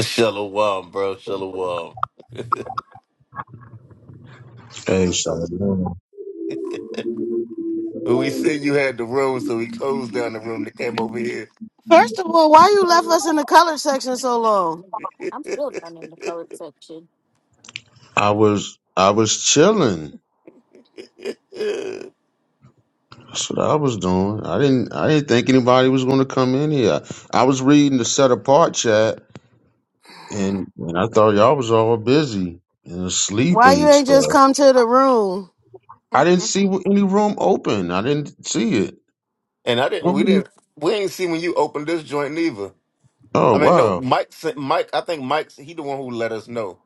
Shalom, bro. Shalom. Well, Hey, Shalom. we said you had the room, so we closed down the room that came over here. First of all, why you left us in the color section so long? I'm still down in the colored section. I was I was chilling. That's what I was doing. I didn't I didn't think anybody was going to come in here. I was reading the set apart chat, and, and I thought y'all was all busy and asleep Why you and ain't just stuff. come to the room? I didn't Mm-mm. see any room open. I didn't see it. and I didn't. We didn't. We ain't see when you opened this joint neither. Oh I mean, no, wow. Mike. sent- Mike. I think Mike's. He the one who let us know,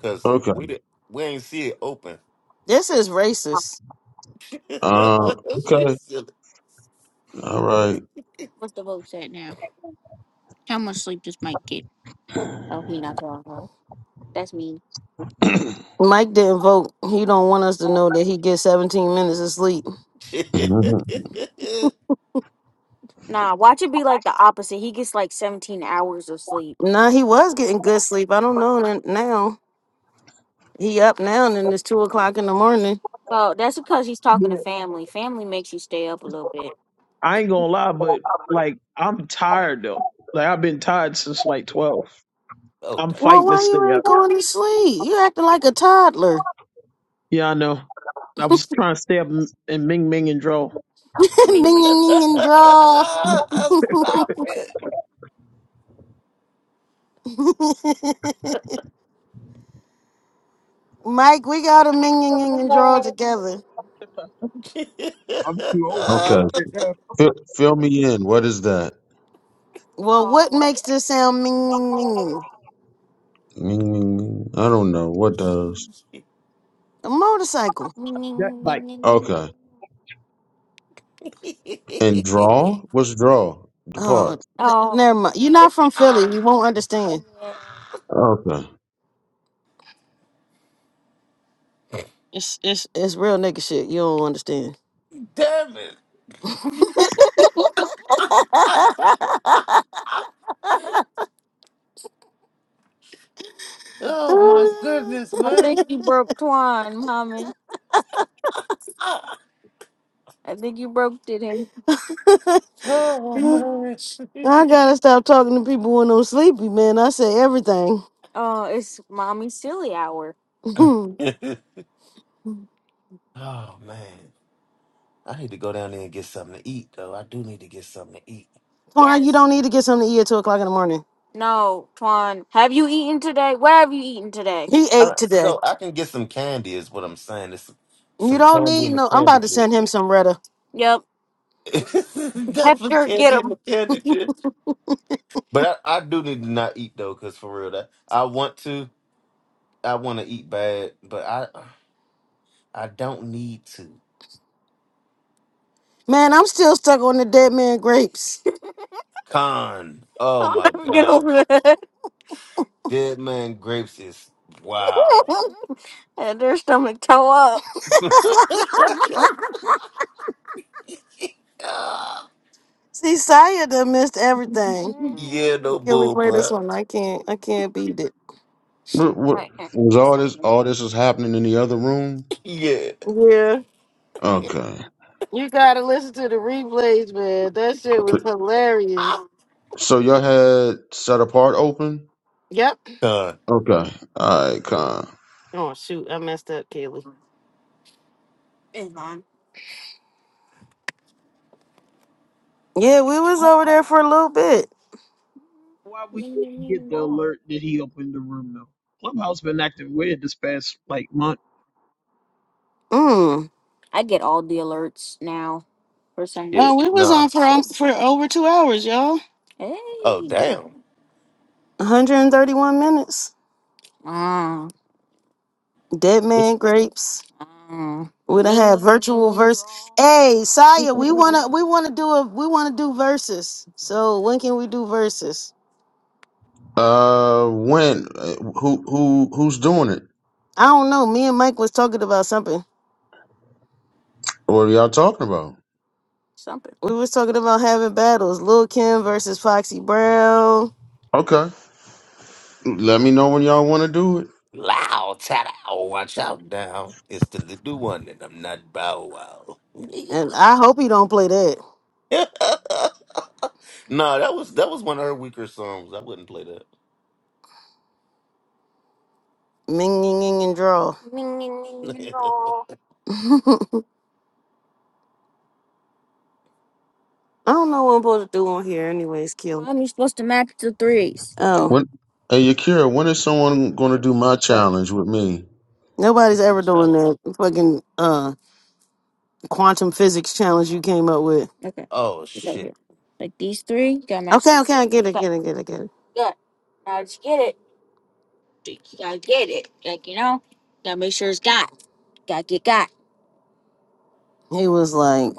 cause Okay. we didn't. We ain't see it open. This is racist. Uh. She's Okay. silly. All right. What's the vote at now? How much sleep does Mike get? Oh, he not talking about. That's mean. Mike didn't vote. He don't want us to know that he gets 17 minutes of sleep. Nah, watch it be like the opposite. He gets like 17 hours of sleep. Nah, he was getting good sleep. I don't know n- now. He up now and it's two o'clock in the morning. Well, that's because he's talking to Yeah. family. Family makes you stay up a little bit. I ain't gonna lie, but like I'm tired though. Like I've been tired since like twelve. oh I'm damn! Well, fighting to why stay you ain't up. going to sleep? You acting like a toddler. Yeah, I know. I was trying to stay up and and Ming Ming and Dro. Minging and draw. Stop Mike, we got a minging and draw together. I'm too old for okay. that shit now. Fill, fill me in. What is that? Well, Oh. what makes this sound minging minging? Mm, I don't know. What does? A motorcycle. That like Okay. And it! draw? What's draw? The Oh, n- part. Oh, never mind. You're not from Philly. You won't understand. yeah. Okay. It's it's it's real nigga shit. You don't understand. Damn it. Oh my I goodness, man. think you broke Twan, mommy. Ah. I think you broke it him. Oh man. I gotta stop talking to people when I'm sleepy, man. I say everything. Oh, it's mommy silly hour. Twan, oh man. I need to go down there and get something to eat though. I do need to get something to eat. you don't need to get something to eat at two o'clock in the morning. No, Twan. Have you eaten today? What have you eaten today? He Uh, ate today. So I can get some candy is what I'm saying. It's You some don't candy need in the no. I'm candy about to send ditch. him some Retta. Yep. Definitely Hector, get candy in him. the candy ditch. But I, I do need to not eat though, cause for real that I want to. I want to eat bad, but I I don't need to. Man, I'm still stuck on the dead man grapes. Con. Oh I'll my never get over gosh. that. Dead man grapes is wow. Had their stomach toe up. See, Saya done missed everything. yeah, no Can we bull, play this bro. one? I can't. I can't beat it. What, what, Right here, was give me all this something. all this is happening in the other room? Yeah, Yeah, Okay. you gotta listen to the replays, man. That shit was hilarious. I'm So y'all had set apart open? Yep. done. Okay. Alright, con. Oh shoot, I messed up, Kaylee. It's on. Yeah, we was over there for a little bit. why we Ding, ding, ding, didn't get ding, the dong. alert that he opened the room though. Clubhouse been acting weird this past like month. Mm. I get all the alerts now for some Yeah, Oh, reason. we was no. on for um, for over two hours, y'all. Oh Hey. damn. 131 minutes. Mm, Dead man grapes. mm. We'd have had virtual verse. Hey, Saya, we wanna we wanna do a we wanna do verses. So when can we do verses? Uh when Uh, who who who's doing it? I don't know. Me and Mike was talking about something. What are y'all talking about? Something. We was talking about having battles. Lil Kim versus Foxy Brown. Okay. Let me know when y'all wanna do it. Loud tada. Oh, watch out now. It's the little one, and I'm not Bow Wow. And I hope he don't play that. no, that was that was one of her weaker songs. I wouldn't play that. Ming ying ying and draw. Ding, ding, ding, ding, dong. I don't know what I'm supposed to do on here anyways, Q. I'm supposed to match the threes. Oh. When Hey Yakira, when is someone gonna do my But challenge with me? Nobody's What's the ever doing challenge? that fucking uh quantum physics challenge you came up with. okay, Oh so shit. here, like these three, got my Okay, okay, I get it, Got get it, get it, get it. good. Now just get it. You gotta get it. Like you know, gotta make sure it's got. Gotta get got. He was like,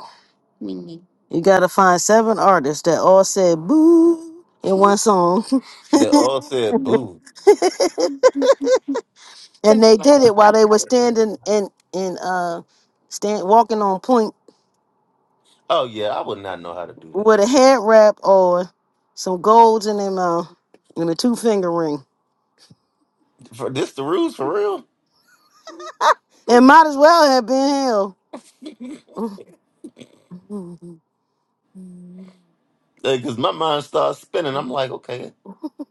Meaning, You gotta find seven artists that all said boo in one song. They all said boo. and they like did it while they were standing in in uh stand walking on point Oh yeah, I would not know how to do with that. a head wrap on, some golds in their mouth, and a two finger ring. For this the rules for real? It might as well have been hell. Because my mind starts spinning. I'm like, okay,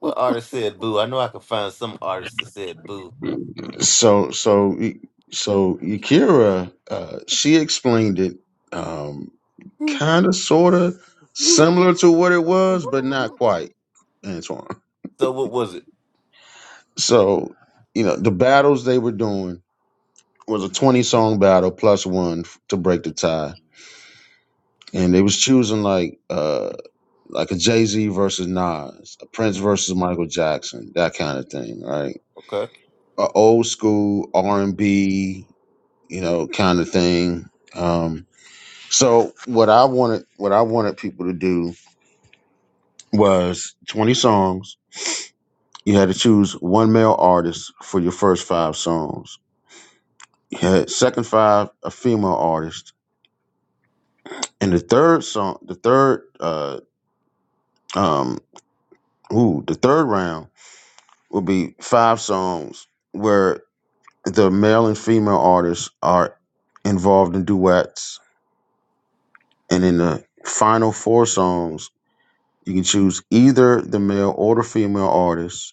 what artist said boo? I know I could find some artist that said boo. So so so Yakira, uh, she explained it um, kind of sort of similar to what it was, but not quite, Antoine. So what was it? So you know the battles they were doing was a twenty song battle plus one f- to break the tie, and they was choosing like uh like a Jay Z versus Nas, a Prince Mm-hmm. versus Michael Jackson, that kind of thing, right? Okay. A old school R and B, you know, kind of thing. Um, So what I wanted, what I wanted people to do was twenty songs. You had to choose one male artist for your first five songs. You had second five a female artist, and the third song, the third, uh, um, ooh, the third round would be five songs where the male and female artists are involved in duets, and in the final four songs, you can choose either the male or the female artist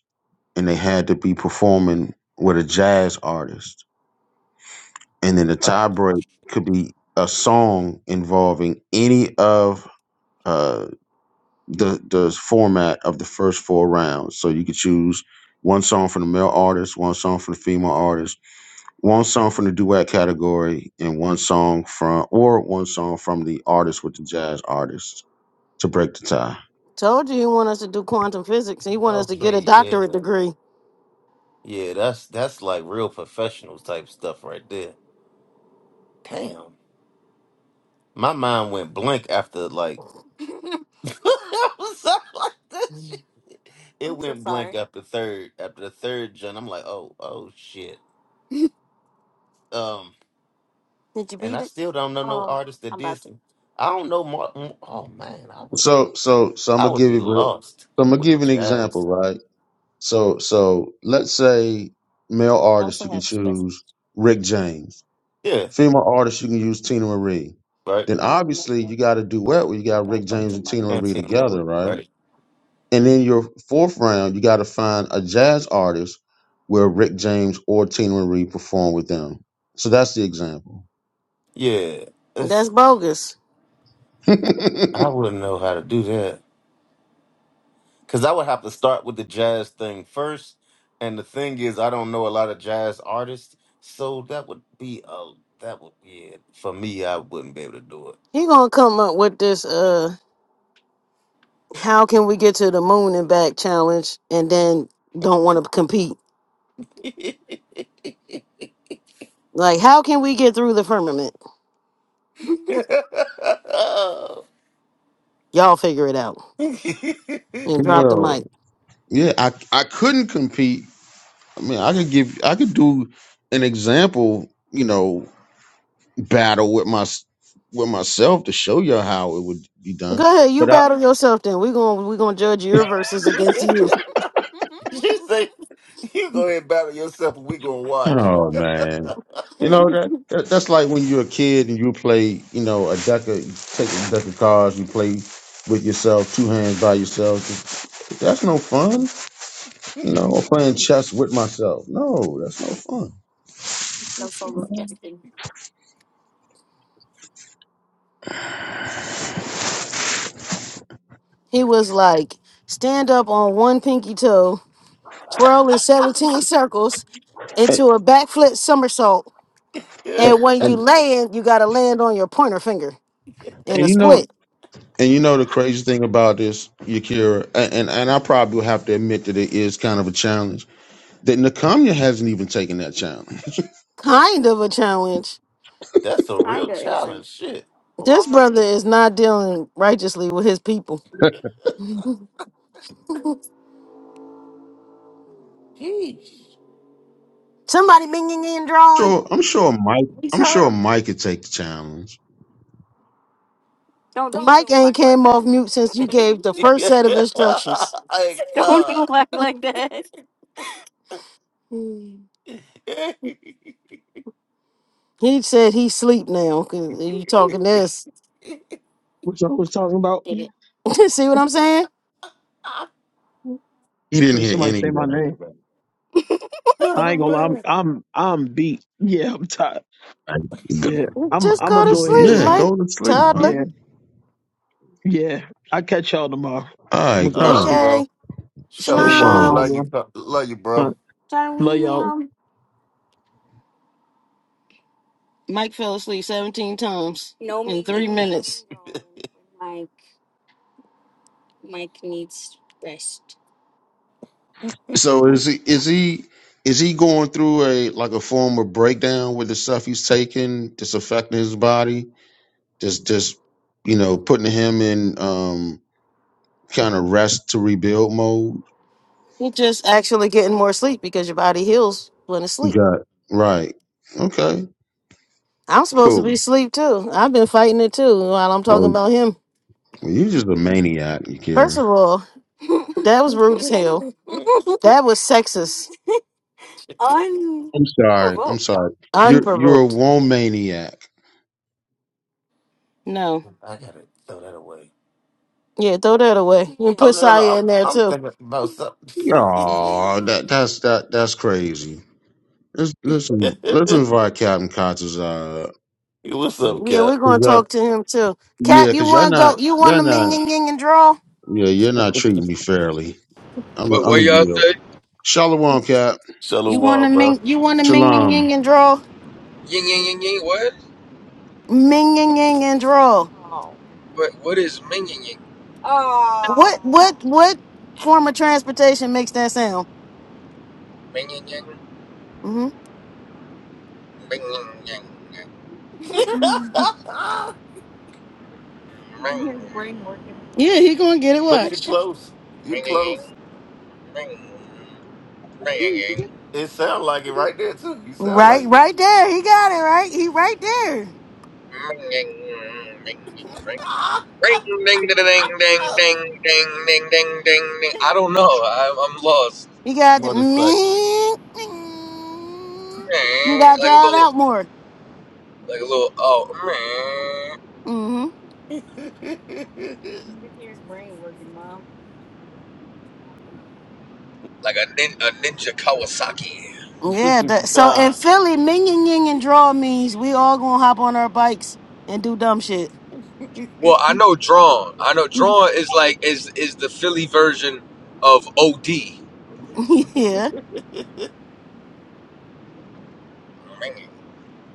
and they had to be performing with a jazz artist. And then the Oh, tiebreak could be a song involving any of uh, the the format of the first four rounds. So you could choose one song from the male artist, one song from the female artist, one song from the duet category, and one song from or one song from the artist with the jazz artist to break the tie. Told you he wanted us to do quantum physics. He wanted us to get okay, a doctorate yeah, degree. yeah. That's that's like real professional type stuff right there. Damn, my mind went blank after like I was up like this. Shit. It went blank after third after the third gen. I'm like, oh, oh shit. Um, Did you and beat I it? still don't know no artist that did some I don't know Mark. Oh man, I wouldn't. So so so I'm I gonna would give be you so lost I'm gonna with the give you an example, Jazz. right? So so let's say male artist you can choose Rick James. Yeah, Female artist you can use Tina Marie. right. Then No, obviously you nothing. got a Oh, duet where you I got got a Rick bunch James of and Tina money. And Marie team would- together, right? right. And then your fourth round, you got to find a jazz artist where Rick James or Tina Marie perform with them. So that's the example. Yeah, it's, That's bogus. I wouldn't know how to do that because I would have to start with the Jazz thing first. And the thing is, I don't know a lot of jazz artists, so that would be a that would be it. for me. I wouldn't be able to do He gonna come up with this uh how can we get to the moon and back challenge and then don't wanna compete. it. Like how can we get through the firmament? Y'all figure it out. And drop the well, mic. yeah, I I couldn't compete. I mean, I could give I could do an example, you know, battle with my with myself to show you how it would be Go done. ahead, you But I, battle yourself then. We're gonna we're gonna judge your verses against you. you say you go ahead and battle yourself, and we gonna watch. oh man, you know that, that that's like when you're a kid and you play, you know, a deck of you take a deck of cards, you play with yourself, two hands by yourself. That's no fun, you know. Or playing chess with myself, no, that's no fun. you know. He was like, stand up on one pinky toe, twirl in 17 circles into And, a backflip somersault, and and, when you and land, you gotta land on your pointer finger in and a you know. split. And you know the crazy thing about this, Yakira, and, and and I probably will have to admit that it is kind of a challenge. That Nakamia hasn't even taken that challenge Kind of a challenge. That's a real challenge. Shit. This brother is not dealing righteously with his people. Jeez. Somebody minging in drawing. Sure, I'm sure Mike. I'm sure The Mike could take the challenge. mic ain't came off mute since you gave the first set of instructions. My Don't God. do act like that. He said he sleep now. 'cause You talking this? Which I was talking about. See what I'm saying? He didn't Heard hear somebody any say of my that. name. Right. I oh, ain't gonna lie. I'm man. I'm I'm beat. Yeah, I'm tired. Like, Go- Yeah, I'm Just I'm go gonna to go ahead sleep, and Yeah, uh Mike. go to sleep, yeah. Toddler. Mike. Yeah, I catch y'all tomorrow. All I'm gonna right, go to All right, sleep. come. bro. Okay. Hey, Shalom, Shalom. Shalom. Shalom. Love you. y'all. co- Love you, All bro. right. Love y'all. Shalom. Mike fell asleep 17 times No in three Mike minutes. Mike, Mike needs rest. So is he is he is he going through a like a form of breakdown with the stuff he's taking that's affecting his body? Just just you know, putting him in um kind of rest to rebuild mode. You're just actually getting more sleep because your body heals when it's sleep. Got right. Okay. I'm supposed to Cool. be asleep too. I've been fighting it too while I'm talking Oh, about him. well, you just a maniac, First Akira. of all, that was rude as hell. I That was sexist, I'm sorry. I'm Unprovoked. sorry. You're you're a unprovoked. womaniac. No. gotta throw that away. Yeah, throw that away. You can Oh put no, no, no. Saya I'm in there I'm too. thinking about Oh, something. that that's that that's crazy. Let's listen. Let's invite Captain Conscious. Uh, What's up, Yeah, Cap? we're 'cause gonna y'all- talk to him too. Cap, yeah, you because y'all wanna go? not You y'all wanna ming not ying ying and draw? yeah you're not treating me fairly. I'm a, What I'm what a y'all yield. say? Shalom, Cap. You wanna Shalom, bro. ming? You wanna ming ying Shalom. ying and draw? Yin yin yin yin. What? Ming ying ying and draw. What what is ming yin yin? Oh. What? What? Oh. What form of transportation makes that sound? Ming yin yin. mm hmm Ming yin yin. Ming Yeah, he gonna get it. but you Watch. close. You ming yin yin. close. Ming ming yin yin. It sound like it right there too. You sound like. Right, right there. He got it right. He right there. Ming yin ming yin ring. Ring ding ding ding ding ding ding ding ding ding ding. I don't know. I'm I'm lost. He got the Motherfucker. me. You Meh, got to Like a drive little out more. like a little oh meh. Mm-hmm. like a nin, a ninja Kawasaki. Yeah. That, so in God. Philly, ming ying ying and draw means we all gonna hop on our bikes and do dumb shit. Well, I know drawn. I know drawn is like is is the Philly version of OD. yeah.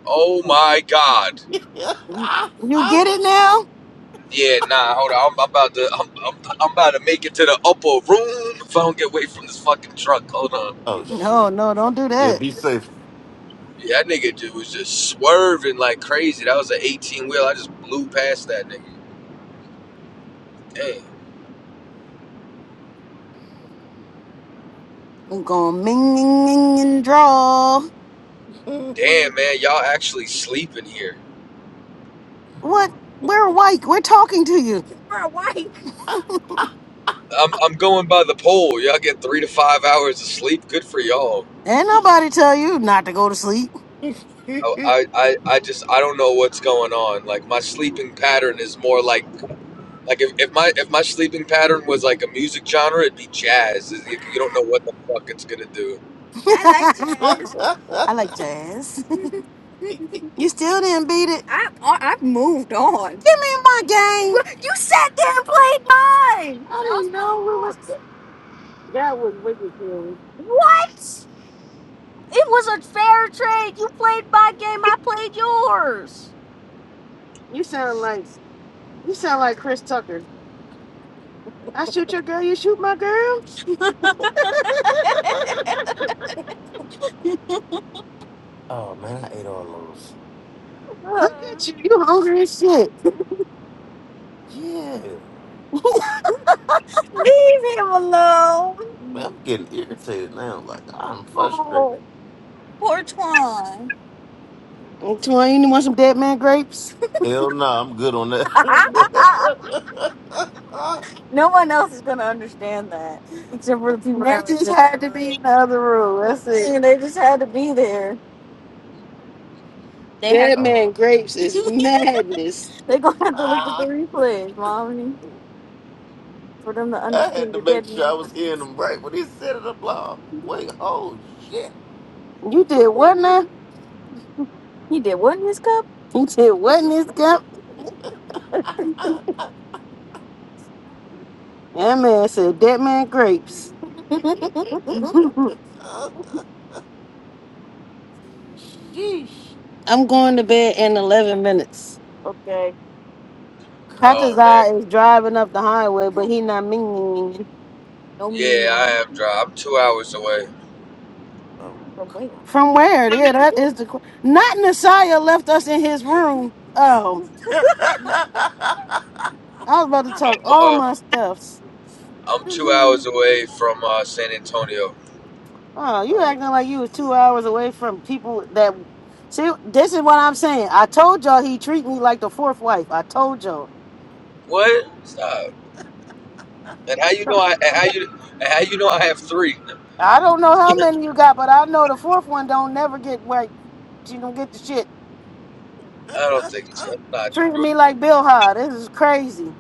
Oh my God. You get it now? Yeah, nah, hold on. I'm, I'm about to, I'm, I'm, I'm about to make it to the upper room if I don't get away from this fucking truck. Hold on. oh No, shit. no, don't do Yeah, that. be safe. Yeah, that nigga just, was just swerving like crazy. That was an 18 wheel. I just blew past that nigga. Damn, I'm gonna ming ying ying and draw. oh damn, man, y'all actually sleeping here. What? We're awake. We're talking to you. I'm, I'm going by the poll. Y'all get three to five hours of sleep. Good for y'all. Ain't nobody tell you not to go to sleep. I, I, I I just I don't know what's going on. Like my sleeping pattern is more like Like if, if my if my sleeping pattern was like a music genre, it'd be jazz. You don't know what the fuck it's gonna do. I like jazz. I like jazz. You still didn't beat it. I, I I've moved on. Give me my game. Well, You sat there and played mine. I didn't know we was. That was wicked, Kelly. What? It was a fair trade. You played my game. I played yours. You sound like you sound like Chris Tucker. I shoot your girl, you shoot my girl. man, I ate all those. Look at you, you hungry as shit. Yeah. Leave him alone. Man, I'm getting irritated now. Like I'm frustrated. Oh, poor Twan. Antoine, you want some dead man grapes? Hell no, I'm good on that. oh no one else is gonna understand that except for the people They that were just there. had to the be room. in the other room. That's it. And they just had to be there. They had Dead man man. grapes is madness. they gonna have to look at the replays, mommy, for them to I had understand to the make dead sure I man. was grapes. hearing him right when he said it. I'm like, "Oh, wait, oh shit. You did what now? He did what in his cup? You said what in this cup? That man said dead man grapes. Sheesh. I'm going to bed in 11 minutes. okay, Oh Connor. man, Katazai is driving up the highway, but he not meaning. No yeah, meaning I am dry. I'm two hours away. Oh, from come where? on. From where? Yeah, that is the. qu- Not Nasiah left us in his room. Oh, I was about to talk I'm, all uh, my stuffs. I'm two hours Oh, away from uh, San Antonio. you oh, acting like you was two sheesh. hours away from people that. See, this is what I'm saying. I told y'all he treat me like the fourth wife. I told y'all. What? Stop. And how you know I? And how you? And how you know I have three? I don't know how many you got, but I know the fourth one don't never get like she don't get the shit. I don't think so. That's not Treating true. me like Bill Ha. This is crazy.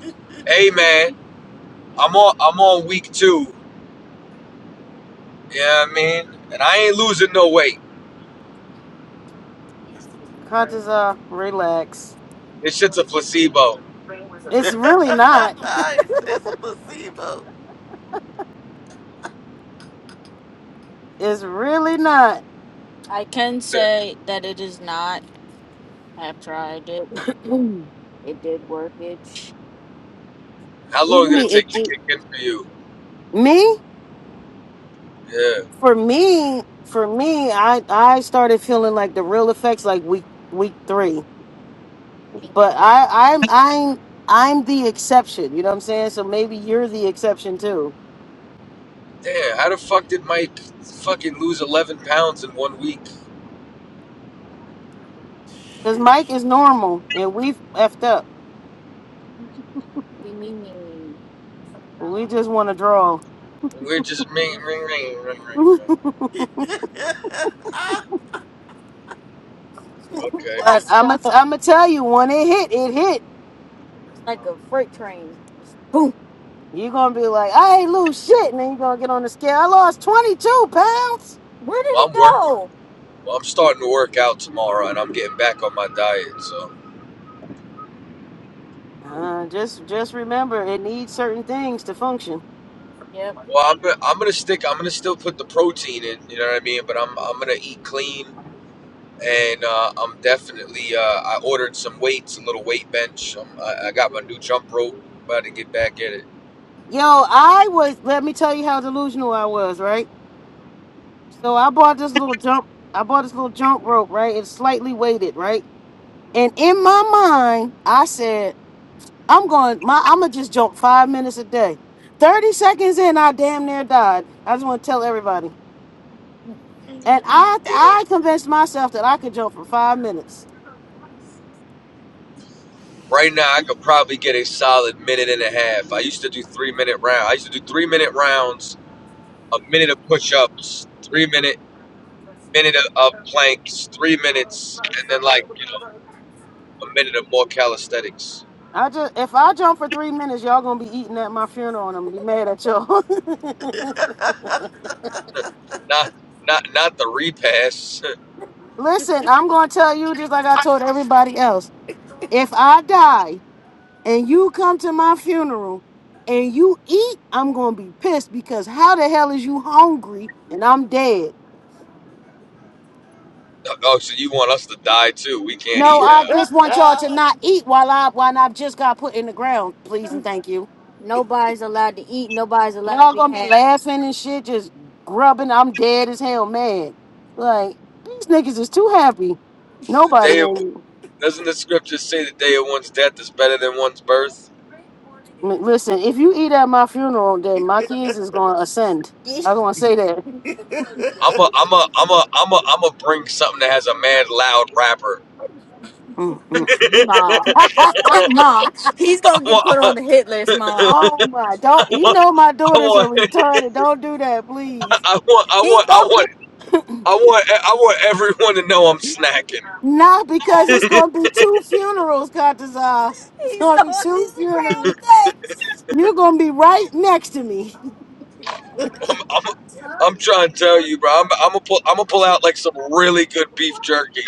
Hey man, I'm on I'm on week two. Yeah, you know what I mean, and I ain't losing no weight. Contaza, relax. This shit's a placebo. It's really not. he says a placebo. It's really not. I can say that it is not. I've tried it. what It did workage. How What do long you did it mean? take It to did kick in for you? me Yeah. for me for me. I I started feeling like the real effects like week week three, but I I'm I'm I'm the exception. You know what I'm saying? So maybe you're the exception too, Damn, how the fuck did Mike fucking lose 11 pounds in one week? because Sheesh. Mike is normal and we've effed up. We mean We just want to draw. We're just ring, ring, ring, ring, ring, but ring. Okay. that's I'm gonna I'm gonna tell you when it hit, it hit. like a freight train. Just boom. You're gonna be like, I ain't lose shit, and then you're gonna get on the scale. I lost 22 pounds. Where did Well, it I'm working. go? Well, I'm starting to work out tomorrow, and I'm getting back on my diet. So, Uh, just just remember, it needs certain things to function. Yep. well, I'm gonna, I'm gonna stick. I'm gonna still put the protein in. You know what I mean? But I'm I'm gonna eat clean, and uh, I'm definitely. Uh, I ordered some weights, a little weight bench. Um, I, I got my new jump rope. About to get back at it. Yo, I was. Let me tell you how delusional I was. Right. So I bought this little jump. I bought this little jump rope. Right. It's slightly weighted. Right. And in my mind, I said. I'm going. My I'm gonna just jump five minutes a day. Thirty seconds in, I damn near died. I just want to tell everybody. And I Yeah. I convinced myself that I could jump for five minutes. Right now, I could probably get a solid minute and a half. I used to do three minute round. I used to do three minute rounds, a minute of push ups, three minute minute of of planks, three minutes, and then like a minute of more calisthenics. I just if I jump for three minutes, y'all gonna be eating at my funeral, and I'm gonna be mad at y'all. Not not not the repass. Listen, I'm gonna tell you just like I told everybody else. If I die and you come to my funeral and you eat, I'm gonna be pissed because how the hell is you hungry and I'm dead? oh, so you want us to die too? We can't No, eat I now. just want y'all to not eat while I while I've just got put in the ground, please and thank you. Nobody's allowed to eat. Nobody's allowed to Y'all be gonna be happy. laughing and shit, just grubbing. I'm dead as hell, man. Like these niggas is too happy. The Nobody day of, in doesn't the scripture say the day of one's death is better than one's birth? listen. If you eat at my funeral, then He's my kids is gonna ascend. I'm gonna say that. I'm a, I'm a, I'm a, I'm a, I'm a bring something that has a mad loud rapper. Mm, mm. Mom. Mom. He's I going to get put on want, the hit list, Mom. oh my! Don't I you want, know my I daughters want are retarded? Don't do that, please. I want, I He want, go, I want, I want, I want everyone to know I'm snacking. Not because it's going to be two funerals, Kataza. It's he's going to be going two to funerals. real quick. You're going to be right next to me. I'm, I'm, I'm trying to tell you, bro. I'm, I'm gonna pull, I'm gonna pull out like some really good beef jerky.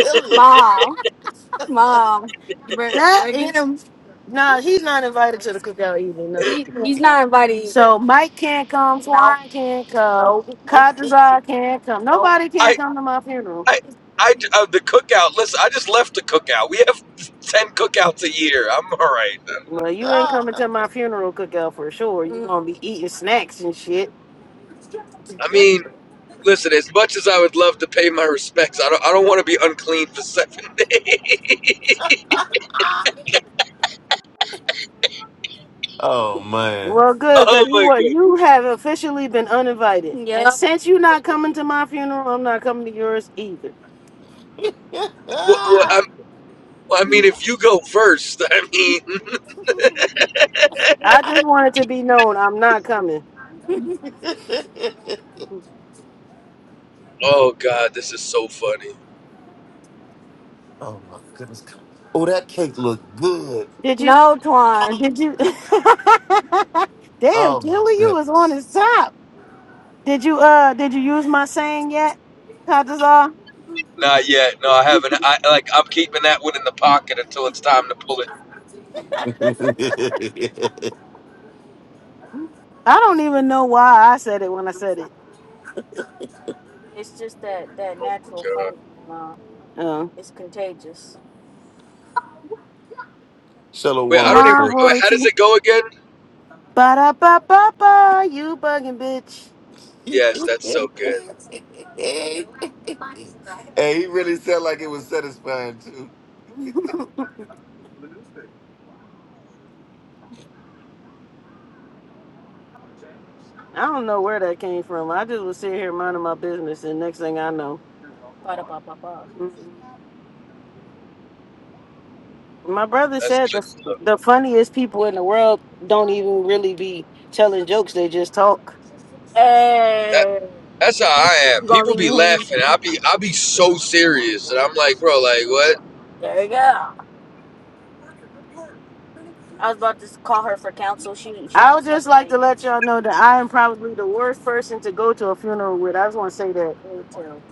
silly. Mom, mom, you better, That better get is. him. No, he's not invited to the cookout either. No. He, he's not invited either. So Mike can't come, Nope, Twine can't come, nope, Kadrazar can't come. nope. Nobody can't I, come to my funeral. I, I, uh, the cookout. Listen, I just left the cookout. We have ten cookouts a year. I'm all right. Well, you ain't coming to my funeral cookout for sure. you Mm, gonna be eating snacks and shit. I mean, listen. As much as I would love to pay my respects, I don't, I don't want to be unclean for seven days. oh man. Well, good, Oh because you my were, god. you have officially been uninvited. And Yep. since you're not coming to my funeral, I'm not coming to yours either. What, what, I'm, I mean, if you go first, I mean, I just wanted to be known I'm not coming. oh god, this is so funny. oh my goodness. Oh, that cake looked good. Did you? No, Twan. Did you? Damn, Oh my Killer, you was on goodness. his top. Did you? Uh, did you use my saying yet, Katazar? Not yet. No, I haven't. I like. I'm keeping that one in the pocket until it's time to pull it. I don't even know why I said it when I said it. It's just that that natural Uh, funny, Mom. Oh, It's contagious. wait, I Shalom, don't even. Shalom, sir. Wait, Roy how does it go again? Ba da ba ba ba, you bugging bitch. hey, Yes, that's so good. he really sounded like it was satisfying too. I don't know where that came from. I just was sitting here minding my business, and next thing I know, ba da ba ba ba. Mhm. My brother That's said the good stuff. the funniest people in the world don't even really be telling jokes; they just talk. That Hey, that's how I am. you gonna People leave me be hanging? laughing. I be I be so serious, and I'm like, bro, like what? There you go. I was about to call her for counsel. She, she I would just like to let y'all know that I am probably the worst person to go to a funeral with. I just want to say that. Me too,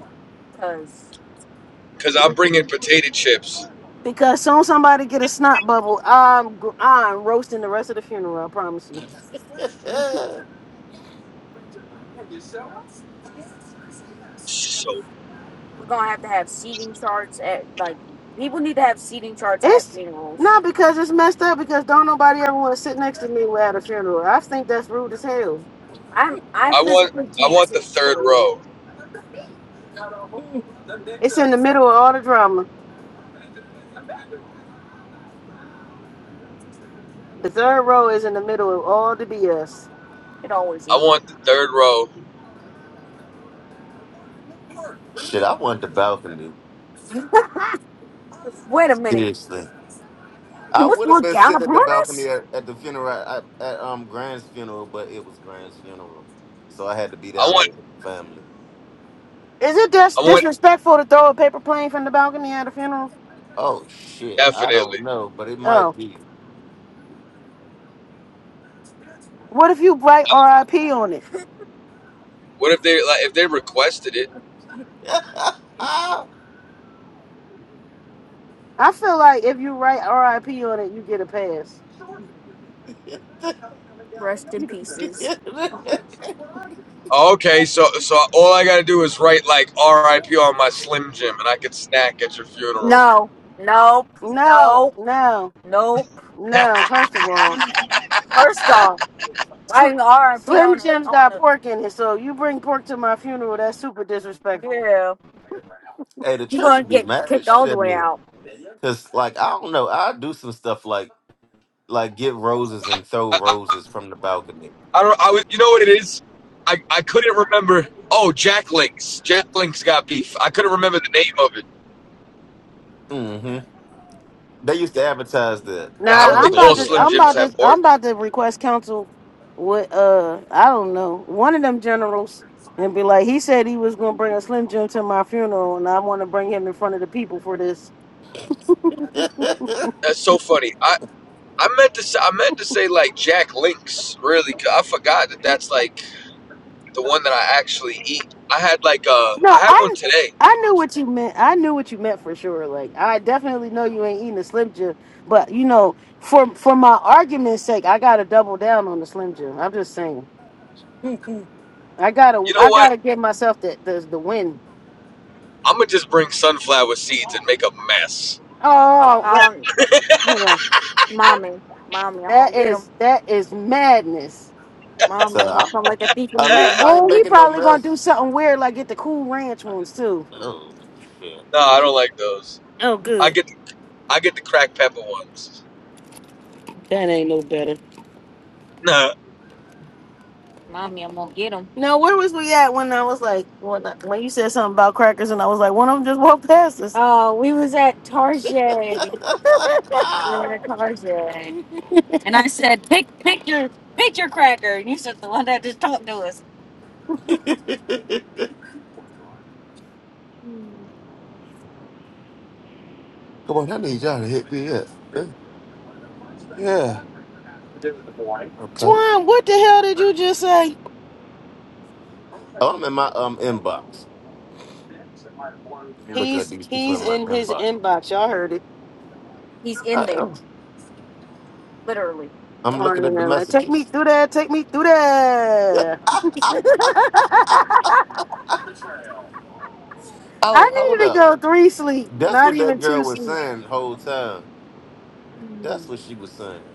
because. Because I'm bringing potato chips. Because soon somebody get a snot bubble, I'm gr- I'm roasting the rest of the funeral. I promise you. So We're gonna have to have seating charts at like people need to have seating charts at It's funerals. not because it's messed up. Because don't nobody ever want to sit next to me at a funeral. I think that's rude as hell. I'm I I want physically I can't want the sit next to third Lou. row. It's in the middle of all the drama. The third row is in the middle of all the BS. It always I is. want the third row. Shit, I wanted the balcony. Wait a minute. Seriously, He I was would have look been down sitting at upon the us? balcony at, at the funeral at, at um Grand's funeral, but it was Grand's funeral, so I had to be I down want there with the family. Is it dis- I want disrespectful to throw a paper plane from the balcony at a funeral? Oh shit, I definitely. don't know, but it might Oh, be. what if you write R.I.P. on it? What if they like if they requested it? I feel like if you write R.I.P. on it, you get a pass. hey, Rest in pieces. Okay, so so all I gotta do is write like R.I.P. on my Slim Jim, and I could snack at your funeral. No. Nope. No, Nope. no, Nope. I, no. First of all, Mhm. First off, Sl- writing RP Slim on a Jim's on got a pork in it, so you bring pork to my funeral, that's super disrespectful. yeah, the you're church gonna would be get mad kicked as shit all the at way me, out. cause like I don't know, I do some stuff like like get roses and throw I, roses from the balcony. I don't. I was. You know what it is? I I couldn't remember. Oh, Jack Links. Jack Links got beef. I couldn't remember the name of it. Mm-hmm. They used to advertise that. I I Nah, don't don't know if I'm think they all about to still Slim I'm Jims about advertise. to have I'm pork. about to request counsel with uh I don't know, one of them generals and be like, he said he was gonna bring a Slim Jim to my funeral and I wanna bring him in front of the people for this. it. That's so funny. I I meant to say, I meant to say like Jack Links. Really, 'cause I forgot that that's like the one that I actually eat. I had like uh No, I had one I today. I knew what you meant. I knew what you meant for sure. Like I definitely know you ain't eating a Slim Jim, but you know, for for my argument's sake, I gotta double down on the Slim Jim. I'm just saying. I gotta You know I what? gotta give myself the the, the win. I'm gonna just bring sunflower seeds and make a mess. Oh, what? Him. Mommy. Mommy, I'm gonna That get him. is that is madness. Mommy, so I'm gonna come I'm like a thief in at the night. least I ain't Oh, he making no probably gonna mess. do something weird like get the cool ranch ones too. Oh shit. No, I don't like those. Oh, I good. get the, I get the cracked pepper ones. That ain't no better. Nah, Mommy, I'm gonna get him. Now, where was we at when I was like when, I- when you said something about crackers and I was like one of them just walked past us. Oh, we was at Target. We were at Target. And I said, pick, pick your, pick your cracker. And you said the one that just talked to us. Come on, I need y'all to hit me up. Yeah. Okay. Twine, what the hell did you just say? Oh, I'm in my um inbox. I'm looking at He's these people he's in my in his inbox. inbox. Y'all heard it. He's in I there, am. literally. I'm looking Torn and at the like, take me messages. through that. Take me through that. oh, I hold need to up. go three sleep, That's not what that even girl two was sleep. saying the whole time. That's Mm. what she was saying.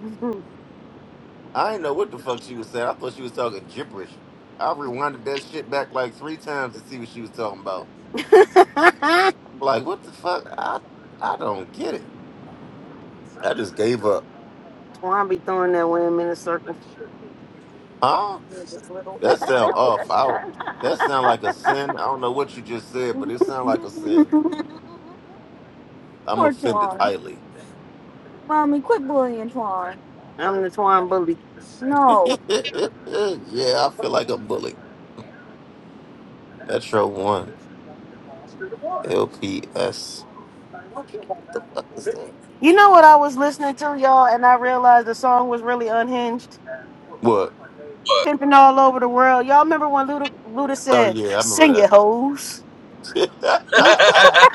I didn't know what the fuck she was saying. I thought she was talking gibberish. I rewinded that shit back like three times to see what she was talking about. I'm Like, what the fuck? I I don't get it. I just gave up. Twan be throwing that whim in a circle. Huh? Yeah, this little. That sound off. I don't- that sound like a sin. I don't know what you just said, but it sound like a sin. I'm Poor offended Twan. highly. Mommy, quit bullying Twan. I'm the Twan bully. yeah, No. I feel like a bully. Metro One, LPS. You know what I was listening to, y'all, and I realized the song was really unhinged. What? what? Pimping all over the world. Y'all remember when Luda, Luda Oh said, yeah, I Sing remember it, hoes? that.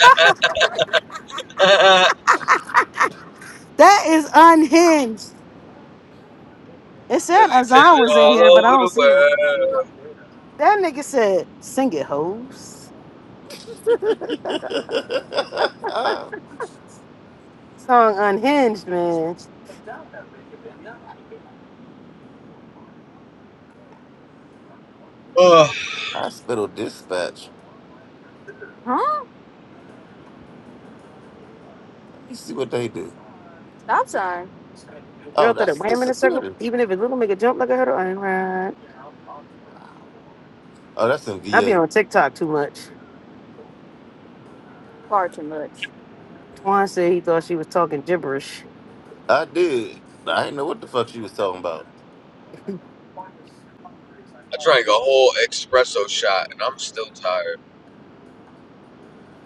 That is unhinged. It said Cause we Azan pivot was in all here, but I over don't the see him. world. That nigga said, Sing it, hoes. Song unhinged, man. Ugh. Hospital dispatch. Huh? Let me see what they do. Stop sign. Oh, Girl thought it that's the wham in a circle, security. even if it little make a jump like a hurdle. I ain't right. Oh, that's in I be VA. on TikTok too much. Far too much. Twan said he thought she was talking gibberish. I did. I didn't know what the fuck she was talking about. I drank a whole espresso shot and I'm still tired.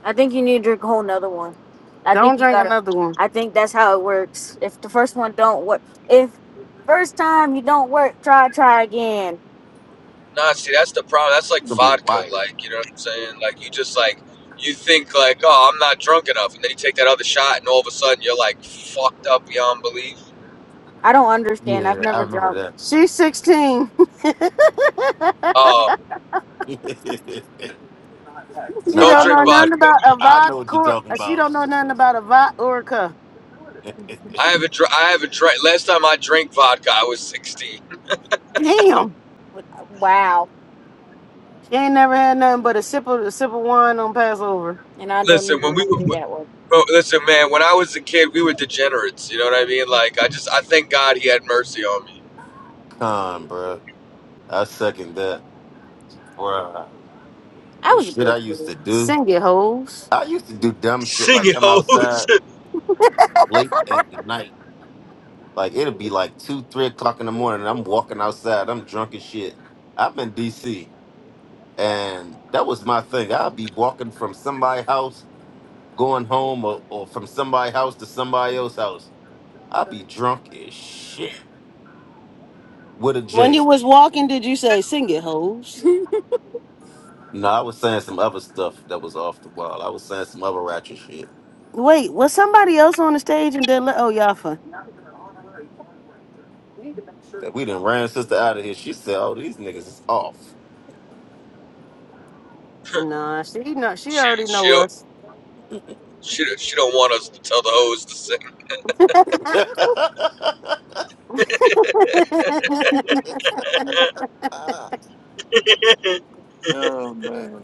I think you need to drink a whole nother one. I think Don't you drink gotta. another one. I think that's how it works. If the first one don't work, if first time you don't work, try try again. Nah, see that's the problem. That's like You gonna be vodka, wired. like you know what I'm saying? Like you just like you think like, oh, I'm not drunk enough, and then you take that other shot, and all of a sudden you're like fucked up beyond belief. I don't understand. I've Yeah, I never remember drunk. She's 16. Oh, that. She nah, don't don't I drink know know what you. nothing vodka. about a I know what you're vodka. talking She about. don't know nothing about a vodka. I haven't dr- I haven't drank. Last time I drank vodka, I was 16. Damn. Wow, She ain't never had nothing but a sip of a sip of wine on Passover. and I don't Listen, even when we want were to do that one. Bro, listen, man. When I was a kid, we were degenerates. You know what I mean? Like, I just, I thank God He had mercy on me. Con, bro. I second that. Bruh. I The was a shit I good used kid. to do. Sing it, hoes. I used to do dumb shit Sing like it, come hoes. outside late at night Like it'll be like two, three o'clock in the morning. And I'm walking outside. I'm drunk as shit. I'm in DC, and that was my thing. I'll be walking from somebody's house, going home, or, or from somebody's house to somebody else's house. I'll be drunk as shit with a When you J. was walking, did you say "Sing it, hoes"? No, I was saying some other stuff that was off the wall. I was saying some other ratchet shit. Wait, was somebody else on the stage and then? Let, oh, Yafa. That we done ran sister out of here. She said, "Oh, these niggas is off." Nah, she know. She she, already she know don't, us. she, don't- she don't want us to tell the hoes to sing, oh man.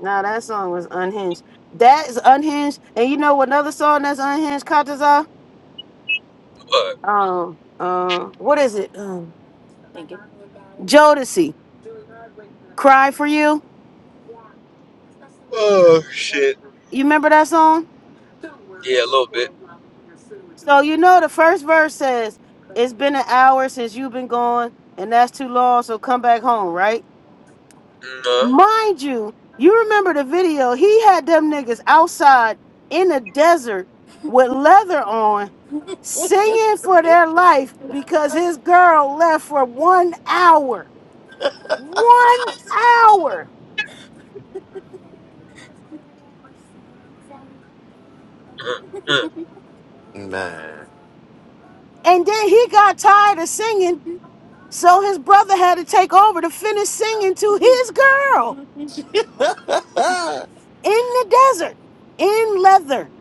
nah, that song was unhinged. That is unhinged. And you know another song that's unhinged, Kataza? but Um, um, what is it? Um, Jodeci, "Cry for You." oh shit. You remember that song? Yeah, a little bit. So you know the first verse says, "It's been an hour since you've been gone, and that's too long. So come back home, right?" Mm, uh, Mind you, you remember the video. He had them niggas outside in the desert with leather on, singing for their life because his girl left for one hour. One hour. uh, uh. Man. And then he got tired of singing, so his brother had to take over to finish singing to his girl in the desert, in leather.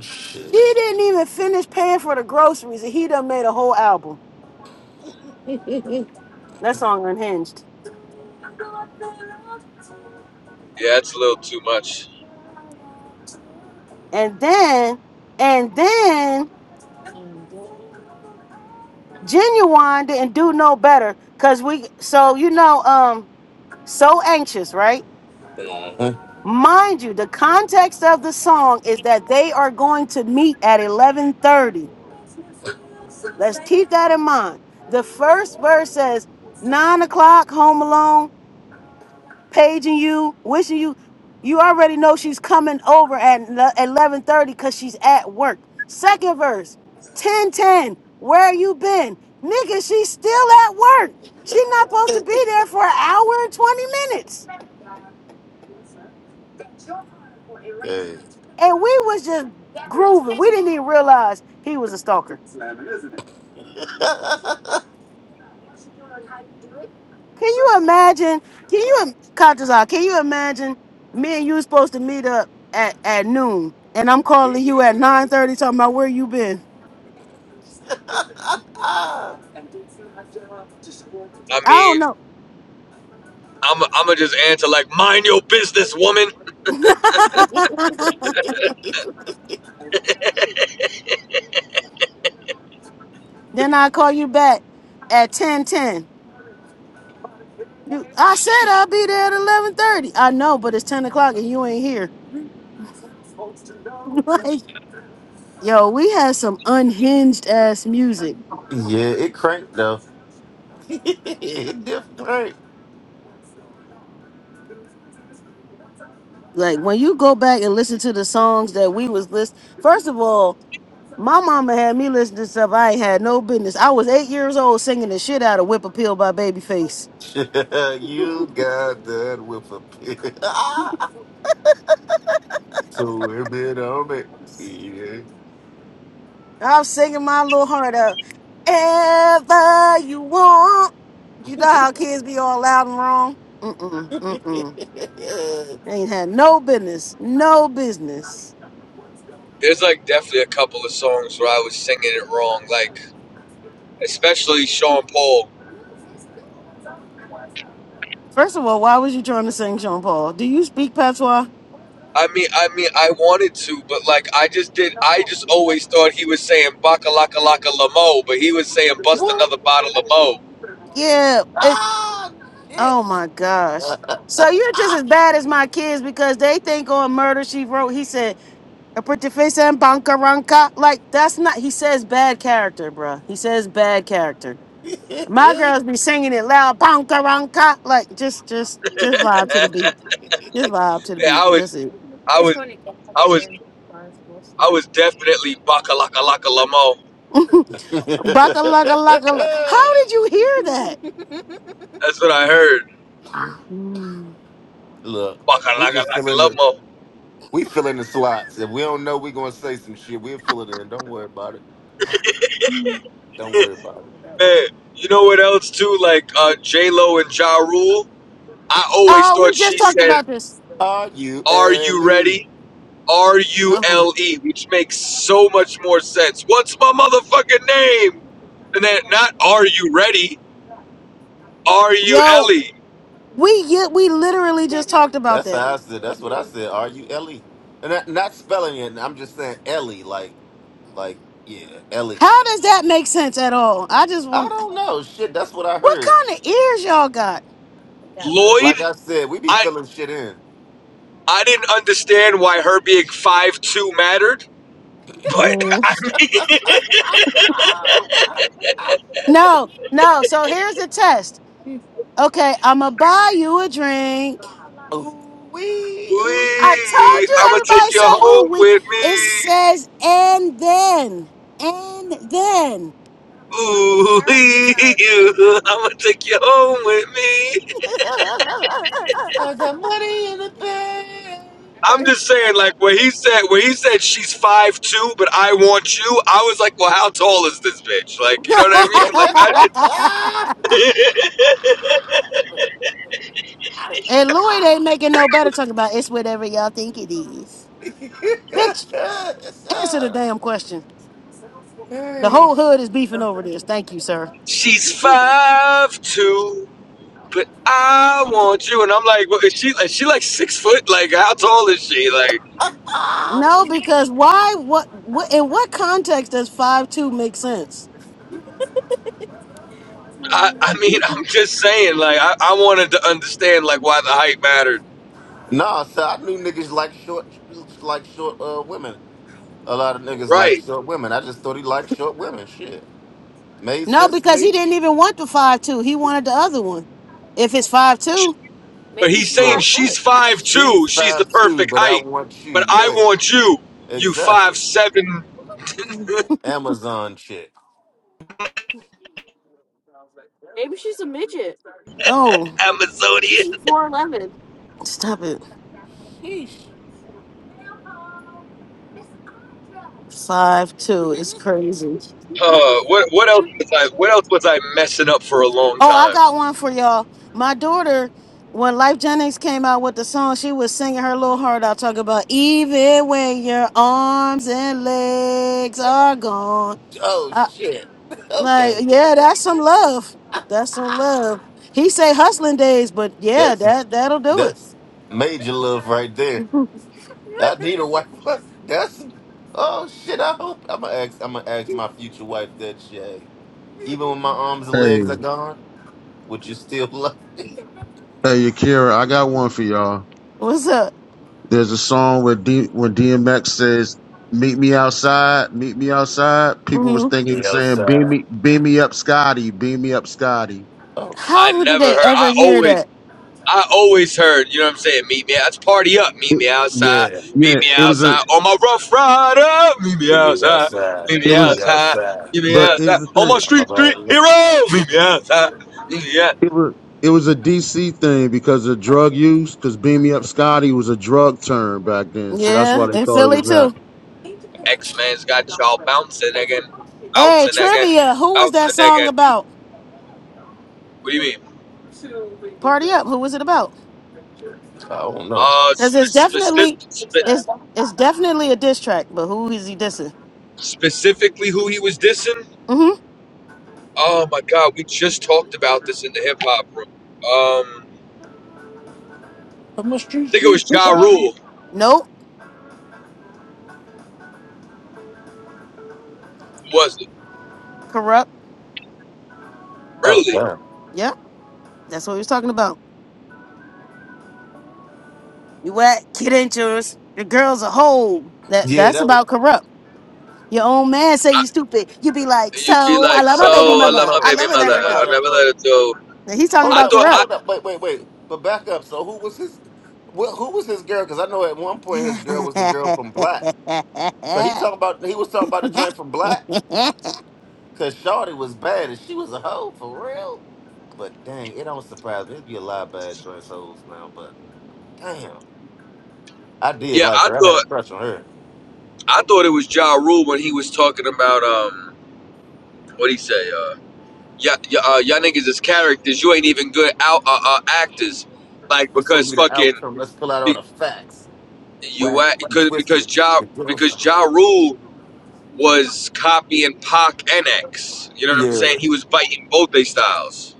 Shit. She didn't even finish paying for the groceries, and he done made a whole album. That song unhinged. Yeah, it's a little too much. And then, and then genuine didn't do no better. Cause we so you know, um, so anxious, right? Mhm. Mind you, the context of the song is that they are going to meet at 11:30. Let's keep that in mind. The first verse says, nine o'clock, home alone. paging you, wishing you. You already know she's coming over at eleven thirty because she's at work. Second verse, ten ten. Where you been, nigga? She's still at work. She not supposed to be there for an hour and twenty minutes. Hey. And we was just grooving. We didn't even realize he was a stalker. Can you imagine? Can you, Katazal? Can you imagine me and you supposed to meet up at, at noon, and I'm calling you at nine thirty talking about where you been? I I don't mean, know. I'm, I'm gonna just answer like, mind your business, woman. Then I call you back at ten ten. You, I said I'll be there at eleven thirty. I know, but it's ten o'clock and you ain't here. like, yo, we had some unhinged ass music. yeah, it cranked though. it did crank. Like when you go back and listen to the songs that we was list. First of all, my mama had me listen to stuff I ain't had no business. I was eight years old singing the shit out of "Whip Appeal" by Babyface. you got that with a pin. so we've been on it. Yeah. I'm singing my little heart out. Ever you want. You know how kids be all loud and wrong? Mm-mm, mm-mm. They ain't had no business. No business. There's like definitely a couple of songs where I was singing it wrong, like especially Sean Paul. First of all, why was you trying to sing Jean Paul? Do you speak patois? I mean, I mean, I wanted to, but like, I just did. I just always thought he was saying "baka laka laka lamo," but he was saying "bust another bottle of mo." Yeah. It's, oh my gosh. So you're just ah, as bad as my kids because they think on Murder She Wrote, he said, a pretty face and banka ranka. Like, that's not, he says bad character, bruh. He says bad character. shit. My girls be singing it loud, bonka ronka, like just, just, just vibe to the beat. Just vibe to the Yeah, beat. I was, That's it. I It's was, funny. I I was, understand bars I mostly. was definitely "baka laka laka lamo." Baka lugga lugga. lu- How did you hear that? That's what I heard. Mm. Look, "Baka we laka just fill laka in the lamo." we fill in the slots. If we don't know, we're gonna say some shit. We'll fill it in. Don't worry about it. Don't worry about it. Man, you know what else too? Like uh, J Lo and Ja Rule. I always Oh, we thought just she talked said about this. Are you "Are you Ellie? ready?" R U Oh, L E, which makes so much more sense. What's my motherfucking name? And then not "Are you ready?" Are you yo, Ellie? we get, we literally just talked about That's that. how I said. That's what I said. Are you Ellie? And that, not spelling it. I'm just saying Ellie. Like like yeah, Ellie. How does that make sense at all? I just I want. don't know. Shit, that's what I What heard. kind of ears y'all got? got live. Like Lloyd? I said, we be I filling shit in. I didn't understand why her being five two mattered, but Man. No, no. So here's the test. Okay, I'ma buy you a drink. Ooh we we ooh, I told you I'ma everybody take you say oh home we with it me. says and then. And then. It's It's Ooh, not. it's wee, not like the phone. I'ma take you home with me. I I got money thought I'm he just just saying, wanted to talk like when it he over. said when he said she's five two, but I want you, I was like, well, how tall is this bitch? Like, you know what I mean? in Like I, the bank. and Lloyd ain't making no better talking about it's whatever y'all think it is. Bitch, answer the damn question. The Hey. whole hood is beefing over this. Thank you, sir. she's five two. but I want you. And I'm like, well, is she like she like six foot? Like, how tall is she? Like, No, because why? What? What? In what context does five two make sense? I, I mean, I'm just saying, like, I, I wanted to understand like why the height mattered. Nah, so I knew niggas like short, like short uh, women. A lot of niggas like Right. short women. I just thought he liked short women. Shit, made No, sense to because me. he didn't even want the five two. He wanted the other one. If it's five two, But maybe he's she's saying five Look, she's foot. five two, she's she's the five two, perfect but I height. want you. But I Yeah, want you, you five exactly. seven Amazon chick. Maybe she's a midget. Oh, maybe Amazonian. she's four eleven. Stop it. Sheesh. Five two is crazy. Uh what what else was I what else was I messing up for a long Oh, I time? got one for y'all. My daughter, when Life Jennings came out with the song, she was singing her little heart out, talking about even when your arms and legs are gone. Oh I, shit. like, Okay, yeah, that's some love. That's some love. He say hustling days, but yeah, that's that that'll do it. that's major love right there. I need a wife. That's oh shit. I hope I'm gonna ask. I'm gonna ask my future wife that shit. Even when my arms and legs are Hey, gone, would you still love me? hey, Akira. I got one for y'all. What's up? There's a song where D when DMX says, "Meet me outside, meet me outside." People was hmm thinking he Be was saying, "Beam outside. me, beam me up, Scotty, beam me up, Scotty." Oh I How shit. would- did never they heard ever I hear always that? I always heard, you know what I'm saying? Meet me, let's party up. Meet me It- outside. Yeah. Meet yeah, me it was a, outside. On my rough rider. Meet me Meet me outside. outside. Meet it me Meet was, me outside. outside. Meet me but here's outside. the On my thing, I'm street, about street to- hero. Meet me outside. Meet me out. it was. It was a DC thing because of drug use, because Beam Me Up Scotty was a drug term back then, so that's Yeah, why they in thought it Philly was not. too. X Men's got y'all bouncing again, Hey, bouncing again, trivia. Who was that bouncing song again. about? What do you mean? Party up. Who was it about? I don't know. Uh, Cause spe- it's specific, definitely spe- it's it's definitely a diss track, but who is he dissing? specifically who he was dissing? Mm-hmm. Oh my God, we just talked about this in the hip hop room. Um, I think it was Ja Rule. Nope. Was it Corrupt. Oh really? damn. Yep. That's what he was talking about. You at kid ain't yours. Your girl's a hoe. That Yeah, that's that was. about corrupt. Your own man say I, you stupid. You be like, you'd be so I like, love I "So my love baby my I baby love mother. my I mama. baby love her I mother. never never go. let I her never let go. her go." Now, He's talking Hold I about up. thought, Well, corrupt. I hold up. Wait, wait, wait. But back up. So who was his? Well, who was his girl? Because I know at one point his girl was the girl from Black. So he talking about he was talking about the joint from Black, cause Shorty was bad and she was a hoe for real. But dang, it don't surprise me. There's be a lot of bad joints hoes now, but damn, I did yeah, like I her. I had a thought, crush on her. I thought it was Ja Rule when he was talking about um, what he say? Uh, yeah, yeah, uh, y'all niggas is characters. You ain't even good out uh, uh, actors, like What's gonna because be the fucking outcome? Let's pull out all be- the facts. you Whack, act and because twisted. because Ja The girl's a because Ja hoe. Rule was copying Pac and X. You know what I'm Yeah. saying? He was biting both their styles.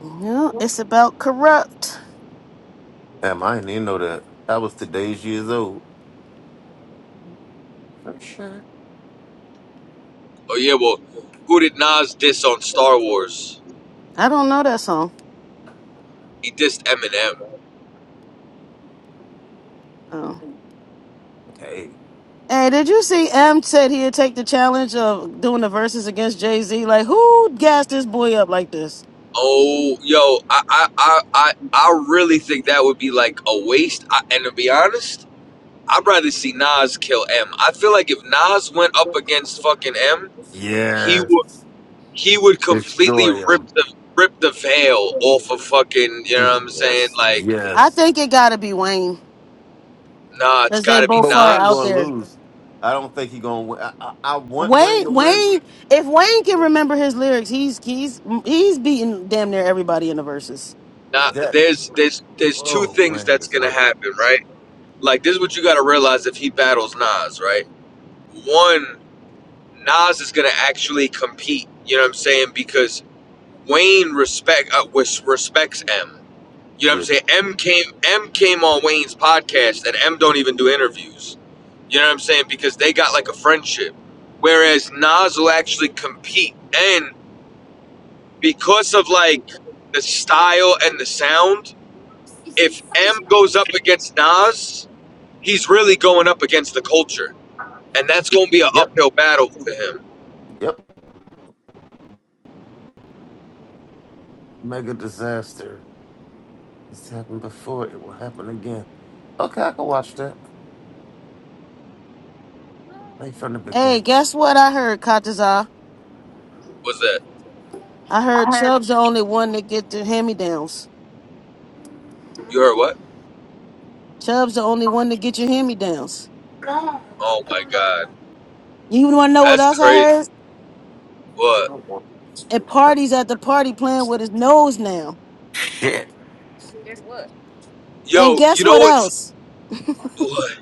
no, it's about corrupt. Damn, I didn't even know that. I was today's years old. For sure. Oh yeah, well, who did Nas diss on Star Wars? I don't know that song. He dissed Eminem. Oh. Okay. Hey, did you see M said he'd take the challenge of doing the verses against Jay Z? Like, who gassed this boy up like this? Oh, yo, I, I, I, I, I really think that would be like a waste. I, and to be honest, I'd rather see Nas kill M. I feel like if Nas went up against fucking M, he would, Yes. he would completely Destroy rip him. the, rip the veil off of fucking. You know what I'm saying? Yes. Like, I Yes. think it gotta be Wayne, nah, it's because got they to be both But far Wayne out gonna Nas. there. lose. I don't think he gonna win. I, I, I want Wayne to Wayne, win. Wayne, if Wayne can remember his lyrics, he's he's he's beating damn near everybody in the verses. Nah, That there's, there's, there's two oh things Wayne that's is gonna what? happen, right? Like, this is what you gotta realize if he battles Nas, right? One. Nas is gonna actually compete. You know what I'm saying? Because Wayne respect uh, respects M. You know what I'm Yeah. saying? M came M came on Wayne's podcast, and M don't even do interviews. You know what I'm saying? Because they got like a friendship. Whereas Nas will actually compete, and because of like the style and the sound, if M goes up against Nas, he's really going up against the culture, and that's gonna be an Yep. uphill battle for him. Yep. Mega disaster. It's happened before. It will happen again. Okay, I can watch that. Like from the Hey, beginning. guess what I heard, Kataza? Was that I heard Chubb's the only one that get the hand me downs. you heard what? Chubb's the only one that get your hand me downs. Oh my god, You want to know what that's else I crazy. heard? What? At parties at the party, playing with his nose now. Shit. And Yo, guess you know what what's else? what?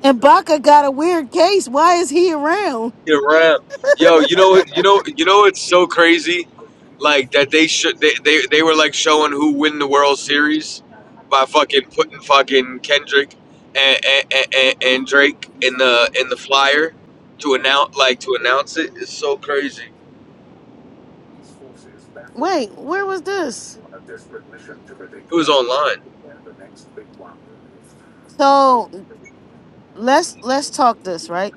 And Baca got a weird case. Why is he around? Your rap. Yo, you know what? You know you know it's so crazy, like that they should they, they they were like showing who win the World Series by fucking putting fucking Kendrick and and, and, and Drake in the in the flyer to announce like to announce it. It's so crazy. Wait, where was this? It was online. So let's let's talk this, right?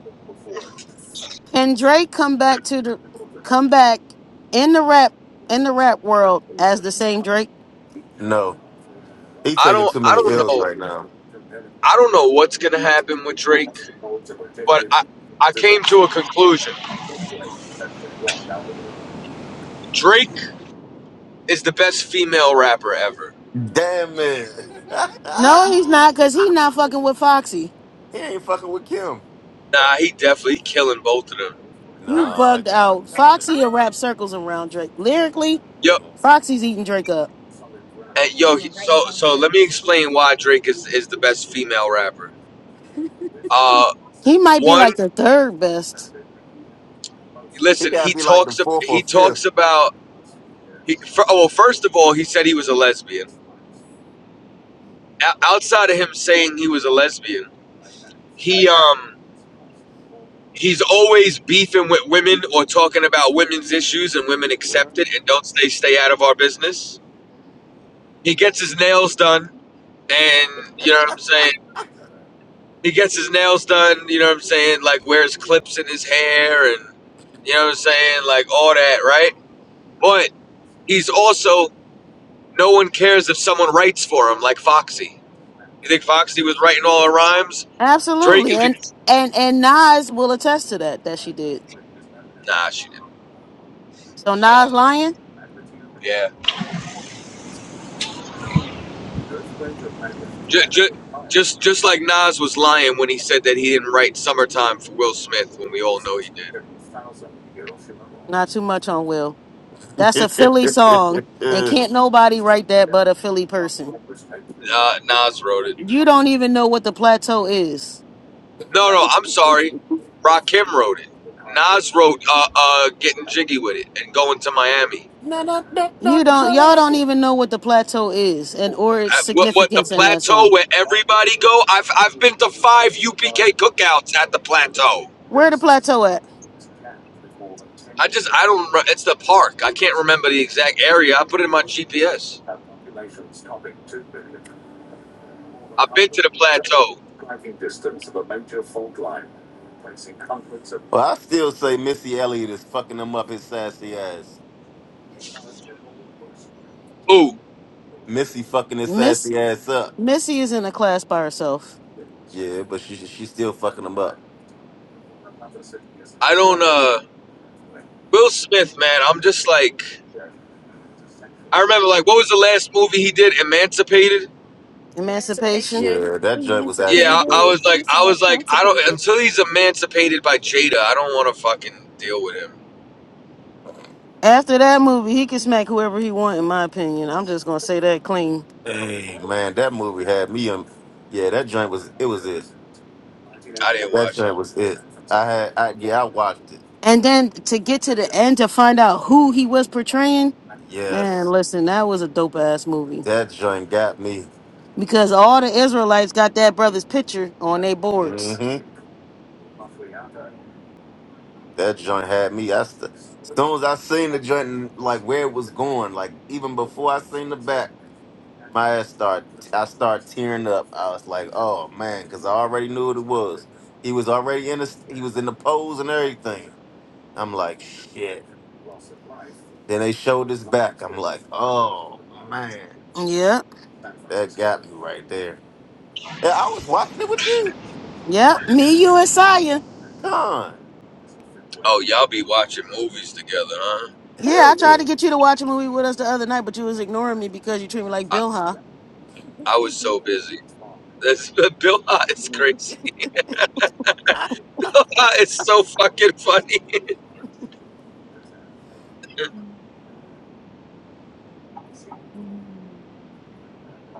Can Drake come back to the come back in the rap in the rap world as the same Drake? No, he I taking don't too I many don't L's know right now. I don't know what's gonna happen with Drake, but I I came to a conclusion. Drake. is the best female rapper ever. Damn it. No, he's not, cause he not fucking with Foxy. he ain't fucking with Kim. Nah, he definitely killing both of them. You Huh? Nah, I bugged got out. I doubt it. Foxy will rap circles around Drake. Lyrically, Yo, Mm. Foxy's eating Drake up. and yo, he- so so let me explain why Drake is is the best female rapper. Uh, He might be one, like the third best. He listen, gotta he be like the talks ab- fourth or he fifth. talks about he. fir- oh, well, first of all, he said he was a lesbian. O- outside of him saying he was a lesbian, he um he's always beefing with women or talking about women's issues and women accept it and don't stay stay out of our business. He gets his nails done and you know what I'm saying he gets his nails done, you know what I'm saying? Like wears clips in his hair and you know what I'm saying? Like all that, right? But he's also no one cares if someone writes for him like Foxy. You think Foxy was writing all her rhymes? Drake Absolutely. is And ex- and and Nas will attest to that that she did. Nah, she didn't. So Nas lying? Yeah. Just, just just just like Nas was lying when he said that he didn't write Summertime for Will Smith when we all know he did. Not too much on Will. That's a Philly song, and can't nobody write that but a Philly person. Uh, Nas wrote it. You don't even know what the plateau is. No, no, I'm sorry. Rakim wrote it. Nas wrote uh, uh, "Getting Jiggy with It" and going to Miami. You don't. Y'all don't even know what the plateau is, and or its Uh, what, what the significance in that plateau song. where everybody go? I've I've been to five UPK cookouts at the plateau. Where the plateau at, I just I don't. re- It's the park. I can't remember the exact area. I put it in my GPS. I've been to the plateau. Well, I still say Missy Elliott is fucking him up his sassy ass. Ooh, Missy fucking his Miss? sassy ass up. Missy is in a class by herself. Yeah, but she she still fucking him up. I don't. uh Will Smith, man. I'm just like I remember. Like, what was the last movie he did? Emancipated. Emancipation. Emancipation. Yeah, that joint was Yeah, actually I, Emancipated. I good. It was kind like, of I sounds like was like, I don't constipated. until he's emancipated by Jada. I don't want to fucking deal with him. After that movie, he can smack whoever he want, in my opinion. I'm just gonna say that clean. Hey man, that movie had me on. Yeah, that joint was it was it. I didn't That watch it. joint was it. I had I yeah I watched it. And then to get to the end to find out who he was portraying, man, Yes, listen, that was a dope ass movie. that joint got me. Because all the Israelites got that brother's picture on their boards. Mm-hmm. That joint had me. I st- soon as I seen the joint, and, like where it was going, like even before I seen the back, my ass start. I start tearing up. I was like, "Oh man," because I already knew what it was. He was already in the. st- He was in the pose and everything. I'm like, "Shit." Then they showed his back. I'm like, "Oh man," Yeah. that got me right there. And I was watching it with you, Yeah. Me, you, and Saya. Con. Oh, y'all be watching movies together, huh? Yeah, Hell I tried yeah. to get you to watch a movie with us the other night, but you was ignoring me because you treat me like I, Bill, huh? I was so busy. That's Bill Hot is crazy. Bill Hot is so fucking funny.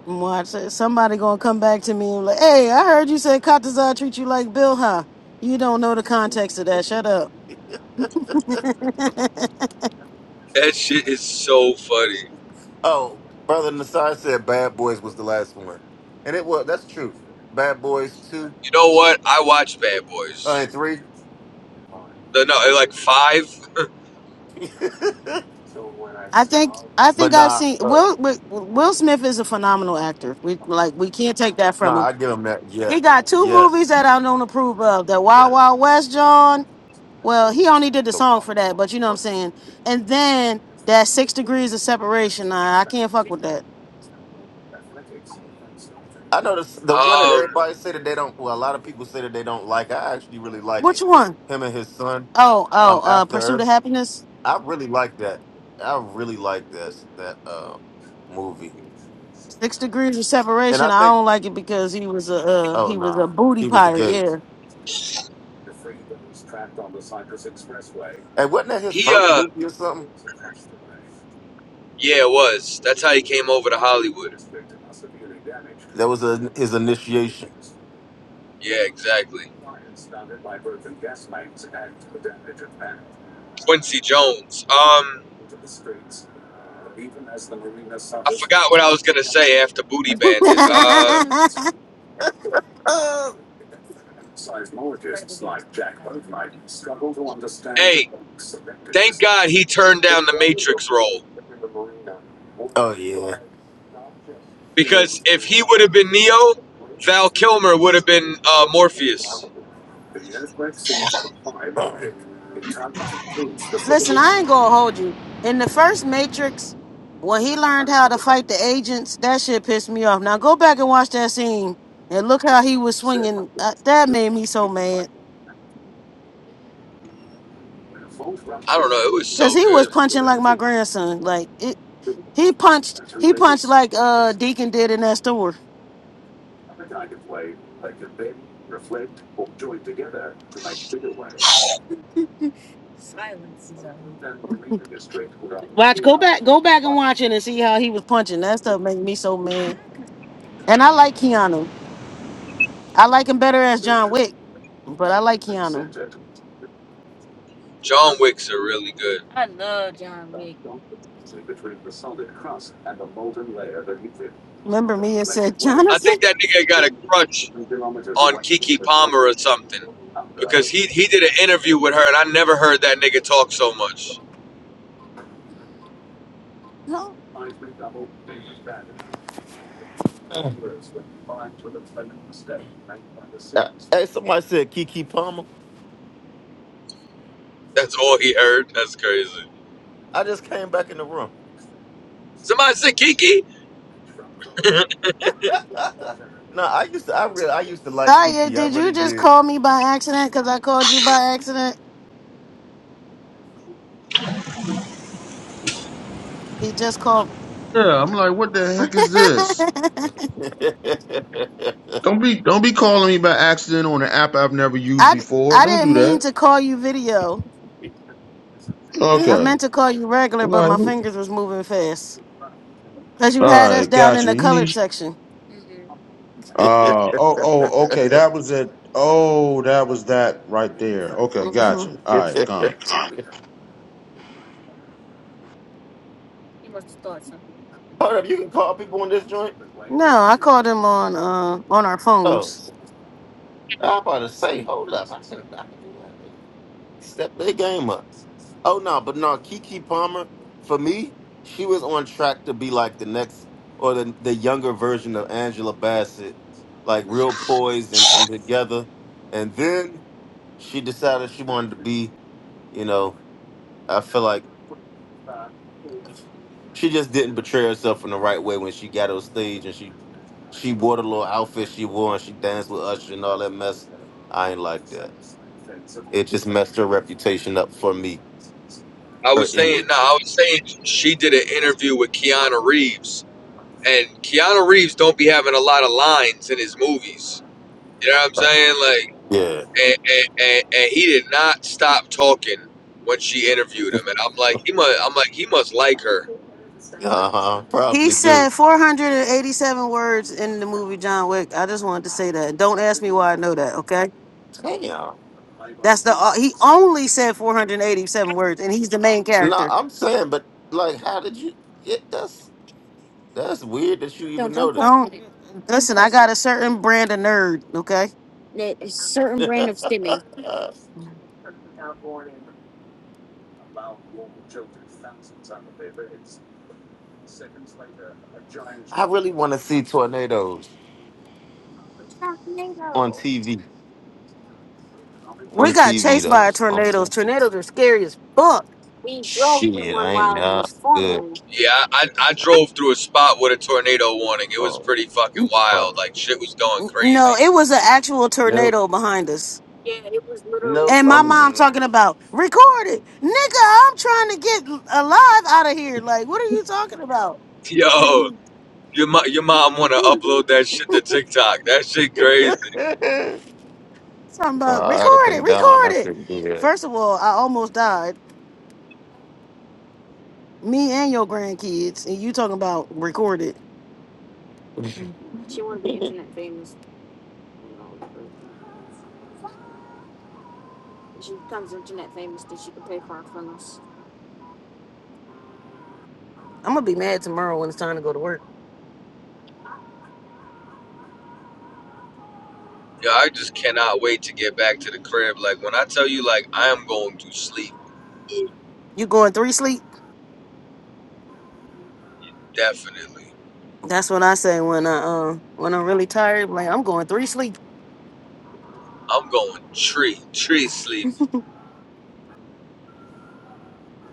Watch somebody gonna come back to me and like, hey, I heard you said Katazar treat you like Bill, huh? You don't know the context of that. Shut up. That shit is so funny. Oh, brother Nasai said Bad Boys was the last one, and it was. That's true. Bad Boys two You know what? I watched Bad uh, Boys. and three. The no, like five. I think I but think I've nah, seen uh, Will Will Will Smith is a phenomenal actor. We like we can't take that from nah, him. I give him that. Yeah, He got two movies yes, that I don't approve of: the Wild yes. Wild West, John, Well, he only did the The- song for that, but you know what I'm saying. And then that six degrees of separation, I I can't fuck with that. I know this, the one that Um, everybody say that they don't. Well, a lot of people say that they don't like. I actually really like Which it. one? Him and his son, Oh, oh, um, uh, After pursuit Earth. of happiness. I really like that. I really like that that uh movie. Six degrees of And I separation. I think don't like it because he was a uh, oh he was no, a booty he was a pirate. gay. Yeah. And wasn't that his he first uh, movie or something? yeah, it was. That's how he came over to Hollywood. That was a, his initiation. Yeah, exactly. Quincy Jones. Um. I forgot what I was gonna say after Booty Bandit. Uh, hey, thank God he turned down the Matrix role Oh yeah. Uh, because if he would have been Neo, Val Kilmer would have been uh, Morpheus. Listen, I ain't gonna hold you. In the first Matrix, when he learned how to fight the agents, that shit pissed me off. Now go back and watch that scene and look how he was swinging. Uh, that made me so mad I don't know. It was because so he was good. punching like my grandson. Like it, he punched. He punched like uh Deacon did in that store. Watch. Go back. Go back and watch it and see how he was punching. That stuff made me so mad. And I like Keanu. I like him better as John Wick, but I like Keanu. John Wicks are really good. I love John Wick. Remember me and said, I Jonathan? think that nigga got a crutch on Kiki Palmer or something because he he did an interview with her and I never heard that nigga talk so much. No. Hey, somebody said Kiki Palmer. That's all he heard. That's crazy. I just came back in the room. Somebody said Kiki. no, I used to. I really. I used to like Saya, Kiki. I did really you just did. call me by accident? Because I called you by accident. He just called. Yeah, I'm like, what the heck is this? I, hold Don't be don't be calling me by accident on an app I've never used d- before. I Don't didn't do mean that. to call you video. I Okay. meant to call you regular, but my Like. fingers was moving fast. Because you All had us right, down got in you. the You colored need. section. hmm Uh oh oh okay. That was it. Oh, that was that right there. Okay, hmm got you. All right, gone. He must have started something. up, you can call people on this joint. No, I called him on uh, on our Oh, phones. I about to say, hold up. I said I can do that. later. Step their game up. Oh no, but no, Kiki Palmer, for me, she was on track to be like the next or the the younger version of Angela Bassett, like real poised and, and together. And then she decided she wanted to be, you know, I feel like she just didn't portray herself in the right way when she got on stage and she she wore the little outfit she wore and she danced with Usher and all that mess. I ain't like that. It just messed her reputation up for me, I her was saying, no, image. I was saying she did an interview with Keanu Reeves, and Keanu Reeves don't be having a lot of lines in his movies. You know what I'm saying? Like, Yeah. and, and, and, and he did not stop talking when she interviewed him, and I'm like, he must, I'm like, he must like her. Uh huh. He Probably do. said 487 words in the movie John Wick. I just wanted to say that. Don't ask me why I know that, okay? Damn. That's the uh, he only said 487 words and he's the main No, character. I'm saying, but like, how did you get? That's that's weird that you even Don't know don't question that. Don't it. Don't listen, I question got a certain brand of nerd, okay? That is certain brand of stimming. I really want to see tornadoes on Tornado. TV. On We got TV chased though. by On- tornadoes. Tornadoes are scary as fuck. We drove through Shit, I one ain't while it not was good. forming. Yeah, I, I I drove through a spot with a tornado warning. It was Oh pretty fucking fuck. wild. Like shit was going No, crazy. it was an actual Nope. tornado behind us. Yeah, it was literally Nope. And my tornado. I'm mom good. talking about record it. Nigga, I'm trying to get alive out of here. Like, what are you talking about? Yo, your mo- your mom want to upload that shit to TikTok. That shit crazy. Something no, about I'd have record it, been gone. I record it. couldn't do First of all, I almost died. Me and your grandkids, and you talking about record it. She want to be internet famous. You know, like uh, when she becomes internet famous, then she can pay for our funnels. I'm gonna be mad tomorrow when it's time to go to work. Yeah, I just cannot wait to get back to the crib. Like when I tell you, like I am going to sleep, You going three sleep? definitely. That's what I say when I um when I'm really tired. Like I'm going three sleep. I'm going tree, tree sleep,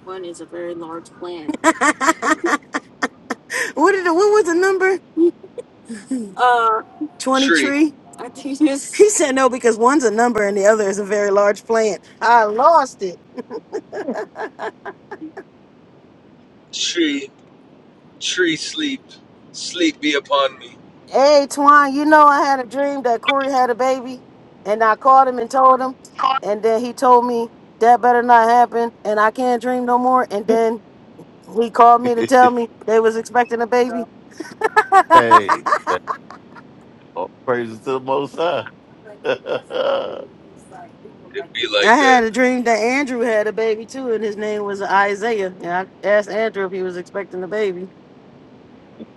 One is a very large plant. what did the, what was the number? Uh, Twenty tree, tree. I think it's He said no because one's a number and the other is a very large plant. I lost it. tree, tree sleep, sleep be upon me. Hey Twan, you know I had a dream that Corey had a baby, and I called him and told him, and then he told me that better not happen, and I can't dream no more. And then he called me to tell that. me they was expecting a baby. hey. yeah, All praises to the Most High. It be I like that. had a dream that Andrew had a baby too, and his name was Isaiah. And I asked Andrew if he was expecting a baby.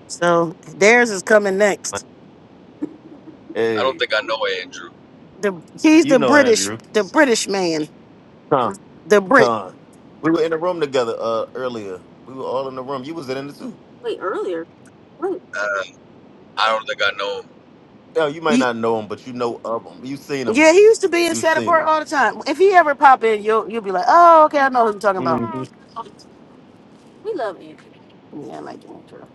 So theirs is coming next. I don't hey, think I know Andrew. The he's you the know British, Andrew. the British man, Con. the Brit. Con. We were in the room together uh earlier. We were all in the room. You was in it too. Wait, earlier. Wait. Uh, I don't think I know him. Now you might He, not know him, but you know of him. You seen yeah, him. he used to be in You've set seen apart him. all the time. If he ever pop in, you'll you'll be like, oh, okay, I know who you're talking about. We love Andrew. Yeah, I like Andrew.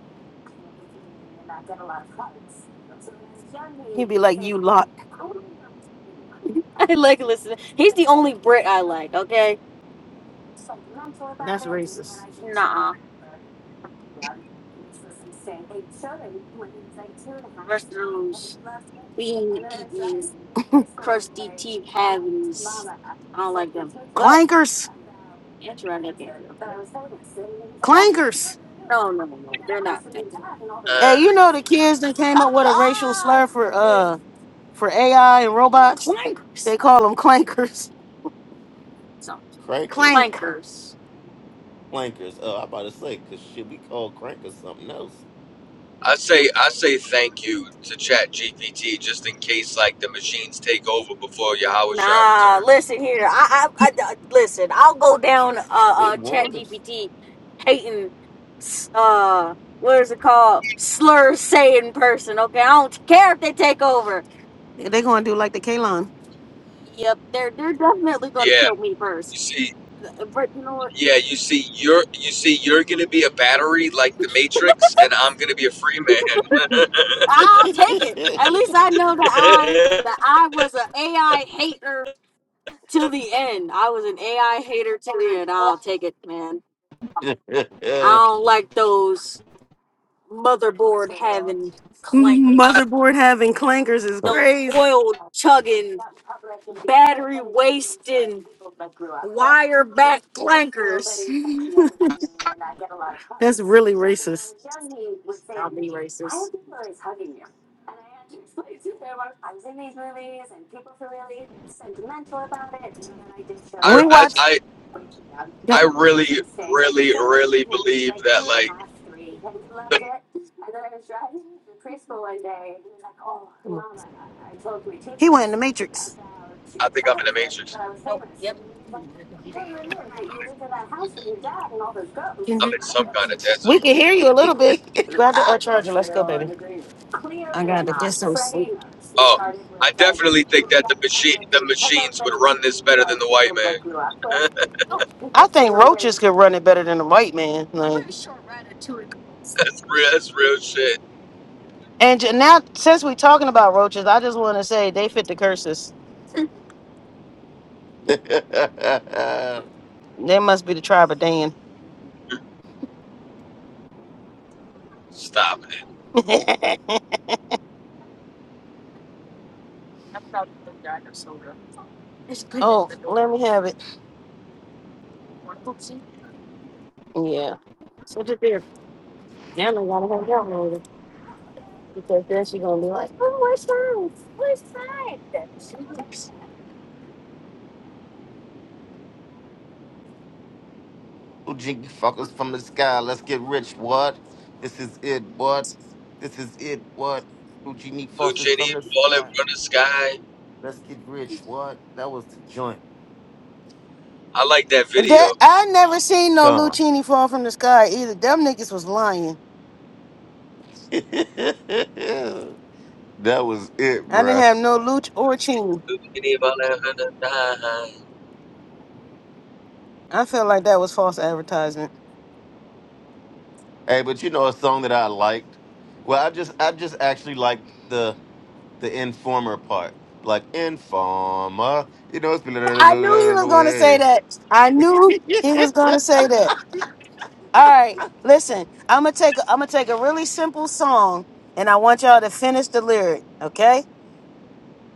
He'd be like, you lot. I like listening. He's the only Brit I like, okay? That's racist. Nah. Rest of those. being DBs, crusty teeth cavities. I don't like them. But Clankers. that's right, I can't do. Oh, Clankers. No, no, no, they're not. Thank you. Hey, Uh, you know the kids that came up with a racial slur for uh for AI and robots? Clankers. They call them clankers. So Crankers. Clank. clankers. Clankers. Uh, I about to say, cause shit, we call crankers something else. I say I say thank you to Chat GPT just in case like the machines take over before Yahweh Shah Nah, returns. listen here. I, I, I I- listen. I'll go down uh It uh Chat warned GPT hating s- uh what is it called slur saying person. Okay, I don't care if they take over. They're gonna do like the Kalon. Yep, they're they're definitely gonna Yeah, kill me first. you see, Uh, But you know what? Yeah, you see, you're you see, you're gonna be a battery like the Matrix, and I'm gonna be a free man. I'll take it. us. At least I know that I that I was an AI hater till the end. I was an AI hater till the end. I'll take it, man. I don't like those. motherboard having clankers. Motherboard having clankers is the Oh. crazy. oil chugging, battery wasting, wire back clankers. That's really racist. I'll be racist. I We I watched I, that. I really, really, really believe that. Like, He went in the Matrix. I think I'm in the Matrix. Nope. Yep. Can I'm you- in some kind of dead We zone. can hear you a little bit. Grab the uh, charger. Let's go, baby. I gotta get some sleep. Oh, I definitely think that the machine, the machines would run this better than the white man. Oh, I think roaches could run it better than a white man. I'm Like, pretty sure Ratatouille. could. that's real. That's real shit. And j- now, since we're talking about roaches, I just want to say they fit the curses. They must be the tribe of Dan. Stop it, oh, let me have it. Yeah. Little jiggy fuckers from the sky. Let's get rich, what? This is it, what? This is it, what? Little genie faucets from Luchini, the sky. falling from the sky. Let's get rich, what? That was the joint. I like that And That video. I never seen no Done. Lucini fall from the sky either. Them niggas was lying. that was it, I didn't bruh. have no Luch or Chini. Luchini, falling from the sky. I feel like that was false advertisement. Hey, but you know a song that I liked? Well, I just I just actually liked the the informer part. Like informer. You know, it's been I knew he was the going to say way. that. I knew he was going to say that. All right, listen. I'm gonna take. A, I'm gonna take a really simple song, and I want y'all to finish the lyric. Okay?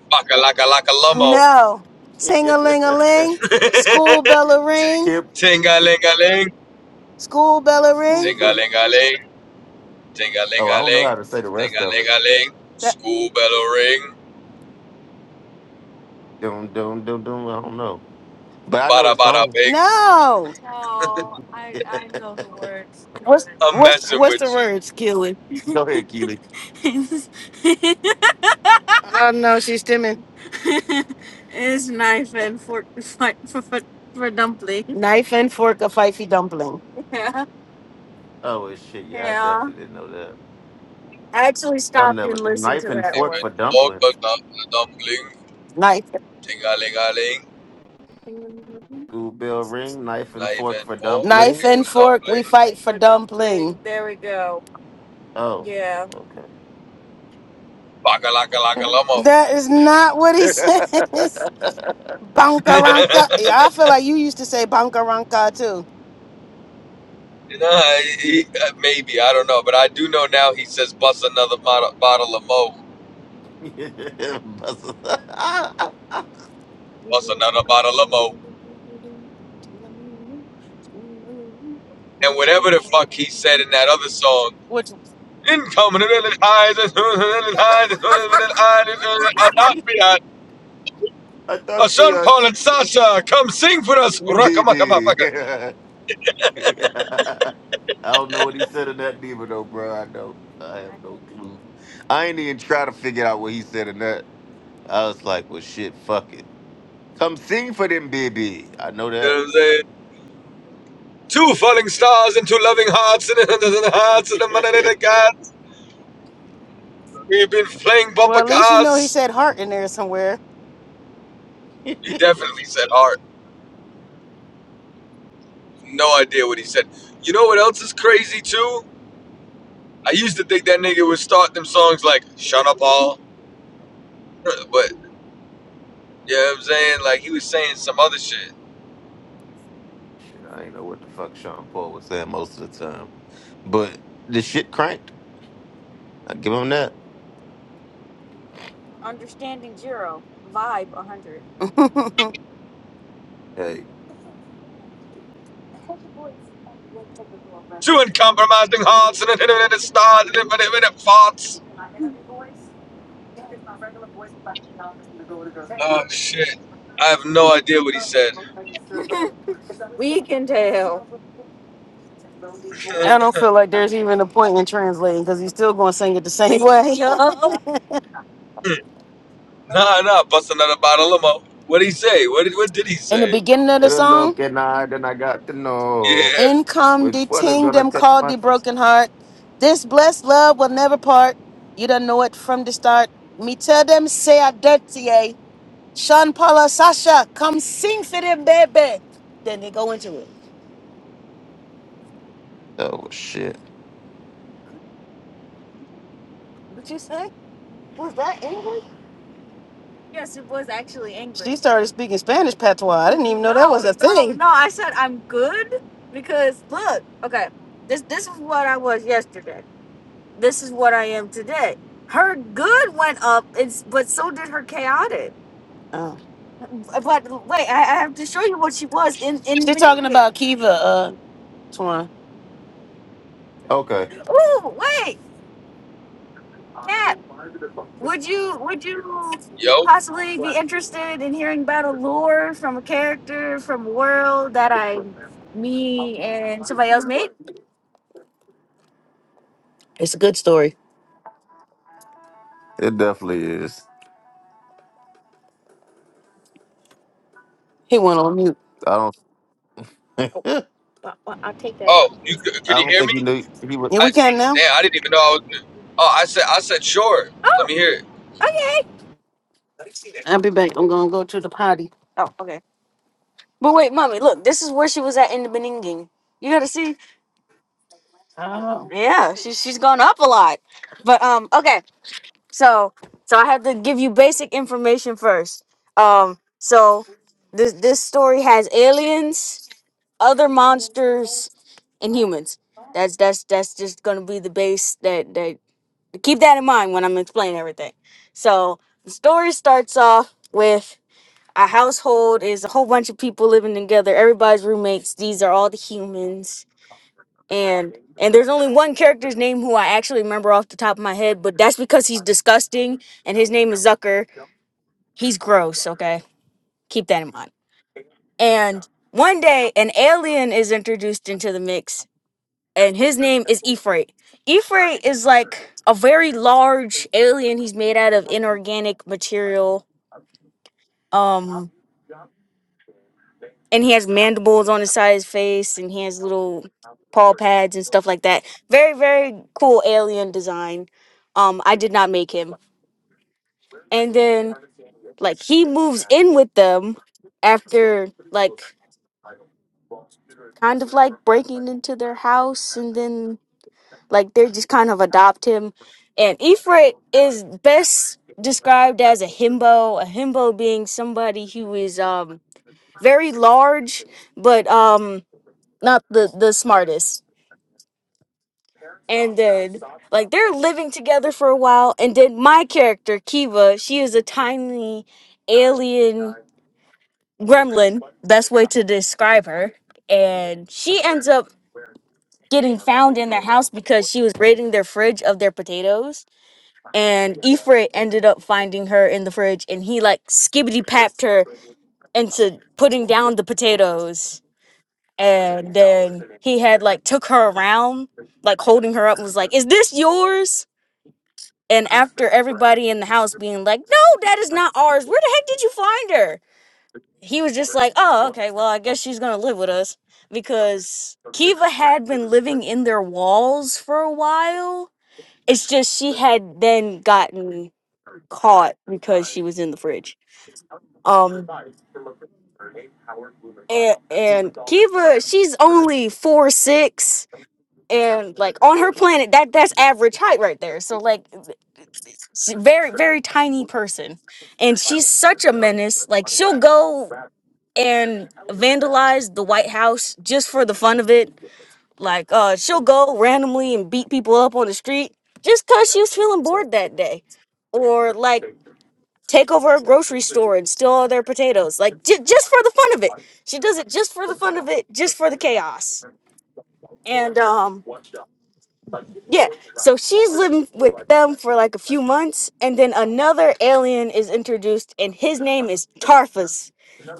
Baka laka laka lomo. No. Sing a ling a ling. School bell a ring. Hip Ting-a-ling-a-ling, School bell a ring. school. ting-a-ling-a-ling, Oh, I don't know ting-a-ling-a-ling, how to say the rest of it. ting-a-ling-a-ling. That- School bell ring, Doom, doom, doom, doom. I don't know, but I know the bada bada song. bing. No. What's I'm what's messing what's with the you. words, Keelan? Oh no, she's stimming. Is knife and fork for for for, for dumpling. Knife and fork, a fifey dumpling. Yeah, oh well, shit! Yeah, I yeah. definitely didn't know that. I actually I stopped never and listened knife to and that fork Even for one. pork dumplings. a dum a dumpling, Knife, ting-a-ling-a-ling. School bell ring, knife and Not fork even for pork, knife dumplings. it's and a fork. We dumpling. fight for dumpling. dumpling. There we go. Oh, Yeah. okay. Baka laka laka That is not what he I says. Bankaranka. lama. I feel like you used to say bankaranka too. You know, he, uh, maybe I don't know, but I do know now. He says, "Bust another bottle, bottle of mo, bust another bottle of mo," and whatever the fuck Which he said in that other song. Incoming in the eyes, as soon as eyes, as soon as eyes, as soon not be eyes. Uh, thought Sean the Paul and Sasha, come sing for us. uh, baby. I don't know what he said in that neither though, bro. I don't. I have no clue. I ain't even try to figure out what he said in that. I was like, well, shit, fuck it. Come sing for them, baby. I know that. Two falling stars and two loving hearts and the hearts and the money shit, that gods. We've been playing well, bumper at least you know he cars. said heart in there somewhere. He definitely said heart. No idea what he said. You know what else is crazy too? I used to think that nigga would start them songs like "Shut Up All," but you know what I'm saying? Like he was saying some other shit. I ain't know what the fuck Sean Paul was saying most of the time, but the shit cranked. I give him that. Understanding zero, vibe a hundred. Hey, Two uncompromising hearts and an infinite stars and infinite, infinite thoughts. Oh shit. I have no idea what he said. We can tell. I don't feel like there's even a point in translating because he's still going to sing it the same way. Yup. nah, nah, bust another bottle of mo. What did he say? What did, what did he in the say? beginning of and the a song, look and I then I got to know Yeah. in come the which one is ting gonna them catch called my. the f- broken heart. This blessed love will never part. You don't know it from the start. Me tell them say I dirty. Sean Paula Sasha, come sing for the baby. Then they go into it. Oh shit. What you say? Was that English? Yes, it was actually English. She started speaking Spanish patois. I didn't even know that was a No, no, thing. No, I said I'm good because look, okay, this this is what I was yesterday. This is what I am today. Her good went up, it's, but so did her chaotic. Oh. But wait, I, I have to show you what she was in. in She's talking about Kiva, uh, Twan. Okay, Ooh, wait, Cap. Would you would you Yo. possibly be interested in hearing about a lore from a character from a world that I me and somebody else made? It's a good story. it definitely is. He went on mute. I don't. Oh, I- I- I'll take that as a Oh, you yes. I can you don't hear think me? he knew he would Yeah, we I can now. damn, I didn't even know I was. Oh, I said I said sure. Oh, Let me hear it. okay. I'll be back. I'm gonna go to the potty. Oh, okay. But wait, mommy, look, this is where she was at in the Beninging. You gotta see. Oh. Yeah, she's she's gone up a lot. But um, okay. So, so I had to give you basic information first. Um, so this this story has aliens, other monsters, and humans. That's that's that's just gonna be the base that that keep that in mind when I'm explaining everything. So the story starts off with a household is a whole bunch of people living together. Everybody's roommates. These are all the humans and and there's only one character's name who I actually remember off the top of my head, but that's because he's disgusting and his name is Zucker. He's gross, okay? Keep that in mind. And one day an alien is introduced into the mix and his name is Ifrit. Ifrit is like a very large alien. He's made out of inorganic material. Um and he has mandibles on the side of his face and he has little paw pads and stuff like that very very cool alien design um i did not make him and then like he moves in with them after like kind of like breaking into their house and then like they just kind of adopt him and ifrit is best described as a himbo a himbo being somebody who is um very large but um not the the smartest and then like they're living together for a while and then my character kiva she is a tiny alien gremlin best way to describe her and she ends up getting found in their house because she was raiding their fridge of their potatoes and Ifrit ended up finding her in the fridge and he like skibbity papped her into putting down the potatoes and then he had like took her around like holding her up and was like is this yours And after everybody in the house being like, no, that is not ours. Where the heck did you find her? He was just like, oh, okay, well, I guess she's going to live with us. Because Kiva had been living in their walls for a while. It's just she had then gotten caught because she was in the fridge. Um, and, and Kiva, she's only four six and like on her planet that that's average height right there so like she- very very tiny person and she's such a menace like she'll go and vandalize the white house just for the fun of it like uh she'll go randomly and beat people up on the street just cuz she was feeling bored that day or like take over a grocery store and steal all their potatoes like j- just for the fun of it she does it just for the fun of it just for the chaos and um Yeah. So she's living with them for like a few months, and then another alien is introduced, and his name is Tarfus.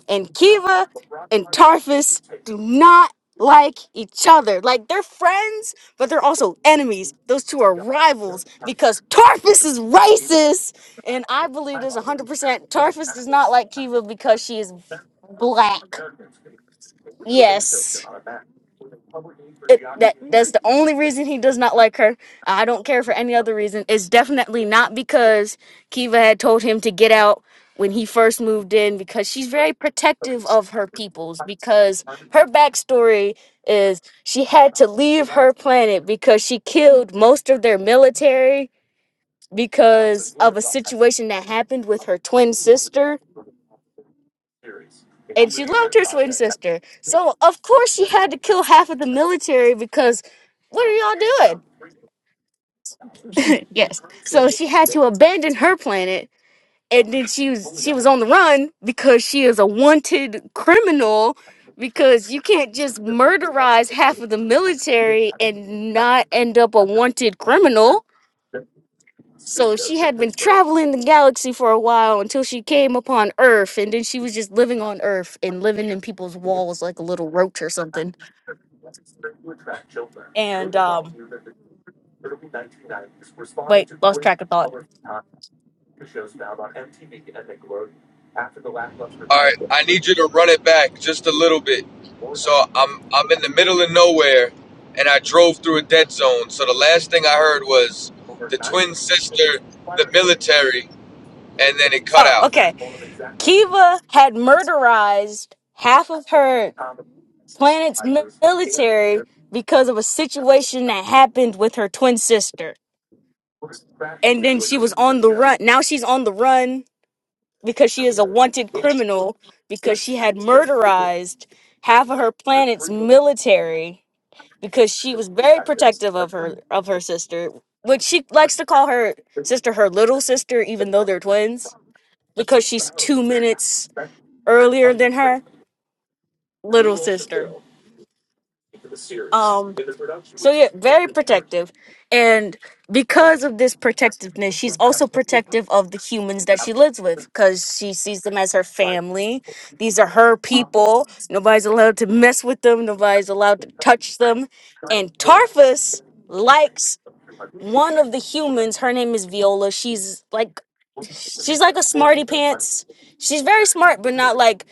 And Kiva and Tarfus do not like each other. Like they're friends, but they're also enemies. Those two are rivals because Tarfus is racist. And I believe this 100%. Tarfus does not like Kiva because she is black. Yes. it, that that's the only reason he does not like her. I don't care for any other reason. It's definitely not because Kiva had told him to get out when he first moved in because she's very protective of her peoples because her backstory is she had to leave her planet because she killed most of their military because of a situation that happened with her twin sister and she loved her twin sister. So of course she had to kill half of the military because what are y'all doing? Yes. So she had to abandon her planet and then she was she was on the run because she is a wanted criminal because you can't just murderize half of the military and not end up a wanted criminal. So she had been traveling the galaxy for a while until she came upon Earth and then she was just living on Earth and living in people's walls like a little roach or something. And um wait, lost track of thought. All right, I need you to run it back just a little bit. So I'm I'm in the middle of nowhere, and I drove through a dead zone. So the last thing I heard was the twin sister, the military, and then it cut Oh, out. okay. Kiva had murderized half of her planet's military because of a situation that happened with her twin sister. And then she was on the run. Now she's on the run because she is a wanted criminal because she had murderized half of her planet's military because she was very protective of her of her sister, which she likes to call her sister her little sister even though they're twins because she's 2 minutes earlier than her little sister. Um. So yeah, very protective. And because of this protectiveness, she's also protective of the humans that she lives with because she sees them as her family. These are her people. Nobody's allowed to mess with them, nobody's allowed to touch them. And Tarfus likes one of the humans. Her name is Viola. She's like she's like a smarty pants. She's very smart, but not like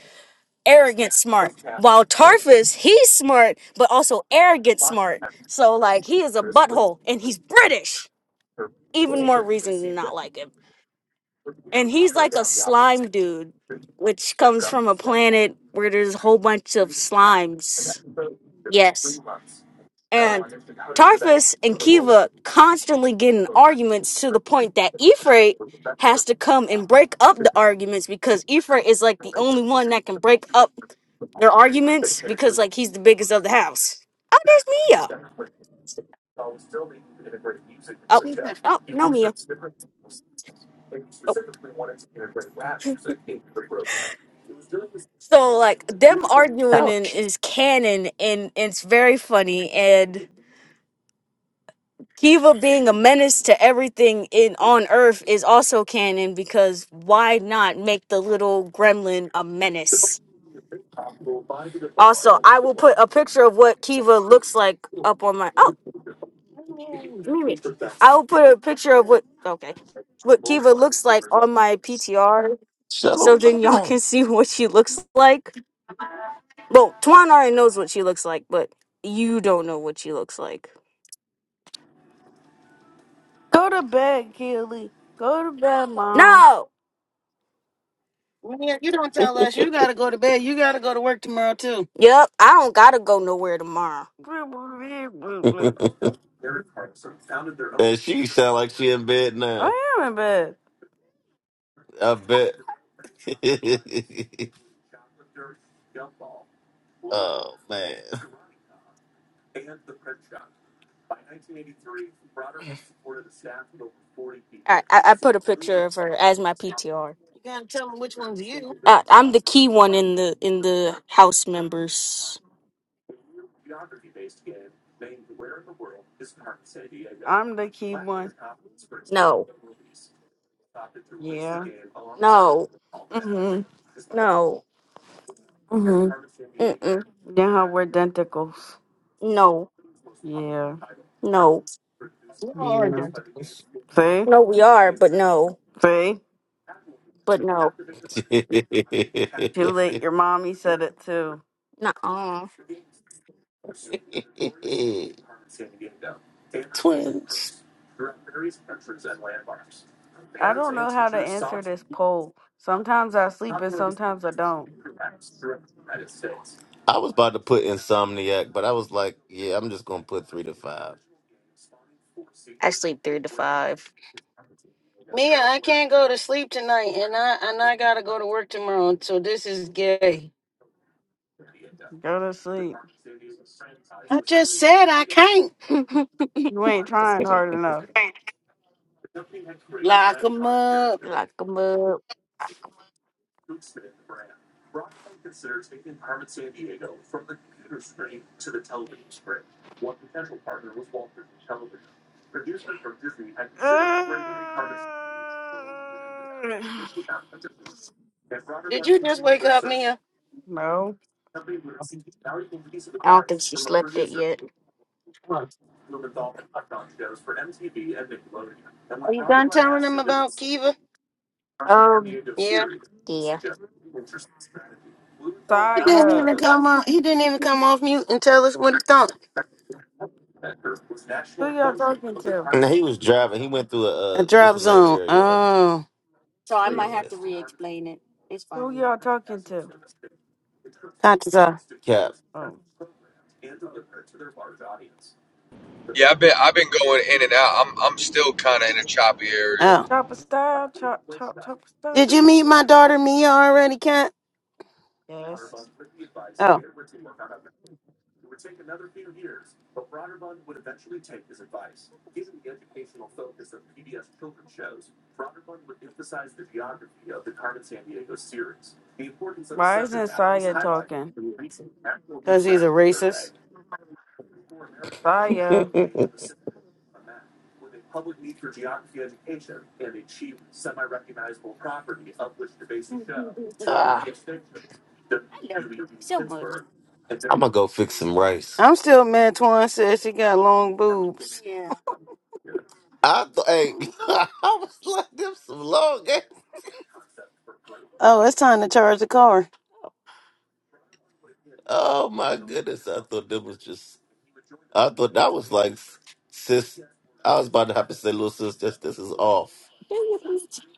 arrogant smart. While Tarfus, he's smart, but also arrogant smart. So like he is a butthole and he's British. Even more reason to not like him. And he's like a slime dude, which comes from a planet where there's a whole bunch of slimes. Yes. And Tarfus and Kiva constantly get in arguments to the point that Ifrit has to come and break up the arguments because Ifrit is like the only one that can break up their arguments because like he's the biggest of the house. Oh, there's Mia. Oh, oh, no Mia. Oh. So like them arguing in, is canon and it's very funny and Kiva being a menace to everything in on Earth is also canon because why not make the little gremlin a menace? Also, I will put a picture of what Kiva looks like up on my oh Mimi. I will put a picture of what okay what Kiva looks like on my PTR shut so him. then y'all can see what she looks like. Well, Tuan already knows what she looks like, but you don't know what she looks like. Go to bed, Keely. Go to bed, Mom. No. Man, you don't tell us. You gotta go to bed. You gotta go to work tomorrow too. Yep, I don't gotta go nowhere tomorrow. Bleep, bleep, bleep, bleep. And she sound like she in bed now. I am in bed. I bet. oh man. All right, I, I put a picture of her as my PTR. You gotta tell them which one's you. Uh, I'm the key one in the in the house members. I'm the key one. No, Yeah. no, Mhm. no, Mhm. mm-mm, Yeah, how we're denticles. no, Yeah. no, We all are Yeah. identicals. See? no. We are, but no, See? but I no. Too late. Your mommy said it too. Nuh-uh. I don't know how to answer this poll. Sometimes I sleep and sometimes I don't. was about to put Insomniac, but I was like, yeah, I'm just gonna put three to five. I sleep three to five. Mia, I can't go to sleep tonight, and I and I gotta go to work tomorrow. So this is gay. Go to sleep. I just said I can't You ain't trying hard enough. lock lock 'em up. Lock 'em up. Did you just wake up, Mia? No. I don't think she slept it yet. Are you done telling them about Kiva? Um, Yeah. yeah. He didn't Saya. even come on. He didn't even come off mute and tell us what he thought. Who y'all talking to? And he was driving. He went through A a uh, what's drop the name zone. area? Up. Oh. So I Who, Yeah. y- might have to re-explain it. It's who fine. y'all talking to? That's a, Cap. Oh, Yeah, I've been I've been going in and out. I'm I'm still kind of in a choppy area. oh. chopper style, chop, chop, chopper Did style. you meet my daughter Mia already, Kat? Yes. Oh, Why isn't Saya talking? because he's a racist. Saya. I Ah, love you so much. I'm gonna go fix some rice. I'm still mad Twan says she got long boobs. Yeah. I th- hey, I was like them some long ass. Oh, it's time to charge the car. Oh my goodness, I thought that was just. I thought that was like, sis. I was about to have to say, little sis, this this is off, Do you please?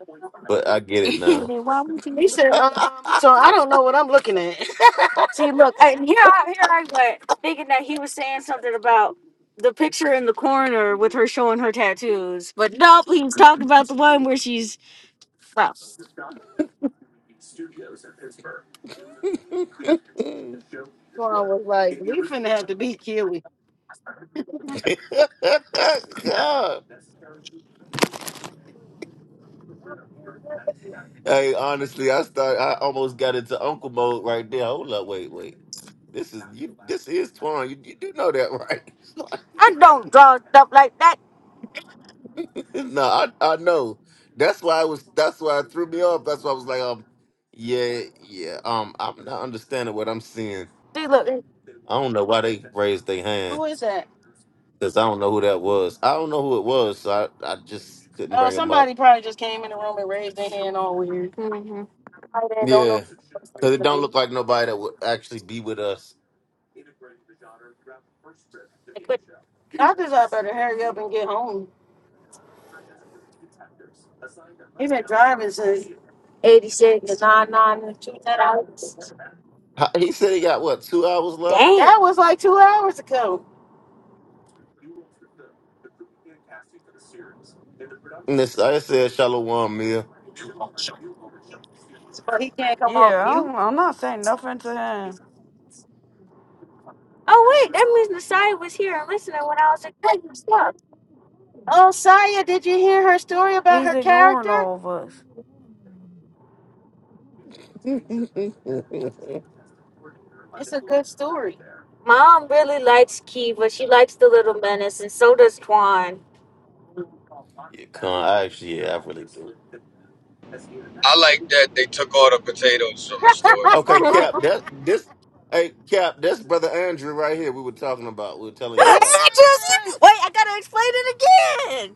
but I get it And now. then why would you He said, um, so I don't know what I'm looking at. See, look, I, here, I, here I went thinking that he was saying something about the picture in the corner with her showing her tattoos, but nope, he was talking about the one where she's. well, Swan was like, we finna have to beat Kiwi. God. Hey, honestly, I start. I almost got into uncle mode right there. Hold up, wait, wait. This is you. This is Twan. You, you do know that, right? I don't draw stuff like that. no, I I know. That's why I was. That's why it threw me off. That's why I was like, um, yeah, yeah. Um, I'm not understanding what I'm seeing. See, look. I don't know why they raised their hand Who is that? because I don't know who that was. I don't know who it was, so I I just couldn't Oh, bring him up. somebody probably just came in the room and raised their hand all weird. Mm-hmm. I then don't know. Yeah, what the because it person's don't look like nobody that would actually be with us. doing. I just I better hurry up and get home. He been driving since the 86. 9 hours. How- He said he got what two hours left. Damn. That was like two hours ago. And this I said shalom, Mia. So he can't come off Yeah, I mute. don't, I'm not saying nothing to him. Oh, wait. That means Nasai was here and listening when I was explaining stuff. Oh, Saya, did you hear her story about He's her ignoring character? all of us. you It's a good story. Mom really likes Kiva. She likes the little menace, and so does Twan. con I actually, yeah, I really do. I like that they took all the potatoes from the store. Okay, Cap. That this. Hey, Cap. That's brother Andrew right here. We were talking about. We were telling you Yeah. about. Andrew's Wait, I gotta explain it again!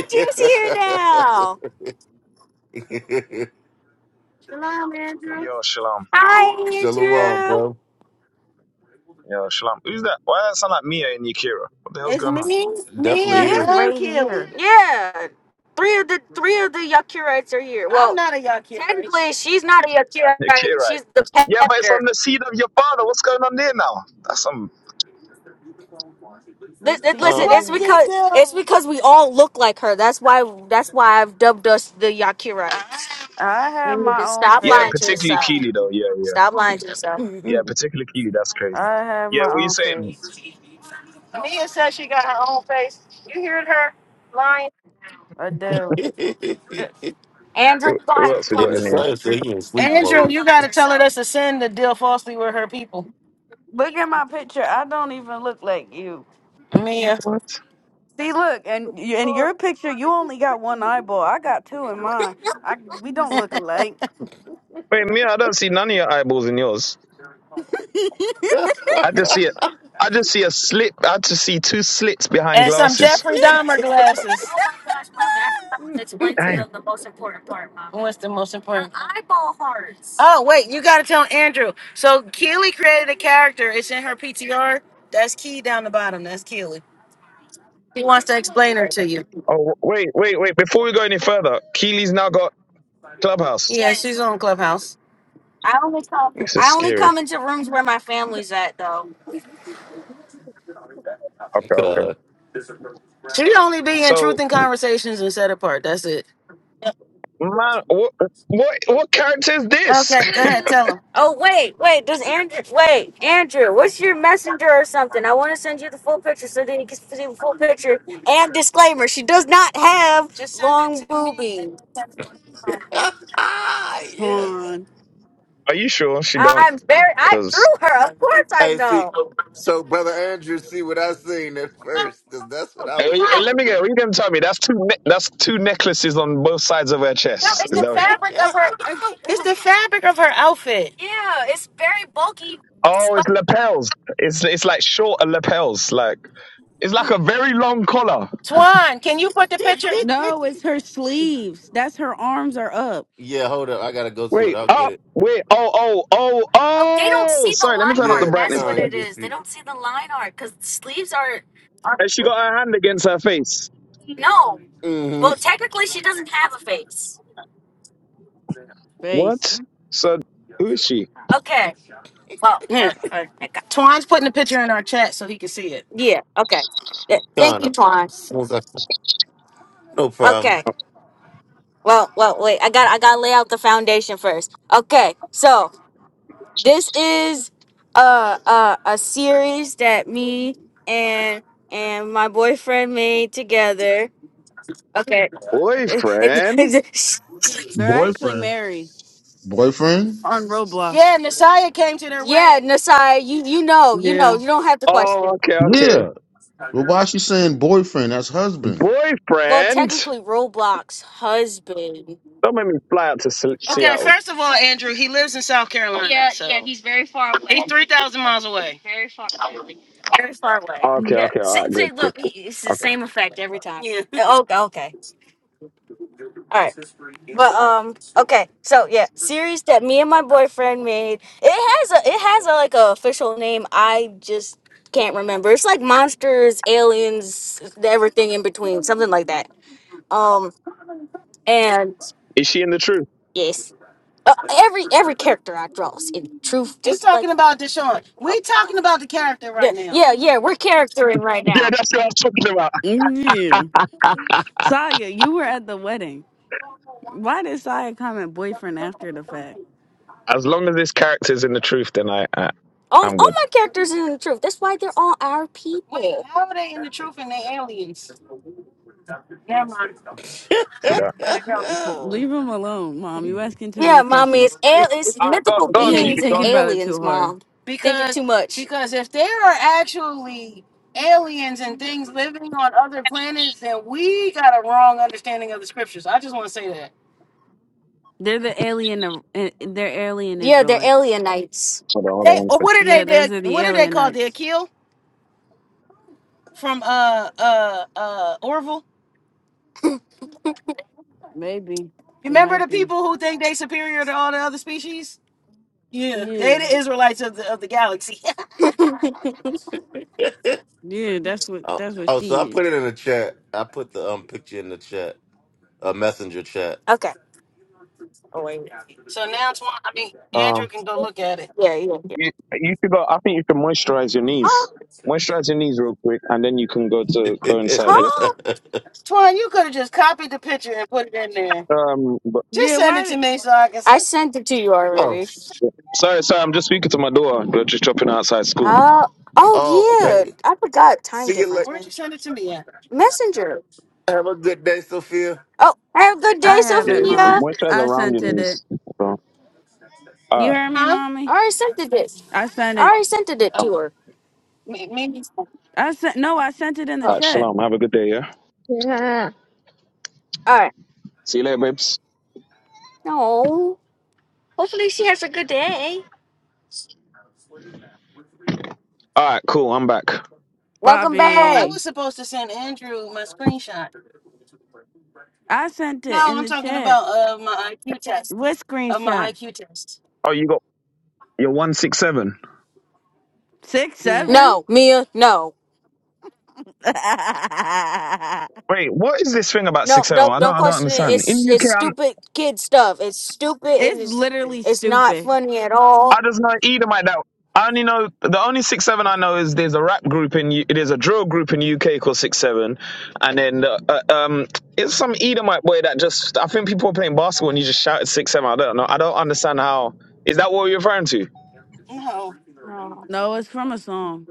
Andrew's here now! Shalom, Hey, Andrew. yo, Shalom. Hi, shalom, Andrew! bro. Yo, Shalom. Who's that? Why does that sound like Mia and Yakira? What the hell's It's going on? me, Definitely Mia, is. Mia's and right Kelly. here. Yeah, three of the three of the Yakurites are here. I'm Well, not a Yakirite. technically, she's not a Yakurite. Yakirite. She's the Yeah, but it's captor. on the seed of your father. What's going on there now? That's some. Whoop Listen, de listen, Huh? What it's What the doo. because it's hell? because we all look like her. That's why that's why I've dubbed us the Yakira. I You have my own stop Yeah, lying to face. particularly yourself. Keely, though. Yeah, yeah. Stop lying to yourself. Yeah, and particularly Keely. That's crazy. I have Yeah, my what are you own saying? face. Mia says she got her own. You heard her lying? I do. Andrew, Wh- you gonna Who have to else we talk got the in to her. here? son said Andrew. he in sleep Andrew, mode. you got to tell her that's a sin to deal falsely with her people. Look at my picture. I don't even look like you. Mia. What? See, look, and y- in your picture, you only got one eyeball. I got two in mine. I we don't look alike. Wait, Mia, I don't see none of your eyeballs in yours. God. I just see it. I just see a slit. I just see two slits behind and some glasses. Jeffrey Dahmer glasses. Oh my gosh, mommy, I forgot to explain to Damn. them the most important part, mommy. What's the most important? The important? eyeball hearts. Oh wait, you gotta tell Andrew. So Keely created a character. It's in her PTR. That's Key down the bottom. That's Keely. He wants to explain her to you. Oh, wh- wait, wait, wait. Before we go any further, Keely's now got Clubhouse. Yeah, Yes. she's on Clubhouse. I only come This is I only scary. come into rooms where my family's at though. Okay, okay. She only be in So Truth and Conversations and Set Apart. That's it. my what what what character is this? Okay, go ahead, tell him. Oh wait, wait. Does Andrew wait, Andrew? What's your messenger or something? I want to send you the full picture so that you can see the full picture. And disclaimer: she does not have Just send it long to me. boobies. yeah. Fun. Are you sure she don't? I'm very. I drew Because her. Of course, I Hey, see, know. so brother Andrew, see what I seen at first, cause that's what I was on. let me get. Are you gonna tell me that's two ne- that's two necklaces on both sides of her chest? Is Like, that? What, yeah. Of her- It's the fabric of her outfit. Yeah, it's very bulky. oh, it's But lapels. It's it's like shorter lapels. Like it's like a very long collar. Twan, can you put the picture? No, it's her sleeves. That's her arms are up. yeah, hold up, I gotta go to it. Wait I'll get up. it. Wait. Oh oh oh oh, they don't oh. see the Sorry. Let me line turn up the Yeah, art. That's brightness. what Con, you it can is. They see. don't see the line art because sleeves are are And she got her hand against her face. no. Well, Mm-hmm. technically, she doesn't have a face. Face. What? So who is she? Okay. Well, Here, her, her, Twine's putting the picture in our chat so he can see it. yeah. Okay. Yeah, Thank Con, you, I'm- Twan. as soon as I- no problem. Okay. Well, well, wait. I got, I got to lay out the foundation first. Okay. So this is a, a, a series that me and and my boyfriend made together. Okay. Boyfriend. They're actually Boyfriend. married Boyfriend? on Yeah, Roblox. Nasiah came to their yeah, wedding. Nasai, you you know, you know, Yeah. you don't have to question. Oh okay okay. Yeah. But why is she saying boyfriend? That's husband. Well, Boyfriend. technically, Roblox husband. Don't make me fly out to Se- Okay, Seattle. first of all, Andrew, he lives in South Carolina, Yeah, so yeah, so he's very far away. he's three thousand miles away. Very far. away. Very far away. Oh, okay, Yeah. okay, all See, right, good, see good. look, good. he- it's the Okay, same effect every time. Yeah. Oh, okay. okay. All right. But um, okay. So yeah, series that me and my boyfriend made. It has a it has a like a official name. I just can't remember. It's like monsters, aliens, everything in between, something like that. Um, and is she in the truth? yes. Uh, every every character I draw is in truth, He's just like talking about Deshaun. We're talking about the character yeah, right now. yeah, yeah. We're charactering right Yeah, now. that's what I was talking about. Yeah. Saya, you were at the wedding. Why did Saya comment boyfriend after the fact? As long as this character's in the truth, then I, I All, I'm all good. my characters are in the truth. That's why they're all our Wait, people. how are they in the truth and they aliens? Never mind. See I'm gonna that? let it go. oh, Leave him alone, mom. You asking too Yeah, many mommy, it's questions. al- it's All right, go, mythical go on, Yeah, you keep beings it and thinking going. about it aliens, too hard. mom. Thinking Because too much. because if there are actually aliens and things living on other planets, then we got a wrong understanding of the scriptures. I just want to say that. They're the alien. of- eh, They're alien Yeah, they're Israelites. alienites. Hold on, hold on, They one or second. what are they? Yeah, They those are the what are they called? The alienites. Akil from uh uh uh Orville. Maybe You they remember might the be. people who think they superior to all the other species? Yeah, they Yeah, the Israelites of the of the galaxy. yeah. That's what. oh, That's what she so I put is. it in the chat. I put the um picture in the chat, a messenger chat. Okay. oh wait. So now Twan, I mean Um, Andrew can go look at it. Yeah, yeah, yeah. You, you should go. I think you can moisturize your Um, knees. Moisturize your knees real quick, and then you can go to go inside. Yeah. huh? Twan, you could have just copied the picture and put it in there. Um. But, Just Yeah. send it Why? to Did, me so I can. I sent it to you oh, already. sorry, sorry. I'm just speaking to my daughter. We're just dropping her outside school. Oh, oh oh, yeah. okay. I forgot time See you difference, later. Where'd man. you send it to me at? Messenger. Have a good day, Sophia. Oh, have a good I day, have it, Yeah. mom. Sophia. Moisturize I around your sent it. knees. it. So, all You right. heard me, Huh? I mommy. already sent it this. I sent I it. already sent it it to Um, Oh, her. may- maybe. Oh, I sent. No, I sent it in the all all right. chat, Shalom. Have a good day. Yeah. Yeah. right. See you later, babes. No. Hopefully she has a good day. All right, cool. I'm back. Welcome Oh, I back. Bobby. was supposed to send Andrew my screenshot. I sent it No, in I'm the talking chat. about uh my IQ test. What Of my screenshot? IQ test. Oh, you got your one six seven. Six Yeah. seven. No, Mia. No. Wait, what is this thing about No, six seven? no, I don't, don't I don't question it. understand. In It's it's UK, I'm, stupid kid stuff. It's stupid and it's it's literally it's not stupid. funny at I all. just know either. like that. I only know the only six seven I know is there's a rap group in U- there's a drill group in UK called six seven, and then uh, uh, um it's some Edomite boy that just I think people were playing basketball and you just shouted six seven. I don't know. I don't understand how is that what you're referring to? No. No. No, it's from a song.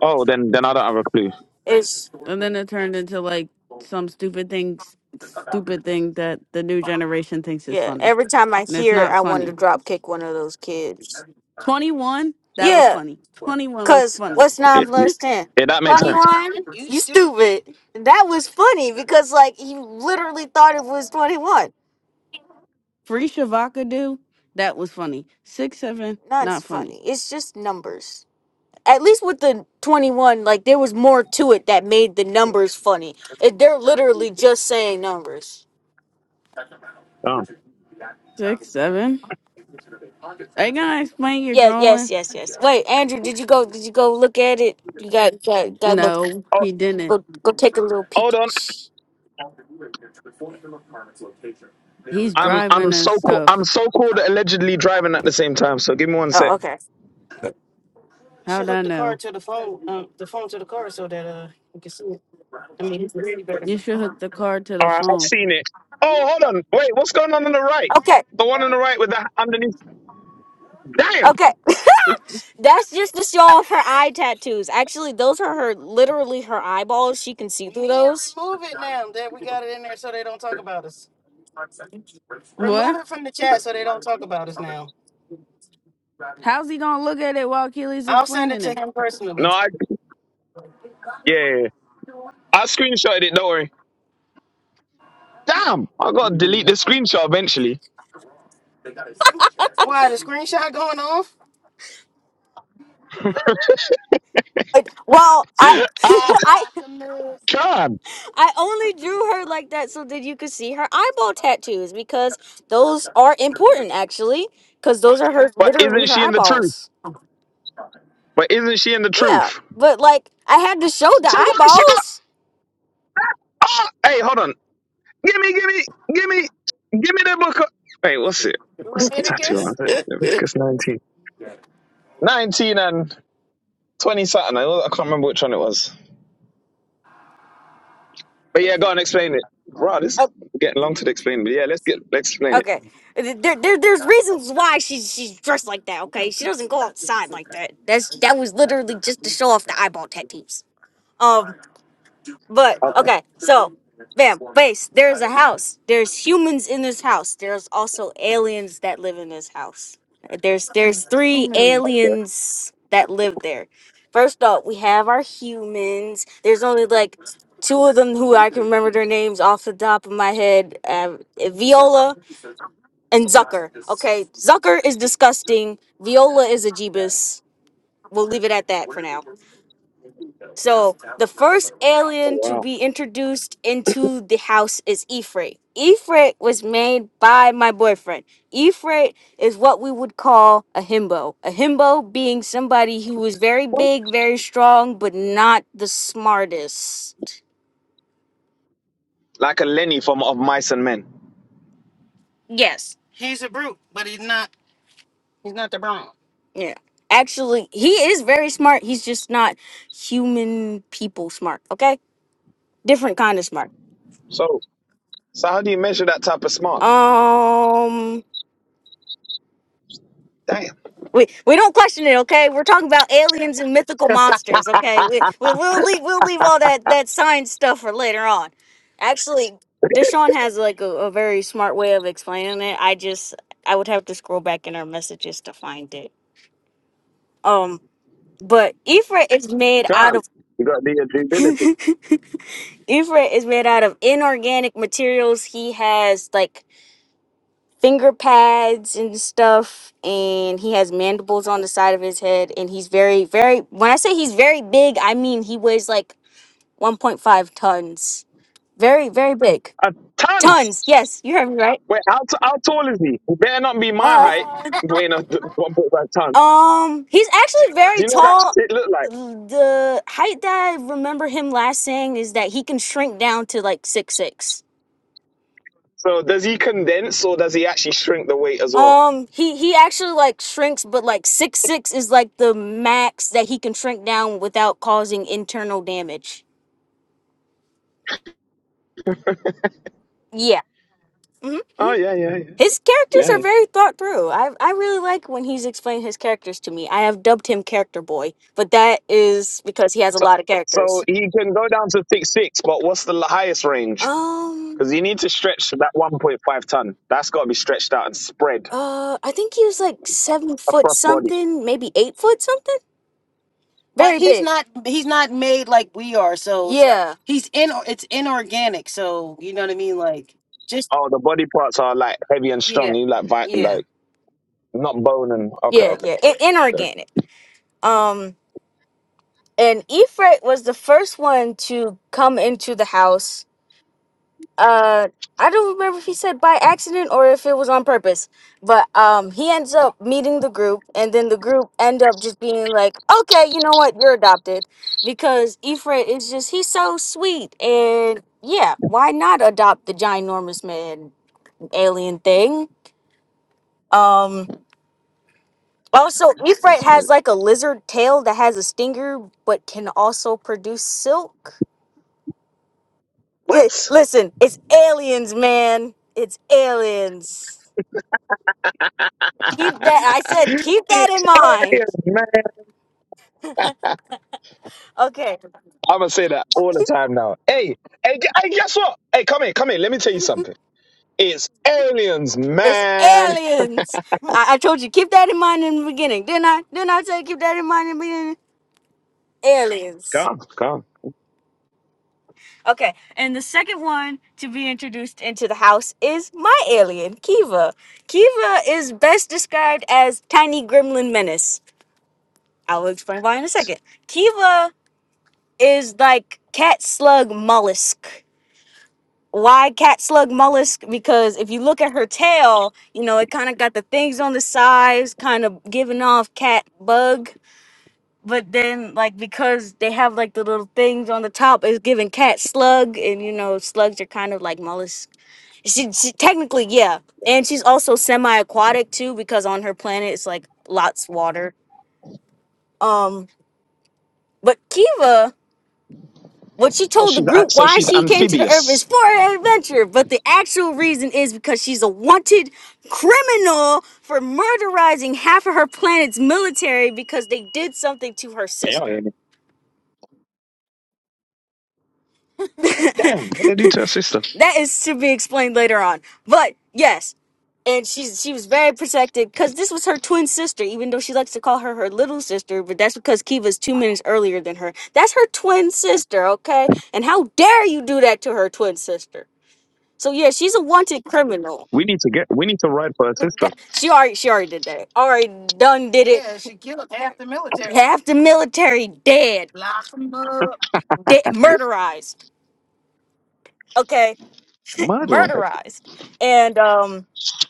Oh, then then I don't have a clue. It's And then it turned into like some stupid things, stupid thing that the new generation thinks is yeah, funny. every time I And it's hear it, not I want to funny. drop kick one of those kids. 21, that was Yeah, funny. 21 was cuz funny. what's 9 It plus 10? yeah, that made sense. 21. You You stupid. stupid. That was funny because like he literally thought it was 21. Free Shavakadu, that was funny. 6 7, Not not funny. funny. It's just numbers. at least with the 21 like there was more to it that made the numbers funny it, they're literally just saying numbers Oh. 6 7. are you gonna explain your yeah, yes drawing. yes yes wait andrew did you go did you go look at it you got got, got go, No, Oh, he didn't. go go take a little peek Hold on, He's I'm I'm driving and so cool. I'm stuff. so cool that allegedly driving at the same time. So give me one oh sec. okay You should How'd I hook the car know? to the phone, um, the phone to the car so that uh you can see it. I mean, it's really better. You should hook the card to the All right, I've phone. seen it. Oh, hold on. Wait, what's going on on the right? okay The one on the right with the underneath. Damn. okay that's just the show off her eye tattoos actually those are her literally her eyeballs she can see through those Move it now that we got it in there so they don't talk about us. Remove What? it from the chat so they don't talk about us now. How's he gonna look at it while Keely's I'll send it explaining to it? him No, personally. I yeah. yeah, yeah. I screenshotted it. Don't worry. Damn. I gotta delete the Mm-mm. screenshot eventually. Why the screenshot going off? Wait, Well, I, Ah, I, Lock 'em up. God. I only drew her like that so that you could see her eyeball tattoos because those are important actually because those are her But literally isn't her she in the truth? eyeballs. But isn't she in the Yeah, truth? but like I had to show the So why is she got? eyeballs. Oh, hey, hold on. Give me, give me, give me, give me the book. of- Wait, what's it? What's the tattoo on? Leviticus. Leviticus 19. 19 and 20 something. I I can't remember which one it was. But yeah, go and explain it. Right, this is getting long to explain. But yeah, let's get let's explain it. Okay. There, there, there's reasons why she's she's dressed like that. Okay, she doesn't go outside like that. That's that was literally just to show off the eyeball tattoos. Um, but Okay. okay, so, bam, base. There's a house. There's humans in this house. There's also aliens that live in this house. There's there's three okay. aliens that live there. First up, we have our humans. There's only like two of them who I can remember their names off the top of my head. Um, Viola and Zucker. Okay, Zucker is disgusting. Viola is a Jeebus. We'll leave it at that for now. So the first Oh, alien to wow. be introduced into the house is Ifrit. Ifrit was made by my boyfriend. Ifrit is what we would call a himbo. A himbo being somebody who was very What? big, very strong, but not the smartest. Like a Lenny from of mice and men. Yes. He's a brute, but he's not. He's not the Bronx. Yeah. Actually, he is very smart. He's just not human people smart, okay? Different kind of smart. So so how do you measure that type of smart? Um Damn. we, we don't question it, okay? We're talking about aliens and mythical monsters, okay? We, we we'll leave we'll leave all that that science stuff for later on. Actually, Deshaun has like a, a very smart way of explaining it. I just I would have to scroll back in our messages to find it. Um but Ifra is made out of Can't. You got to do your due diligence. Ifrit is made out of inorganic materials. He has like finger pads and stuff, and he has mandibles on the side of his head. And he's very, very, when I say he's very big, I mean he weighs like 1.5 tons. Very, very big. A tons. Tons. Yes, you heard me right. Wait, how, t- how tall is he? He better not be my Uh, height. Weighing a th- one point five ton. um, he's actually Do very you know what tall. that shit look like? The height that I remember him last saying is that he can shrink down to like six six. So does he condense or does he actually shrink the weight as well? Um, he he actually like shrinks, but like six six is like the max that he can shrink down without causing internal damage. Yeah. hmm Oh, hmm yeah yeah, yeah, His characters yeah. are very thought through. I I really like when he's explained his characters to me. I have dubbed him Character Boy, but that is because he has a So, lot of characters. so he can go down to six six, but what's the highest range? Um, Because you need to stretch that one point five ton. That's got to be stretched out and spread uh, I think he was like seven foot across body. something, maybe eight foot something. But Very he's big. not he's not made like we are, so Yeah. he's in it's inorganic, so you know what I mean? Like just Oh, the body parts are like heavy and yeah. strong. You like vi- Yeah. like not bone and okay, Yeah, okay, yeah, I- inorganic. Um, and Ifrit was the first one to come into the house uh I don't remember if he said by accident or if it was on purpose. But um he ends up meeting the group and then the group end up just being like, Okay, you know what, you're adopted because Ifrit is just he's so sweet and yeah, why not adopt the ginormous man alien thing? Um also and Ifrit has spirit. like a lizard tail that has a stinger but can also produce silk. It, What? listen, it's aliens, man. It's aliens. Keep that. I said, keep that It's in mind. alien, man. Okay, I'm gonna say that all the time now. Hey, hey, gu- hey, guess what? Hey, come here, come here. Let me tell you something. It's aliens, it's man. aliens. I, I told you, keep that in mind in the beginning. Didn't I? Didn't I say keep that in mind in the beginning? Aliens. Come, come. Okay, and the second one to be introduced into the house is my alien, Kiva. Kiva is best described as tiny gremlin menace. I will explain why in a second. Kiva is like cat slug mollusk. why cat slug mollusk because if you look at her tail you know it kind of got the things on the sides kind of giving off cat bug but then like because they have like the little things on the top it's giving cat slug and you know slugs are kind of like mollusk she, she technically yeah and she's also semi-aquatic too because on her planet it's like lots water um but kiva What she Oh, told the she's a- group so why she's she came to the earth is amphibious. for an adventure, but the actual reason is because she's a wanted criminal for murderizing half of her planet's military because they did something to her Yeah. sister. that Damn, what they do to her sister? is to be explained later on. But yes, and she's she was very protected because this was her twin sister, even though she likes to call her her little sister. But that's because Kiva's two minutes earlier than her. That's her twin sister, okay? And how dare you do that to her twin sister? So yeah, she's a wanted criminal. We need to get, we need to ride for her But sister. that, she already she already did that. Already done did it. Yeah, she killed half the military. Half the military dead, Lock them up. dead murderized. Okay, Murder right? murderized. And um,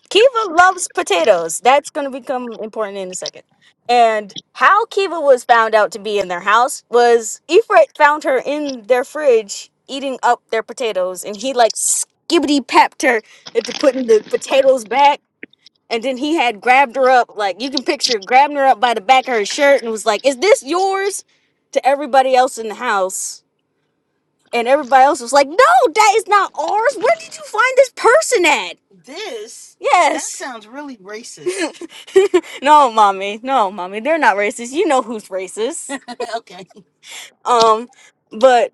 Kiva loves potatoes. That's gonna become important in a second. And how Kiva was found out to be in their house was Ifrit found her in their fridge eating up their potatoes, and he like skibbity papped her into putting the potatoes back. And then he had grabbed her up, like you can picture grabbing her up by the back of her shirt and was like, Is this yours? to everybody else in the house. And everybody else was like, No, that is not ours. Where did you find this person at? This that Yes. sounds really racist. No, mommy. No, mommy. They're not racist. You know who's racist. okay. Um, but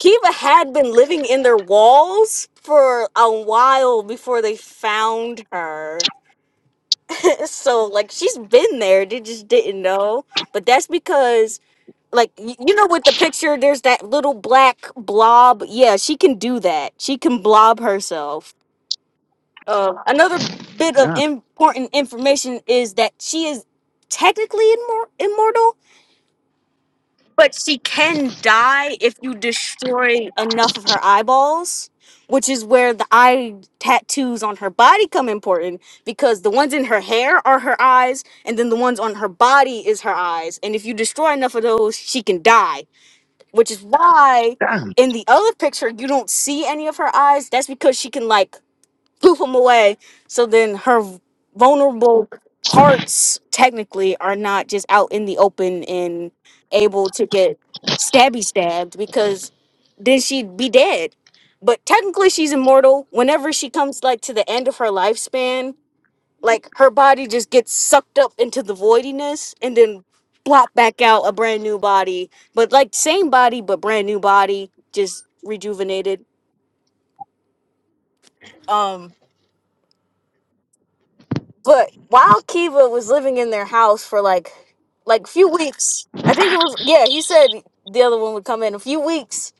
Kiva had been living in their walls for a while before they found her. It's So like she's been there, they just didn't know. But that's because like y- you know with the picture there's that little black blob. Yeah, she can do that. She can blob herself. Uh, another bit of Yeah. important information is that she is technically immor- immortal but she can die if you destroy enough of her eyeballs, which is where the eye tattoos on her body come important because the ones in her hair are her eyes, and then the ones on her body is her eyes. And if you destroy enough of those, she can die, which is why Damn. in the other picture you don't see any of her eyes. That's because she can, like, blew them away. So then her vulnerable parts technically are not just out in the open and able to get stabby stabbed because then she'd be dead. But technically she's immortal. Whenever she comes like to the end of her lifespan, like her body just gets sucked up into the voidiness and then plop back out a brand new body. But like same body but brand new body, just rejuvenated. Um, But while Kiva was living in their house for like like few weeks, I think it was yeah, he said the other one would come in a few weeks.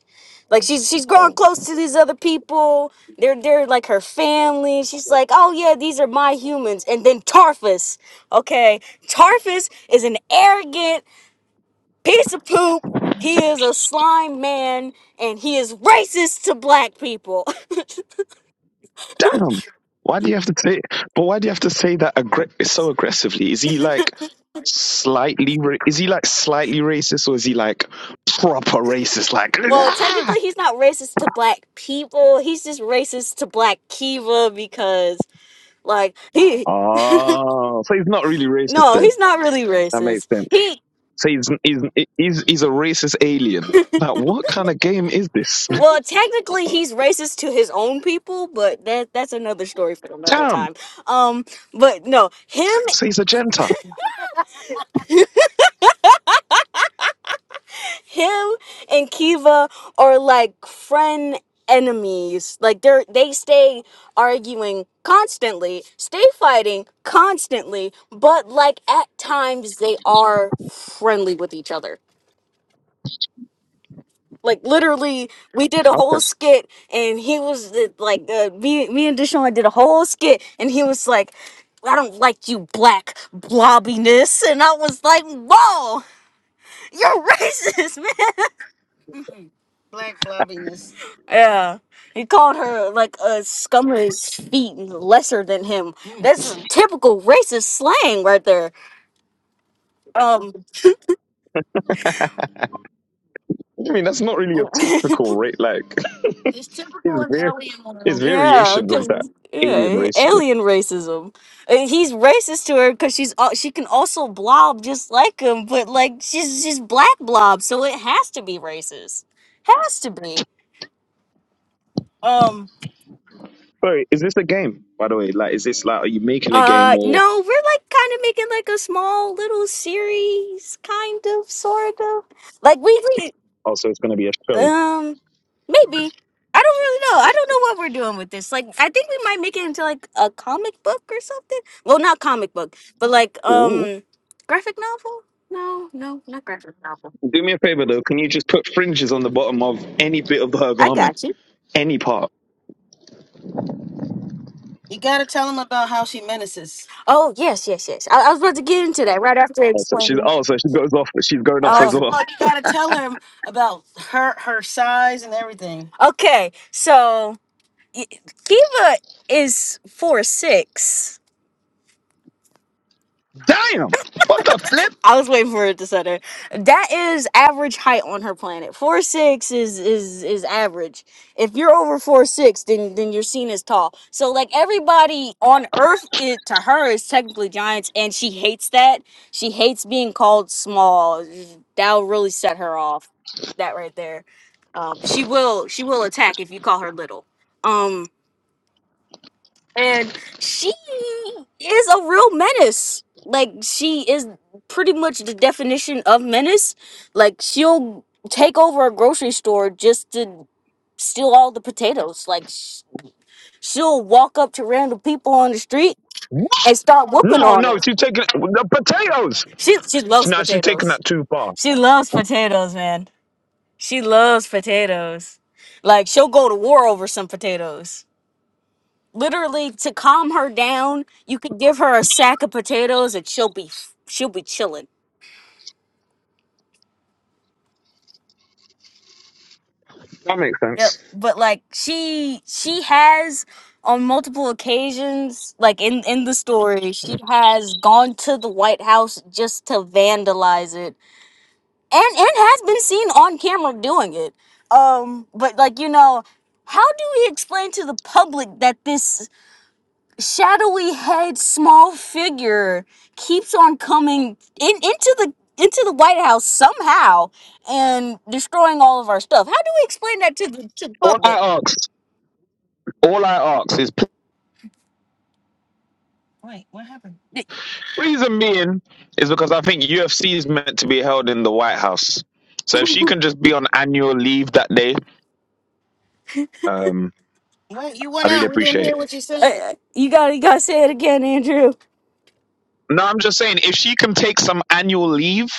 Like she's she's growing Oh. close to these other people. They're they're like her family. She's like, oh yeah, these are my humans. And then Tarfus, okay, Tarfus is an arrogant piece of poop. He is a slime man, and he is racist to black people. Damn. Why do you have to say? But why do you have to say that aggr- so aggressively? Is he like slightly? Ra- is he like slightly racist, or is he like proper racist? Like, Well, "Ah!" technically, he's not racist to black people. He's just racist to black Kiva because, like, he oh, so he's not really racist no, then. he's not really That makes racist. sense. He So he's he's he's, he's a racist alien. Like, what kind of game is this? well, technically, he's racist to his own people, but that that's another story for another Damn. time. Um, but no, him So he's a gentile. him and Kiva are like friend enemies. Like they're they stay arguing constantly, stay fighting constantly, but like at times they are friendly with each other. Like literally, we did a Okay. whole skit, and he was uh, like, uh, me, me and Deshaun did a whole skit, and he was like, "I don't like you, black blobbiness," and I was like, "Whoa, you're racist, man!" Black blobbiness. Yeah. He called her like a scum of his feet and lesser than him. That's typical racist slang right there. Um I mean, that's not really a typical race. Like, it's, It's typical in var- alien it's world. Yeah, variations c- of that alien yeah, racism. alien racism. And he's racist to her because she's al- she can also blob just like him, but like she's she's black blob, so it has to be racist. Has to be. Um, Sorry, is this a game, by the way? Like, is this like, are you making a game Uh, or no, we're like kind of making like a small little series, kind of, sort of, like weekly. also it's going to be a show? Um, maybe I don't really know. I don't know what we're doing with this. Like, I think we might make it into like a comic book or something. Well, not comic book, but like Ooh. um, graphic novel. No, no, not graphic novel. Do me a favor, though. Can you just put fringes on the bottom of any bit of her I garment? got you. Any part. You gotta tell him about how she menaces. Oh yes, yes, yes. I, I was about to get into that right after Oh, so she's, explaining. oh, so she goes off. She's going off Oh, as First of well. all, you gotta tell him about her her size and everything. okay. So y- Kiva is four six. Damn! What the flip? I was waiting for it to set her. That is average height on her planet. Four six is is is average. If you're over four six, then then you're seen as tall. So like everybody on Earth, it, to her is technically giants, and she hates that. She hates being called small. That'll really set her off. That right there. Um, she will she will attack if you call her little. Um, and she is a real menace. Like she is pretty much the definition of menace. Like she'll take over a grocery store just to steal all the potatoes. Like sh- she'll walk up to random people on the street What? and start whooping No, on no, them. she's taking the potatoes. She she loves No, she's taking potatoes. that too far. She loves potatoes, man. She loves potatoes. Like she'll go to war over some potatoes. literally to calm her down, you could give her a sack of potatoes and she'll be f- she'll be chilling. That makes Yep. sense. But like she she has on multiple occasions, like in in the story, she has gone to the White House just to vandalize it, and and has been seen on camera doing it. Um, but like you know, how do we explain to the public that this? shadowy head small figure keeps on coming in into the into the White House somehow and destroying all of our stuff. How do we explain that to the to the All public? I ask, all I ask is Wait, what happened? Reason being is because I think UFC is meant to be held in the White House. So if she can just be on annual leave that day, um, Wait, you went I'd really out. We didn't appreciate it. hear what you said. uh, you gotta you gotta say it again, Andrew. No, I'm just saying if she can take some annual leave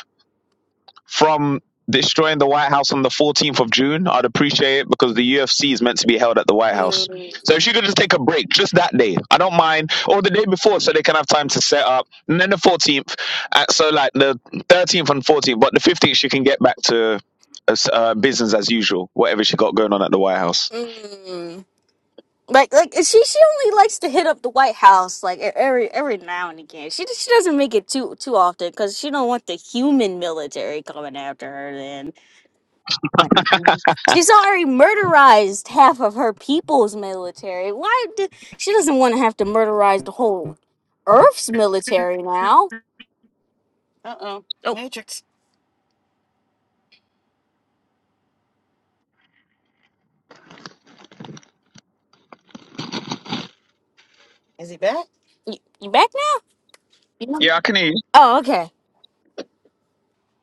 from destroying the White House on the 14th of June, I'd appreciate it because the UFC is meant to be held at the White House. Mm, So if she could just take a break just that day, I don't mind, or the day before, so they can have time to set up, and then the 14th, uh, so like the 13th and 14th, but the 15th she can get back to uh, uh, business as usual, whatever she got going on at the White House. mm. Like like she she only likes to hit up the White House like e- every every now and again. She she doesn't make it too too often because she don't want the human military coming after her. Then. She's already murderized half of her people's military. Why do, she doesn't want to have to murderize the whole Earth's military now? Uh oh. Oh, Matrix. Is he back? you, you back now? Yeah. Yeah, I can hear you. Oh, okay.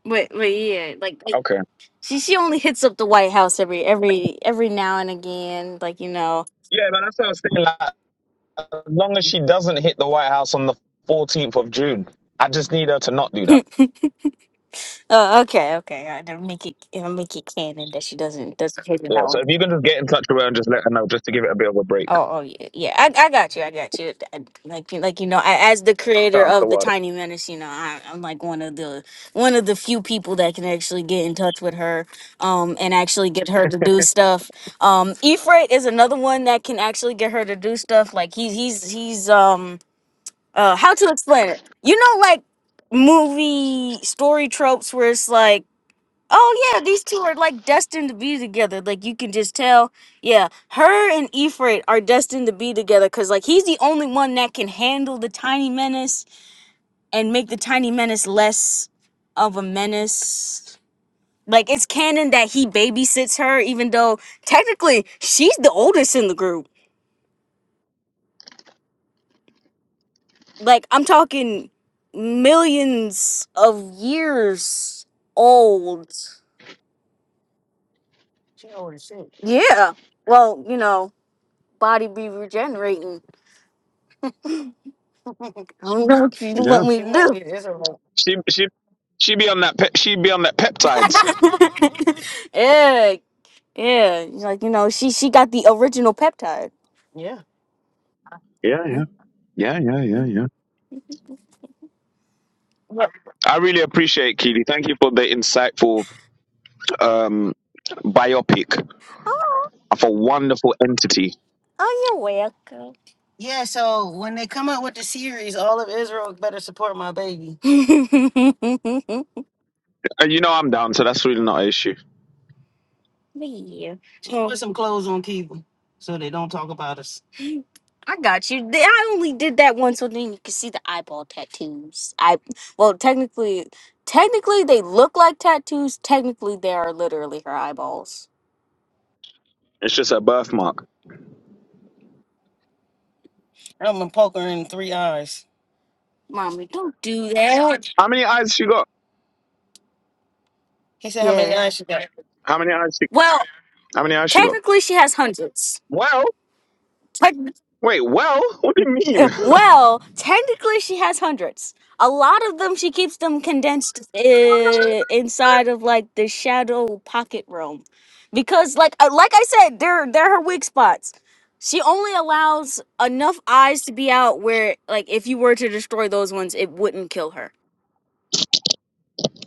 Wait, wait, yeah, like, like Okay. she she only hits up the White House every every every now and again, like you know. Yeah, but that's what I was saying. Like, As long as she doesn't hit the White House on the 14th of June, I just need her to not do that. Oh, okay, okay. I do make it. I will make it canon that she doesn't doesn't hit it Yeah, out. so if you can just get in touch with her and just let her know, just to give it a bit of a break. Oh, oh yeah, yeah. I, I got you. I got you. I- like, you- like you know, I, as the creator Can't the of the worry. Tiny Menace, you know, I, I'm like one of the one of the few people that can actually get in touch with her, um, and actually get her to do stuff. Um, Efrate is another one that can actually get her to do stuff. Like he's he's he's um uh, how to explain it? You know, like movie story tropes where it's like Oh yeah, these two are like destined to be together. Like you can just tell. Yeah, her and Ifrit are destined to be together because like he's the only one that can handle the tiny menace and make the tiny menace less of a menace. Like it's canon that he babysits her, even though technically she's the oldest in the group. Like I'm talking millions of years old. Yeah. Well, you know, body be regenerating. I don't know what you Yeah, want me to do. It's alright. she she she be on that pe- she be on that peptides. yeah, yeah. She's Like you know, she she got the original peptide. Yeah. Yeah, Hmm? yeah, yeah, yeah, yeah, yeah. Well, I really appreciate it, Keely. Thank you for the insightful um, biopic Oh, of a wonderful entity. oh, you're welcome. Yeah, so when they come up with the series, all of Israel better support my baby. yeah. And you know I'm down, so that's really not an issue. Just Oh, put some clothes on people so they don't talk about us. I got you. Th- I only did that one so then you can see the eyeball tattoos. I well technically technically they look like tattoos. Technically they are literally her eyeballs. It's just a birthmark. I'm gonna poke her in three eyes. Mommy, don't do that. How many eyes she got? He said, "How many Yes. eyes she got?" How many eyes she? Well, How many eyes she got? technically she has hundreds. Well. Wait, well, what do you mean? well, technically she has hundreds. A lot of them she keeps them condensed uh, inside of like the shadow pocket realm, because like uh, like I said, they're they're her weak spots. She only allows enough eyes to be out where like if you were to destroy those ones, it wouldn't kill her.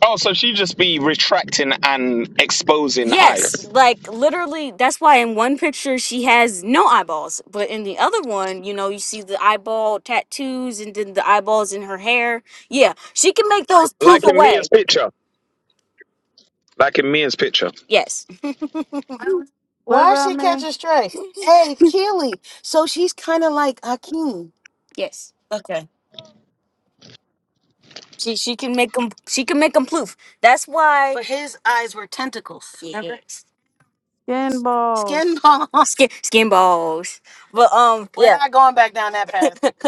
oh, so she just be retracting and exposing Yes, eyes, like literally, that's why in one picture she has no eyeballs, but in the other one, you know, you see the eyeball tattoos and then the eyeballs in her hair. Yeah, she can make those poof like in Mia's away. picture. Like in Mia's picture. Yes. What Why is about she me? catching stray? Hey, Keely. So she's kind of like Akeem. Yes. Okay. She she can make them she can make them poof. That's why But his eyes were tentacles. Remember? yes. Skin balls. Skin balls. Skin skin balls. But um We're yeah. not going back down that path.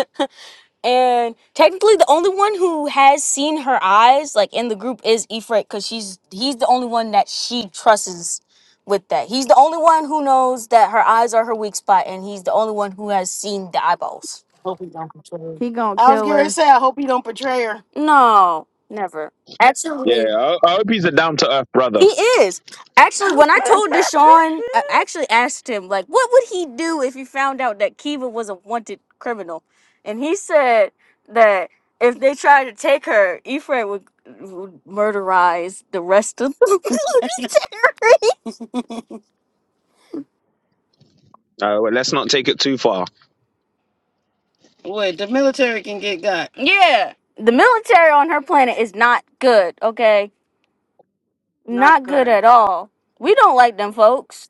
And technically, the only one who has seen her eyes, like in the group, is Ifrit, because she's he's the only one that she trusts with that. He's the only one who knows that her eyes are her weak spot, and he's the only one who has seen the eyeballs. Hope he don't betray her. He gonna I was kill gonna her. say, I hope he don't betray her. No, never. Actually, Yeah, I, I hope he's a down to earth brother. he is. Actually, when I told Deshaun, I actually asked him, like, what would he do if he found out that Kiva was a wanted criminal? And he said that if they tried to take her, Ephraim would, would murderize the rest of the military. Uh, well, let's not take it too far. Wait, the military can get got. Yeah. The military on her planet is not good, okay? Not Not good good. at all. We don't like them folks.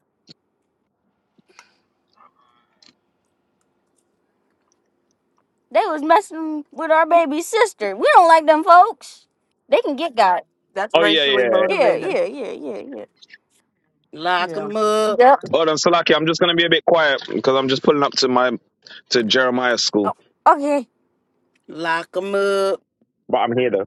They was messing with our baby sister. We don't like them folks. They can get God. That's Oh yeah, racially yeah. yeah. Yeah, motivated. yeah, yeah, yeah, yeah. Lock Yeah. 'em up. Yep. Hold on, Salaki. I'm just gonna be a bit quiet because I'm just pulling up to my to Jeremiah's school. Oh, okay. Lock 'em up. But I'm here though.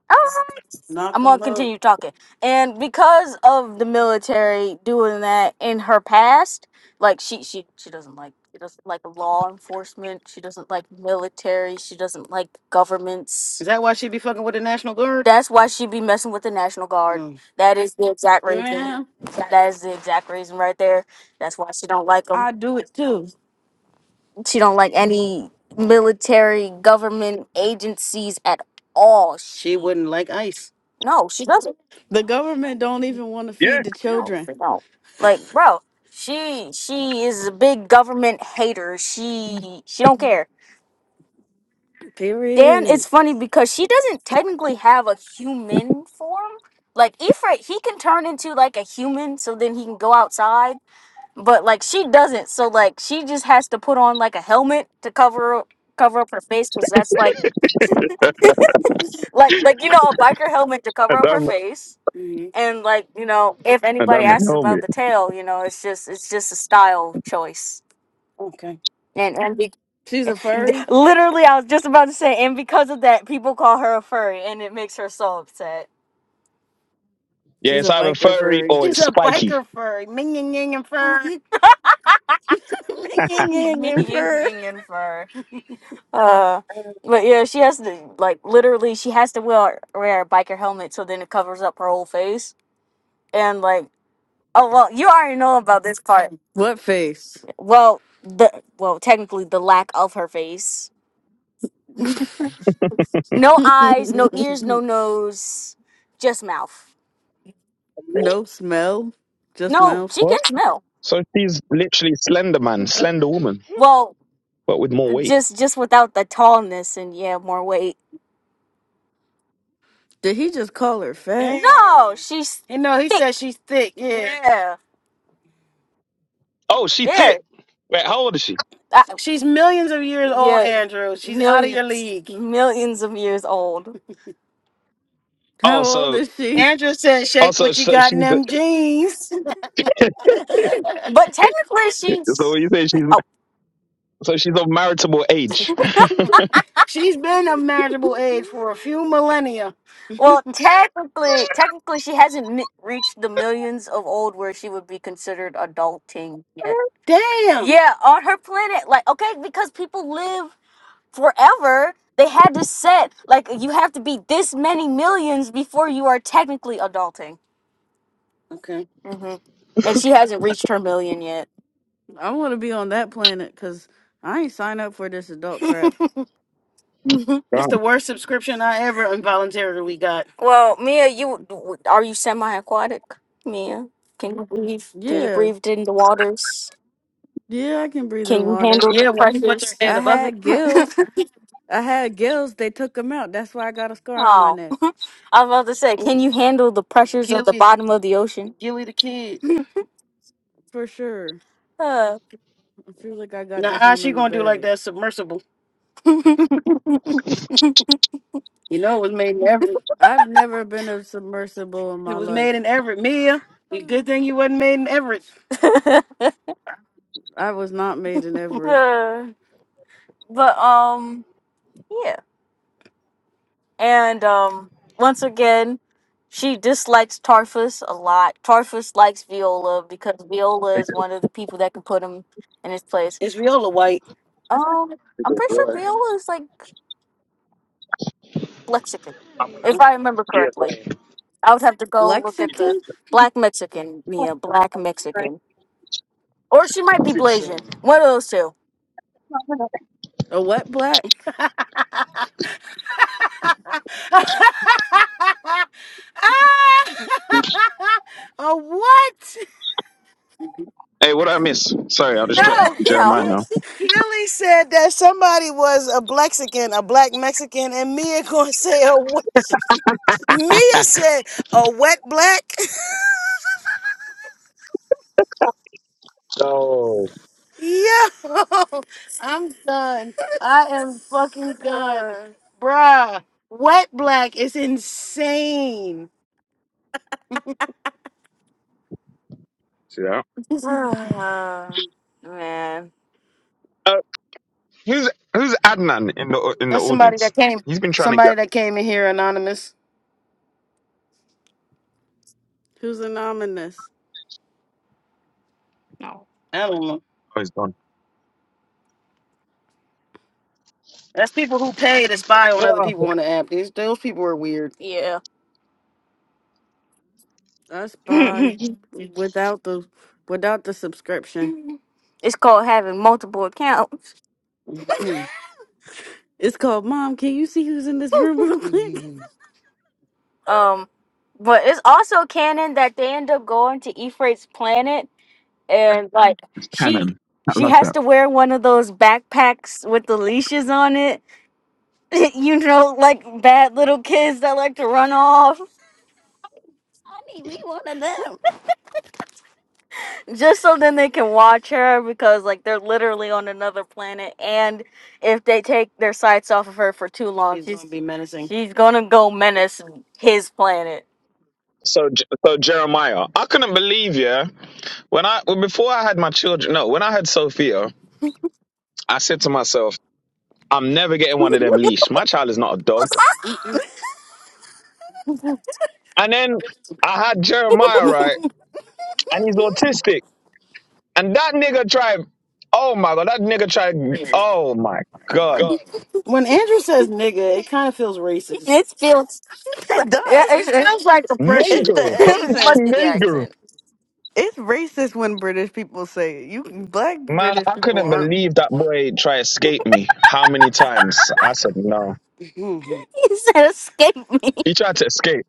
Knock I'm gonna 'em up. continue talking. And because of the military doing that in her past, like she she she doesn't like she doesn't like law enforcement. She doesn't like military. She doesn't like governments. Is that why she be fucking with the National Guard? That's why she be messing with the National Guard. Mm. That is the exact reason. Yeah. That is the exact reason right there. That's why she don't like like them. I do it too. She don't like any military government agencies at all. She She wouldn't like ICE. No, she doesn't. The government don't even want to Yeah, feed the No, children. she don't. Like, bro, she she is a big government hater. She she don't care. Dan, Period. it's funny because she doesn't technically have a human form. Like Ifrit, he can turn into like a human, so then he can go outside. but like she doesn't so like she just has to put on like a helmet to cover up cover up her face because that's like and like like you know a biker helmet to cover up her I'm face hmm and like you know if and anybody I'm a asks about helmet. the tail you know it's just it's just a style choice Okay. and and be- She's a furry. literally i was just about to say and because of that people call her a furry and it makes her so upset Yeah, She's it's a either biker furry furry. or She's it's a spiky. biker furry. Ming, ying, ying, and fur. me Ringing, fur. and fur Uh, but yeah, she has to like literally she has to wear wear a biker helmet so then it covers up her whole face. And like, oh well, you already know about this part. What face? Well, the well technically the lack of her face. No eyes, no ears, no nose, just mouth. no smell. Just No, she mouth. What? can smell. So she's literally Slender Man, Slender Woman, Well, but with more weight. just just without the tallness and yeah, more weight. Did he just call her fat? No, Dang. she's You know, he thick. said she's thick. Yeah. Oh, Yeah, she yeah. thick. Wait, how old is she? I, she's millions of years old, Yeah, Andrew. She's out of your millions, league. millions of years old. Oh, How old so is she? Andrew said, "Shake also what you so so got in she's them jeans." a- But technically, so she's when you say she's oh so she's of maritable age. she's been a marriageable age for a few millennia. well. Technically, technically, she hasn't mi- reached the millions of old where she would be considered adulting yet. Damn. Yeah, on her planet, like okay, because people live. forever they had to set like you have to be this many millions before you are technically adulting Okay. hmm and she hasn't reached her million yet I want to be on that planet because I ain't sign up for this adult crap. Right. It's the worst subscription I ever involuntarily got. well mia you w- are you semi-aquatic mia can you breathe can you Yeah, breathe in the waters yeah, I can breathe can in you water. handle the Yeah, when you put your pressures head I above it, had gills. I had gills. They took them out. That's why I got a scar on my oh neck i was about to say can you handle the pressures of the Gilly, bottom of the ocean Gilly the kid. for sure. I feel like I got this Nah, one she in the gonna do like bag. that submersible. You know, it was made in Everett. I've never been a submersible in It my was made life. in Everett, Mia. you- Good thing you wasn't made in Everett. I was not made in Everett. but um, yeah, and um, once again, she dislikes Tarfus a lot. Tarfus likes Viola because Viola is one of the people that can put him in his place. Is Viola white? Um, I'm pretty sure Viola is like Mexican, if I remember correctly. I would have to go look at the Lexicon, black Mexican, Mia, black Mexican. Or she might be Blasian. One of those two. a wet black. a what? Hey, what did I miss? Sorry, I just dropped No, No. Jeremiah now. Keely said that somebody was a Blexican, a black Mexican, and Mia gonna say a what? Mia said a wet black. Oh, Yo, I'm done. I am fucking done. Bruh, wet black is insane. yeah. Ah, man. Uh, who's who's Adnan in the in the That's somebody audience? that came He's been trying to get. somebody that came in here anonymous. Who's anonymous? I don't know. Oh, he's gone. That's people who pay to spy on other Ah, people on the app. These those people are weird. Yeah. I spy it's without the without the subscription. called having multiple accounts. It's called Mom. Can you see who's in this room real quick? Um, but it's also canon that they end up going to Ephraim's planet and like It's she canon. I she love has that. to wear one of those backpacks with the leashes on it you know like bad little kids that like to run off Honey, we one of them. just so then they can watch her because like they're literally on another planet and if they take their sights off of her for too long she's, she's- gonna be menacing she's gonna go menace his planet So J- so Jeremiah, I couldn't believe yeah. When I well, before I had my children, no, when I had Sophia, I said to myself. I'm never getting one of them leash. My child is not a dog. And then I had Jeremiah, right? And he's autistic. And that nigga tried, oh my God, that nigga tried, oh my God. When Andrew says nigga, it kind of feels racist. it feels It yeah, It it, does. it- feels like It's oppression. the Nigger, it that accent. must be the nigger. accent It's racist when British people say it. You black Man, British I people couldn't aren't. believe that boy tried to escape me. How many times? I said, no. Mhm. He said, escape me. He tried to escape.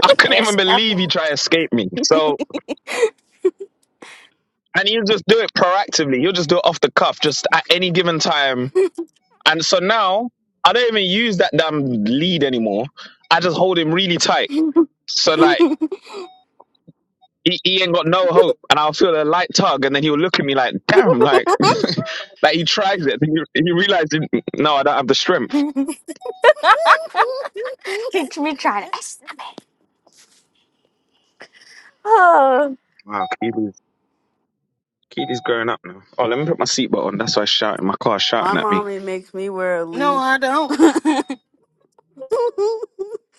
I couldn't even Escape believe he tried to escape me. So, and he'll just do it proactively. He'll just do it off the cuff, just at any given time And so now I don't even use that damn lead anymore. I just hold him really tight. me. So like he, he ain't got no hope, and I'll feel a light tug, and then he'll look at me like, "Damn!" Like, like he tries it, and he, he realizes, "No, I don't have the strength." Catch me trying to escape. Oh. Wow, Keely's Keely's growing up now. Oh, let me put my seatbelt on. That's why I'm shouting. My car's My shouting at me. mommy makes me wear a No, leash. I don't.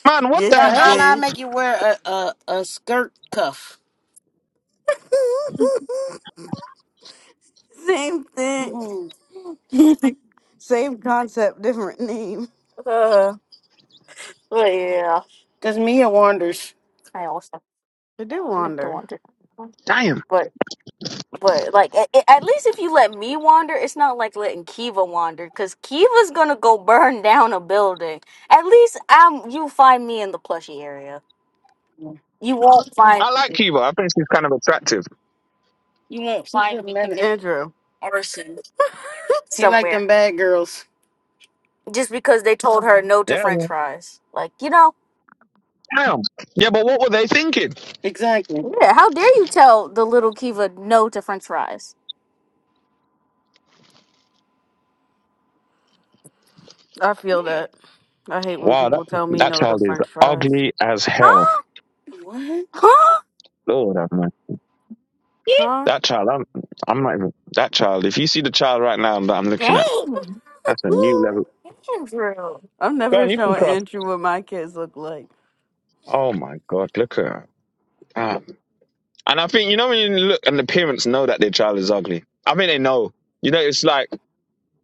Man, what the yes, Now, you hell? I did. make you wear a, a, a skirt cuff. Same thing. Mhm. Same concept, different name. uh, but yeah, Cause Mia wanders. I also, I do I like to wonder. wander. Damn. But, but like, a- a- at least if you let me wander, it's not like letting Kiva wander, because Kiva's gonna go burn down a building. At least I'm, you find me in the plushy area. You won't find I like me. Kiva. I think she's kind of attractive. You won't She's find a me in menace. Andrew, Orson She like somewhere them bad girls. just because they told her no to Yeah. French fries. Like you know, Damn. Yeah, but what were they thinking? Exactly. yeah. How dare you tell the little Kiva no to French fries? I feel Yeah, that. I hate when Wow, that people tell me that no to child is French fries. ugly as hell. Huh? What? Huh? Lord have mercy. Huh? That child, I'm, I'm not even that child. If you see the child right now that I'm looking at, Dang, that's a new level. Andrew. I'm Go never on, you can showing cross. Andrew what my kids look like. Oh my God, look at her. Damn. And I think you know when you look and the parents know that their child is ugly. I think they know. You know, it's like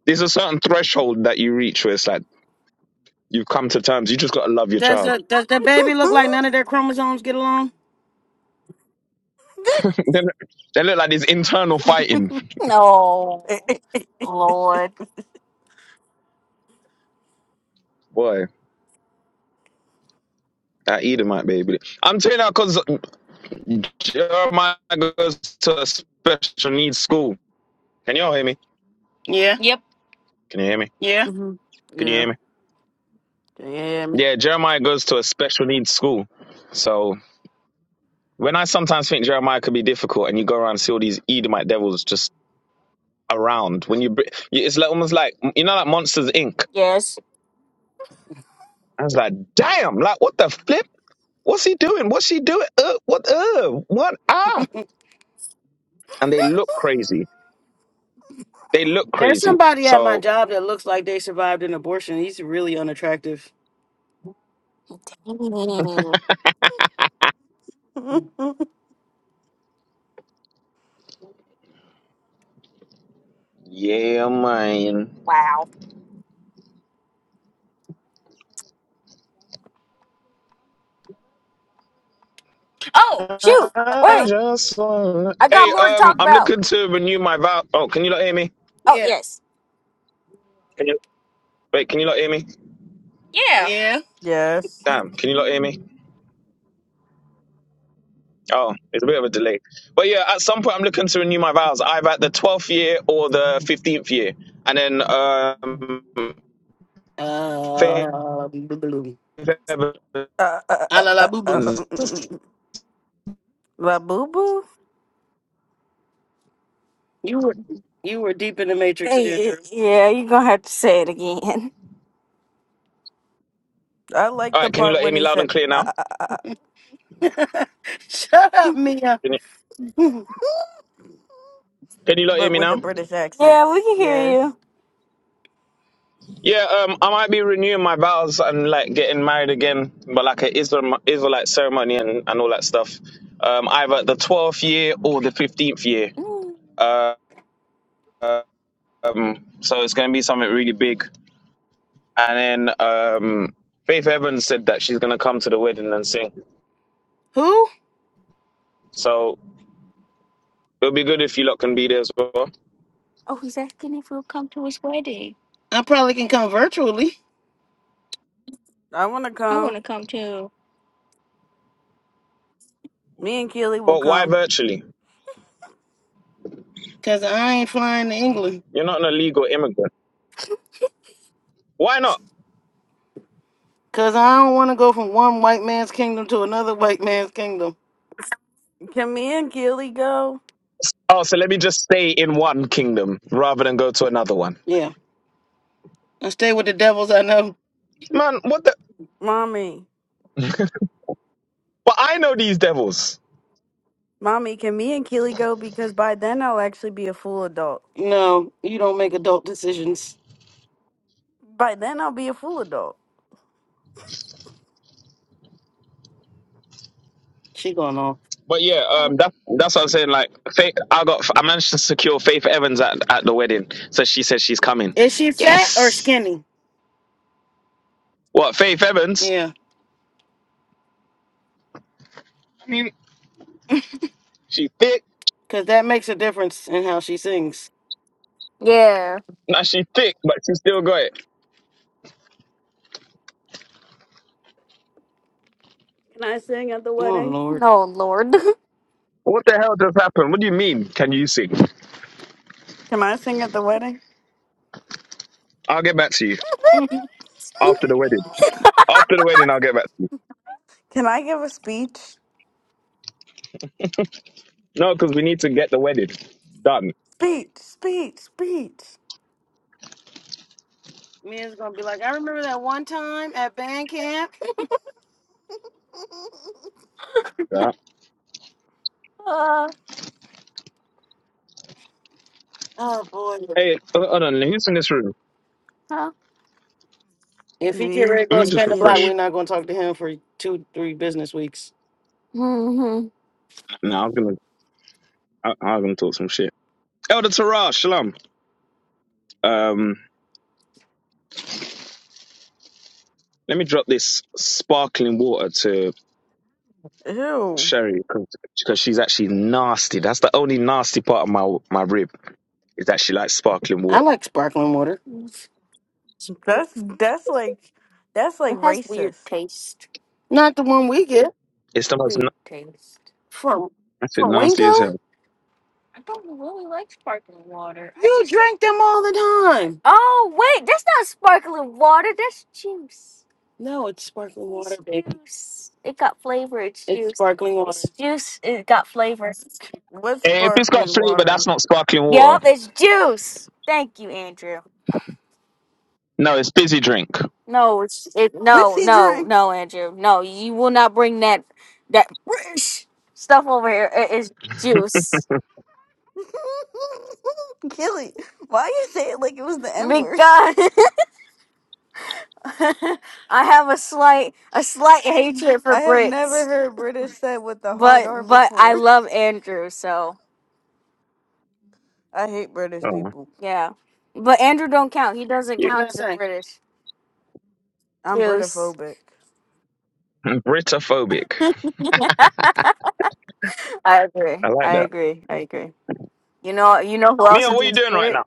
there's a certain threshold that you reach where it's like you've come to terms. You just gotta love your Does child. the does the baby look like none of their chromosomes get along? they look they look like there's internal fighting. No, Lord. Boy, that Edomite baby. I'm telling you because Jeremiah goes to a special needs school. Can y'all hear me? Yeah. Yep. Can you hear me? Yeah. hmm Can you Yeah. hear me? Can you hear me? Yeah, Jeremiah goes to a special needs school. So when I sometimes think Jeremiah could be difficult, and you go around and see all these Edomite devils just around, when you br- you- it's like almost like you know, like Monsters Inc. Yes. I was like, damn, like what the flip? What's he doing? What's she doing? Uh, what? Uh, what? Ah! And they look crazy. They look There's crazy. somebody at my So job that looks like they survived an abortion. He's really unattractive. Mm, yeah, man. wow. Oh, shoot. I Wait, just wanna... I got Hey, more to um, talk I'm about. looking to renew my vow. Oh, can you not hear me? Oh, Yeah. yes. Can you wait? Can you not hear me? Yeah. Yeah. yes. Damn, can you not hear me? Oh, it's a bit of a delay. But yeah, at some point I'm looking to renew my vows, either at the 12th year or the 15th year. And then, um, Faith Uh, boo boo. Evans. All Uh, uh, Ah uh, la la uh, boo uh, boo. mm, mm. La Boo Boo? You were you were deep in the matrix there, Hey, Drew. yeah, you're going to have to say it again. I like the right, can you part lot hear when me he loud and said, clear uh, now? uh, uh, uh, Shut up, Mia. Can you, Uh. can you lot hear but me with a now? British accent. Yeah, we can hear Yes. you. Yeah, um, I might be renewing my vows and like getting married again, but like an Israel, Israelite ceremony and, and all that stuff. Um, either at the 12th year or the 15th year. Mm. Uh, um, so it's going to be something really big. And then um, Faith Evans said that she's going to come to the wedding and sing. Who? So it'll be good if you lot can be there as well. Oh, he's asking if we'll come to his wedding. I probably can come virtually. I want to I want come. to come too. Me and Keely will But why come. virtually? Cause I ain't flying to England. You're not an illegal immigrant. Why not? Cause I don't want to go from one white man's kingdom to another white man's kingdom. Can me and Keely go? Oh, so let me just stay in one kingdom rather than go to another one. Yeah. And stay with the devils I know. Man, what the? Mommy, But I know these devils. mommy, can me and Keely go? Because by then I'll actually be a full adult. No, you don't make adult decisions. By then I'll be a full adult. She going on. But yeah, um, that, that's what I'm saying. Like, Faith, I got, I managed to secure Faith Evans at, at the wedding, so she said she's coming. Is she fat or Yes. skinny? What Faith Evans? Yeah. I mean, she's thick. Cause that makes a difference in how she sings. Yeah. Now she's thick, but she still got it. Can I sing at the Oh wedding? Lord. Oh Lord. What the hell just happened? What do you mean? Can you sing? Can I sing at the wedding? I'll get back to you after the wedding. After the wedding, I'll get back to you. Can I give a speech? No, because we need to get the wedding done. Speech, speech, speech. Mia's gonna be like, I remember that one time at band camp. Yeah. uh, Oh boy. Hey, hold hold on. Who's in this room? huh? If he get Me ready to Let go me and just spend the block, refresh. Keely. we're not gonna talk to him for two, three business weeks. hmm No, I'm gonna. I, I'm gonna talk some shit. Elder Tara, shalom. Um, let me drop this sparkling water to Ew, Sherry because she's actually nasty. That's the only nasty part of my my rib is that she likes sparkling I water. like sparkling water. that's It that's like that's like has weird racist. taste. Not the one we get It's the most. na- weird taste from That's it. from Nasty as Winko. hell. I don't really like sparkling water. I You just- drink them all the time. Oh wait, that's not sparkling water. That's juice. No, it's sparkling It's water, baby. Juice. It got flavor. It's, it's juice. sparkling water. It's juice. It got flavor. What Eh, If it's got sparkling flavor, that's water? not sparkling water. Yup, it's juice. Thank you, Andrew. No, it's busy drink. No, it's it. No, Fizzy no, drink. no, Andrew. No, you will not bring that that British stuff over here. It is juice Keely, why you say it like it was the N word? because I have a slight a slight hatred for I have never Brits, heard British said with the hard but R but I before. love Andrew. So I hate British Oh, people. yeah, but Andrew don't count. He doesn't you What count as a did I say? British I'm juice. Britophobic. Britophobic. I I agree. like I that. agree. I agree. You know. You know who else Mia, is what are a you doing right Brit? now?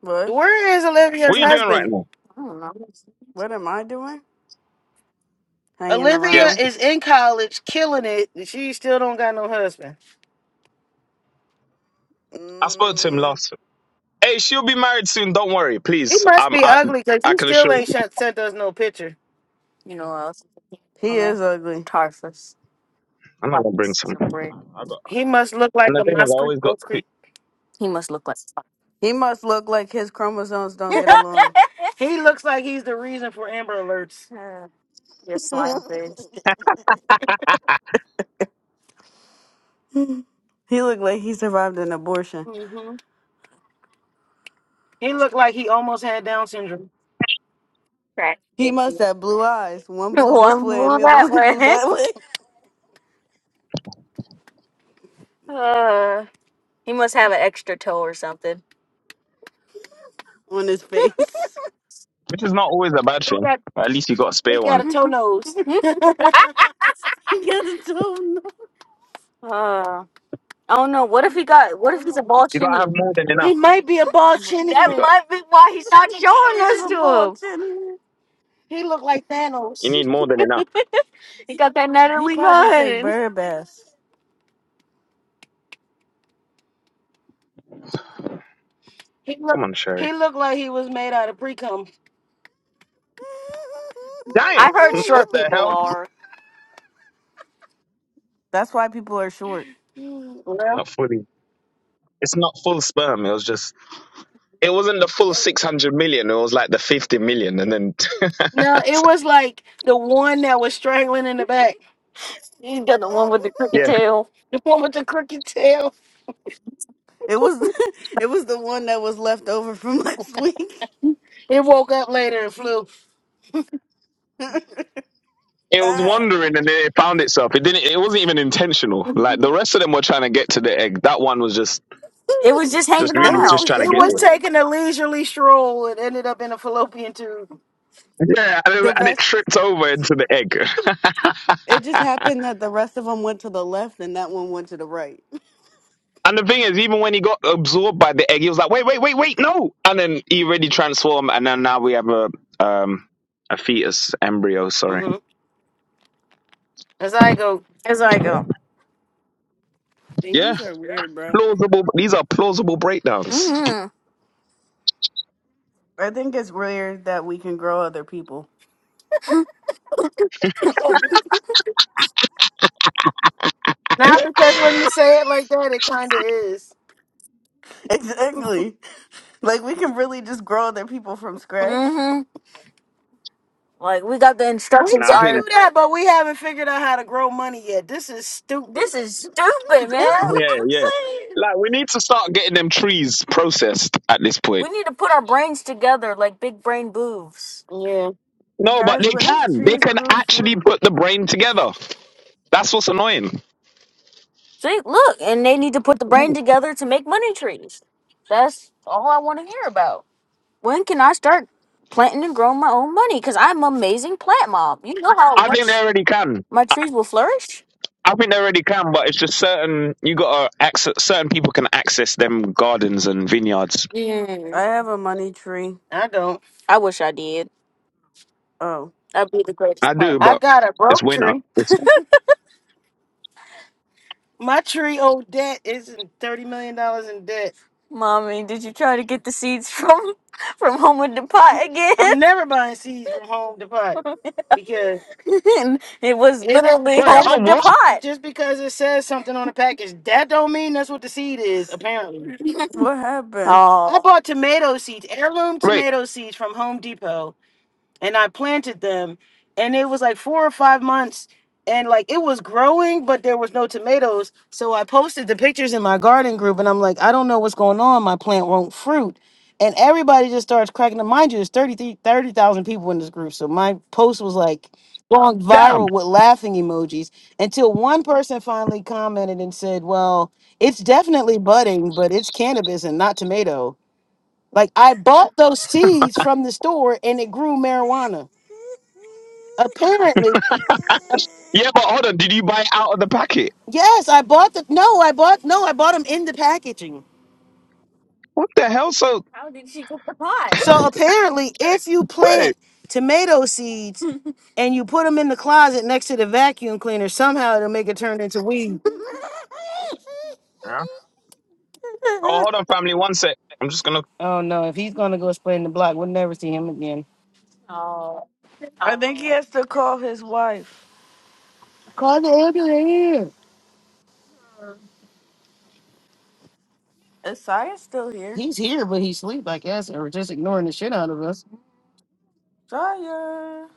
What? Where is Olivia's What are you doing right husband? now? I don't know. What am I doing? Hanging Olivia Yes, around. is in college, killing it. and She still don't got no husband. I spoke to him Mm, last. Hey, she'll be married soon. Don't worry, She please. must Um, be I, ugly because I you can still assure you, ain't shot, sent us no picture. You know what else? he Tommy? is ugly. Tarsus. I'm not gonna bring Tarsus some. is a I brick. got, He must look and like the a thing is, I Moss Creek, always got, Rose two, Creek. He must look like He must look like his chromosomes don't get along. He looks like he's the reason for Amber Alerts. uh, your he slime face. looked like he survived an abortion. hmm He looked like he almost had Down syndrome. Crack He baby. must have blue eyes. One blue this One way and move the other that one blue way. that way Uh, he must have an extra toe or something. on his face. which is not always a bad thing. But at least you got a He spare one. got a toe nose. He got a tone. Uh, I don't know. What if he got? What if he's a ball You gotta have chinian? more than He enough. might be a ball chin That You again. got, might be why he's not showing There's us a to bald him. chin. He looked like you Thanos. need more than enough. He got that He Natalie probably take Nunn. bird baths. He look Come on, Sherry. he looked like he was made out of pre cum. Damn, I heard what short the people hell? are. That's why people are short. Well, Not fully. It's not full sperm. It was just It wasn't the full 600 million. It was like the 50 million. And then, No, it was like the one that was strangling in the back. he's got the one with the crooked yeah, tail. The one with the crooked tail. It was it was the one that was left over from last week. It woke up later and flew. that it was wandering and then it found itself. It didn't, it wasn't even intentional. Like the rest of them were trying to get to the egg. That one was just, It was just just hanging really one around. just was trying to just It get was there. moving. taking a leisurely stroll. It ended up in a fallopian tube. Yeah. And The it, and it rest tripped over into the egg. it just happened that the rest of them went to the left and that one went to the right. And the thing is, even when he got absorbed by the egg, he was like, "Wait, wait, wait, wait, no!" And then he really transformed, and then now we have a um a fetus embryo. Sorry. hmm As I go, As I Yeah. go. Yeah, Babies are weird, bro. plausible. These are plausible breakdowns. hmm I think it's weird that we can grow other people. not because when you say it like that, it kind of is. exactly. Like we can really just grow other people from scratch. hmm Like we got the We instructions Nah, can I do think iron. that, but we haven't figured out how to grow money yet. This is stupid. This is stupid, That's man. what Yeah, I'm yeah. saying. Like we need to start getting them trees processed at this point. We need to put our brains together like big brain boobs. Yeah. No, but Guys, they what if can. They trees can grew actually food? put the brain together. That's what's annoying. See, look, and they need to put the brain together to make money trees. That's all I want to hear about. When can I start planting and growing my own money? Because I'm amazing plant mom. You know how I think they much already can. my trees will flourish? I think they already can, but it's just certain you gotta access certain people can access them gardens and vineyards. I Mm. have a money tree. I don't. I wish I did. Oh, I'd be the greatest I plant do, I mom. but got a it's broke winter. tree. It's My tree old debt isn't thirty million dollars in debt. Mommy, did you try to get the seeds from from Home with the Pot I'm again? never buying seeds from Home Depot because and it was it literally wait, Home just with home the what? Pot. just because it says something on the package, that don't mean that's what the seed is. Apparently, what I happened? Oh, bought tomato seeds, heirloom Wait, tomato seeds from Home Depot and I planted them, and it was like four or five months, and like it was growing, but there was no tomatoes. So I posted the pictures in my garden group, and I'm like, I don't know what's going on. My plant won't fruit, and everybody just starts cracking. up. Mind you, there's 30 thirty thousand people in this group, so my post was like going damn. viral with laughing emojis until one person finally commented and said, "Well, it's definitely budding, but it's cannabis and not tomato." Like I bought those seeds from the store, and it grew marijuana. Apparently, uh, Yeah, but hold on, did you buy it out of the packet? yes, I bought the no, I bought no, I bought them in the packaging. What the hell? So How did she get the pot? So apparently, if you wait. plant tomato seeds and you put them in the closet next to the vacuum cleaner, somehow it'll make it turn into weed. Huh? Oh hold on, family, one sec. I'm just gonna Oh no, if he's gonna go spray in the block, we'll never see him again. Oh, I think he has to call his wife. Call the ambulance. Is Saya still here? He's here, but he's asleep, I guess, or just ignoring the shit out of us. Saya.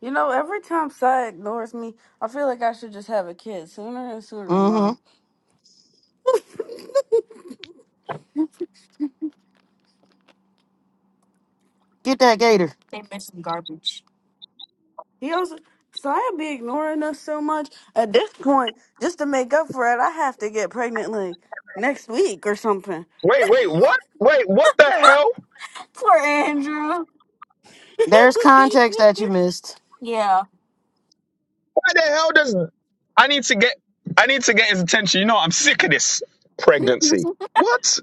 You know, every time Saya ignores me, I feel like I should just have a kid sooner and sooner, Mom. Mm-hmm. Get that gator. they missed some garbage. He also so I be ignoring us so much. At this point, just to make up for it, I have to get pregnant like next week or something. Wait, wait, what? Wait, what the hell? Poor Andrew. There's context that you missed. Yeah. Why the hell does I need to get I need to get his attention. You know, I'm sick of this pregnancy. What?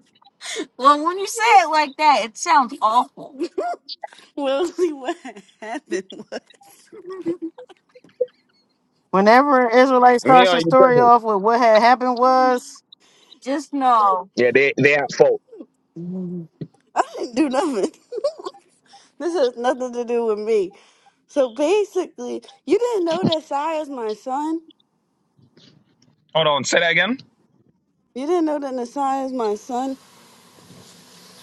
Well, when you say it like that, it sounds awful. we'll see what happened. Whenever an Israelite Mia, starts are a you story pregnant? off with what had happened was, Just know. Yeah, they they at fault. I didn't do nothing. this has nothing to do with me. So basically, you didn't know that Sai is my son. Hold on, say that again. You didn't know that Nasai is my son.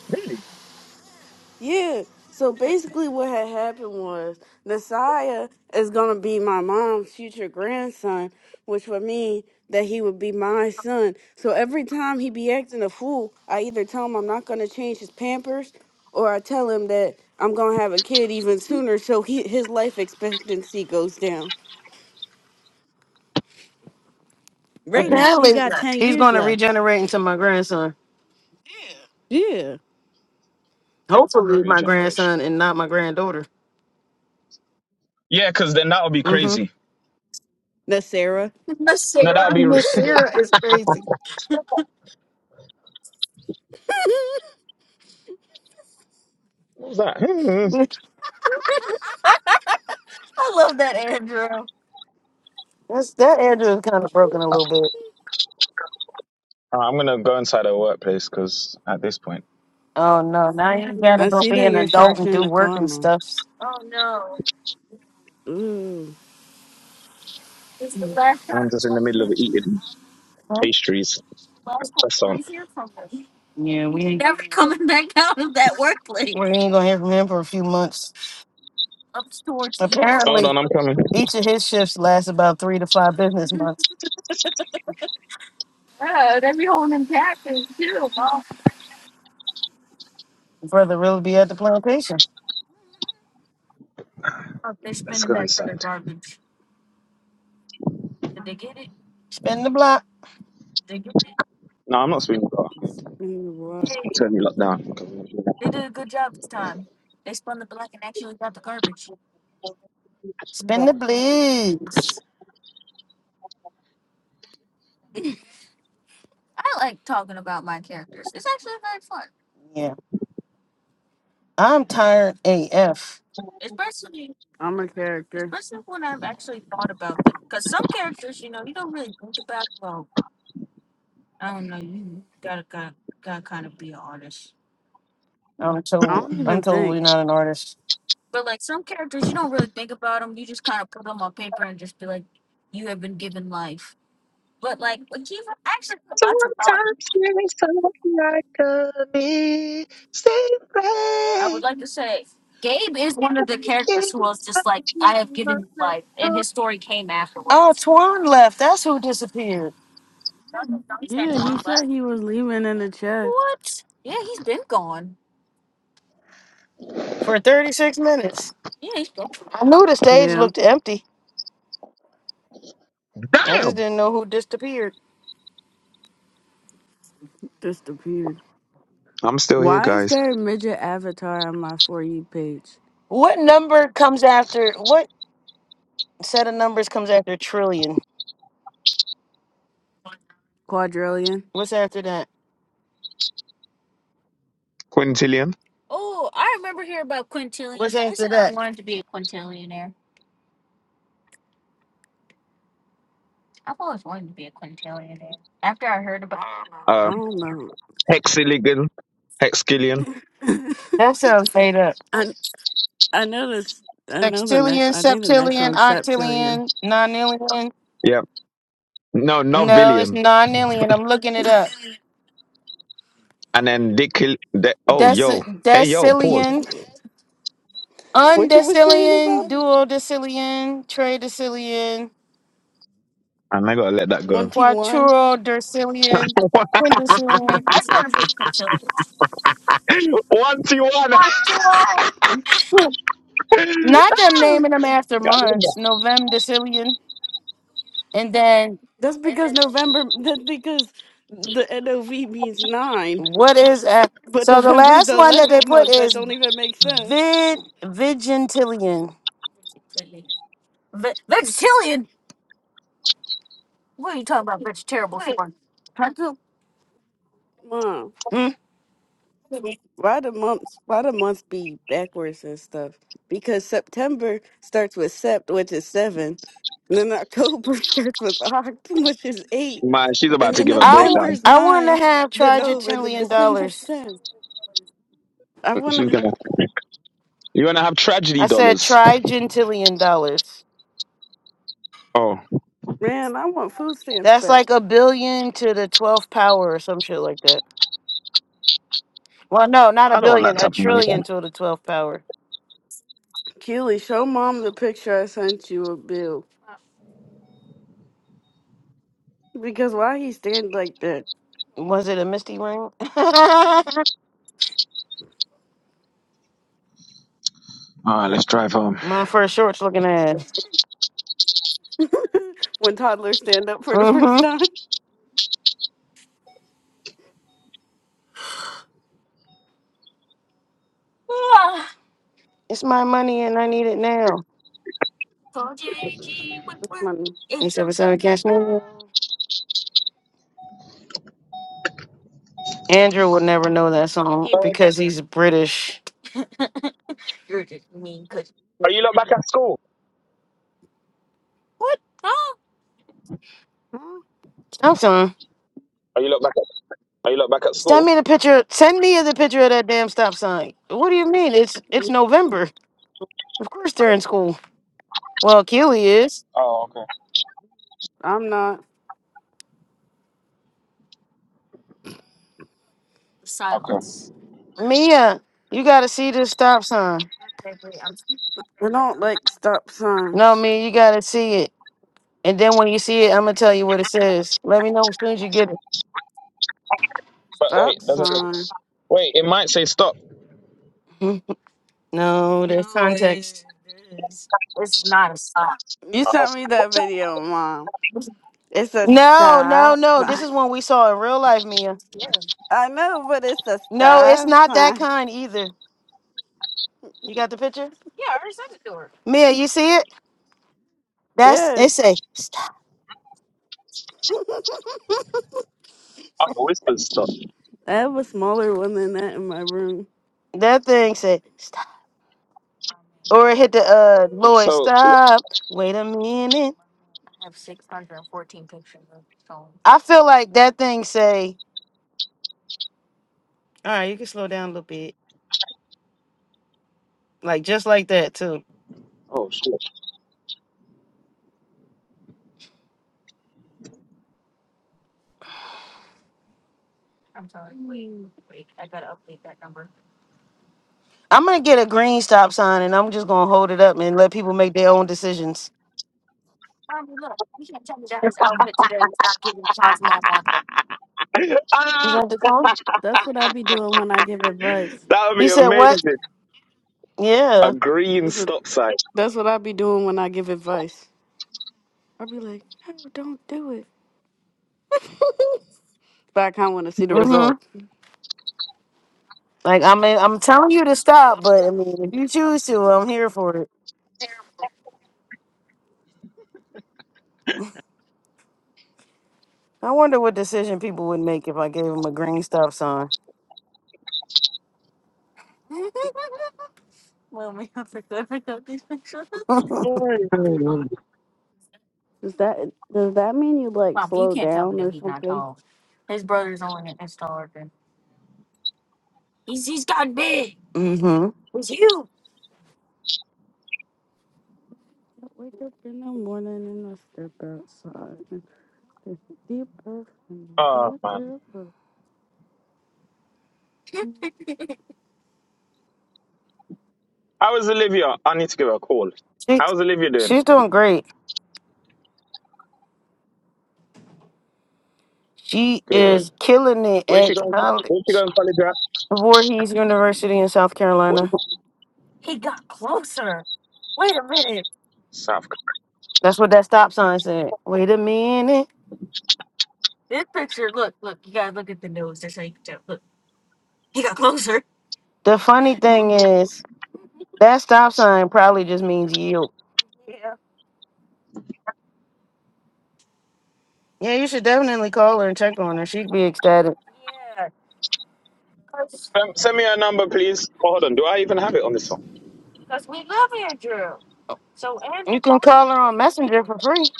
Really? Yeah. So basically, what had happened was Messiah is gonna be my mom's future grandson, which would mean that he would be my son. So every time he be acting a fool, I either tell him I'm not gonna change his pampers, or I tell him that I'm gonna have a kid even sooner, so he his life expectancy goes down. That Right now, is he apparently got ten he's years going to left. regenerate into my grandson. Yeah, Hopefully, my regeneration. grandson and not my granddaughter. Yeah, because then that would be mm hmm crazy. that's Sarah. Miss No, that would Sarah. be. re- Miss Sarah is crazy. What was that? Hmm. I love that, Andrew. That's, that Andrew is kind of broken a little bit. Uh, I'm gonna go inside our workplace because at this point Oh no! Now you gotta I go see be that an you're adult and charging do the work and karma. stuff. Oh, no. Ooh, It's the last I'm time just in the middle of eating Huh? pastries. last time Just I'm on. going from him. Yeah, we ain't never coming back out of that workplace. We ain't gonna hear from him for a few months. Up towards you. Hold apparently on, I'm coming. each of his shifts lasts about three to five business months. Yeah, they be holding him captive too, mom. Brother really be at the plantation. Oh, they Let's spending go that for their inside. garbage. Did they get it? Spin the block. They get it. No, I'm not speaking. I'm it's in the water. Hey, gonna turn you we lot get it. down. they did a good job this time. They spun the block and actually got the garbage. Spin the blues. I like talking about my characters. It's actually very fun, Yeah. I'm tired AF. especially I'm a character. especially when I've actually thought about them. Because some characters, you know, you don't really think about. Well, I don't know. You gotta gotta gotta kind of be an artist. I'm I told don't I'm even think. totally not an artist. But like some characters, you don't really think about them. You just kind of put them on paper and just be like, you have been given life. But like, like you've actually put lots of thought Sometimes there's something like a mistake. I would like to say Gabe is one of the Can't characters who was just like, touch I have given you my life, and soul. his story came Oh, afterwards. Twan left. That's who disappeared No, no, no, He said Yeah, Twan he left. said he was leaving in the chat. What? Yeah, he's been gone. for 36 minutes. Yeah, he's been. gone. I knew the stage Yeah, looked empty. I just Damn! didn't know who disappeared. disappeared. I'm still here, Why is guys. there a midget avatar on my For You page? What number comes after? What set of numbers comes after trillion? Quadrillion? What's after that? Quintillion. Oh, I remember hearing about What's quintillions. I after said I that? wanted to be a quintillionaire. I've always wanted to be a quintillion. After I heard about I Uh, don't know. hexillion. Hexillion. That sounds made up. I I know this. I know the next. Sextillion, I think the next septillion, one's Septillion. octillion, nonillion. Yeah. No, not No, it's villion. nonillion. I'm looking it up. And then Dickil. De- oh, yo. Deci- Hey, yo, pause. decillion, What you were saying about undecillion, duodecillion, tridecillion, And I gotta let that go. one T one? quadrillion, One, quindecillion. I just want to be a quintillion. two, one. Quintillion. Not them naming them after months. November decillion, and then That's because November. That's because the NOV means nine, What is uh, but so the November's last the one that they eleventh put month. That is don't even make sense. vid vigintillion. Ve- vegetarian? What are you talking about? Vegetarian How for? come, Mom? Hmm? Why the months? Why the months be backwards and stuff? Because September starts with sept, which is seven, and then October starts with oct, which is eight, Man, she's and about to then give a I w- breakdown. November's I want to nine, have the Nov, and then trigentillion December's dollars. ten. I want She's to, gonna. You're gonna have I tragedy said dollars. trigentillion dollars. Oh. man. I want food stamps That's back. like a billion to the twelfth power or some shit like that. Well, no, not a I don't want billion, that a type of money. sir. trillion to the twelfth power. Keely, show mom the picture I sent you of Bill. Because why he stand like that Was it a misty ring? All right, let's drive home. My first shorts looking ass. when toddlers stand up for the first Mm-hmm. time? It's my money and I need it now. That's funny. He said, "What's up, with Cash Money?" Andrew will never know that song Wait, because he's British. Are you lot back at school? What? Huh? Stop sign. Are you lot back at Are you lot back at Send school? me the picture. Send me the picture of that damn stop sign. What do you mean? It's it's November. Of course they're in school. Well, Keely is. Oh, okay, I'm not. okay. Mia, you gotta see this stop sign. I don't like stop No, signs. Mia, you gotta see it. And then when you see it, I'm gonna tell you what it says. Let me know as soon as you get it. But wait, Stop doesn't it? sign. Wait, it might say stop. Mhm. No, there's context. You sent me that video, Mom. It's a No, no, stop no. This sign. is one we saw in real life, Mia. I know, but it's a No, it's stop not that sign. kind either. You got the picture? Mia, you see it? That's it Yes. say stop. I always says stop. I have a smaller one than that in my room. That thing say stop. Or it hit the uh Lloyd, So, stop. Wait a minute. I feel like that thing say All right, you can slow down a little bit. Like just like that too. oh shit. I'm gonna get a green stop sign and I'm just gonna hold it up and let people make their own decisions. Is ah, that the tone? That's what I be doing when I give advice. that would You be said what? amazing. A Yeah. green It's a, stop sign. that's what I be doing when I give advice. I be like, no, don't do it. But I kind of want to see the Mm-hmm. result. Like I mean I'm telling you to stop, but I mean if you choose to, I'm here for it. I wonder what decision people would make if I gave them a green stop sign. Oh Does that does that mean you like Mom, you slow can't tell me down that or he's not something? tall. His brother's only an inch taller than he's. He's gotten big. Mm-hmm. He's huge. I wake up in the morning and I step outside. It's a deep breath and a good man, river. how is Olivia? I need to give her a call. She, How's Olivia doing? she's doing great. She Good. is killing it Where's at she going? Where's she college. going, college at? Voorhees University in South Where- Carolina. He got closer. Wait a minute. South. That's what that stop sign said. Wait a minute. This picture. Look, look. You gotta look at the nose. That's how you can tell. Look, he got closer. The funny thing is, that stop sign probably just means yield. Yeah, you should definitely call her and check on her. She'd be ecstatic. Yeah, cause, Um, send me her number, please. Oh, hold on. Do I even have it on this phone? we live here, Drew. So and You can call her on Messenger for free.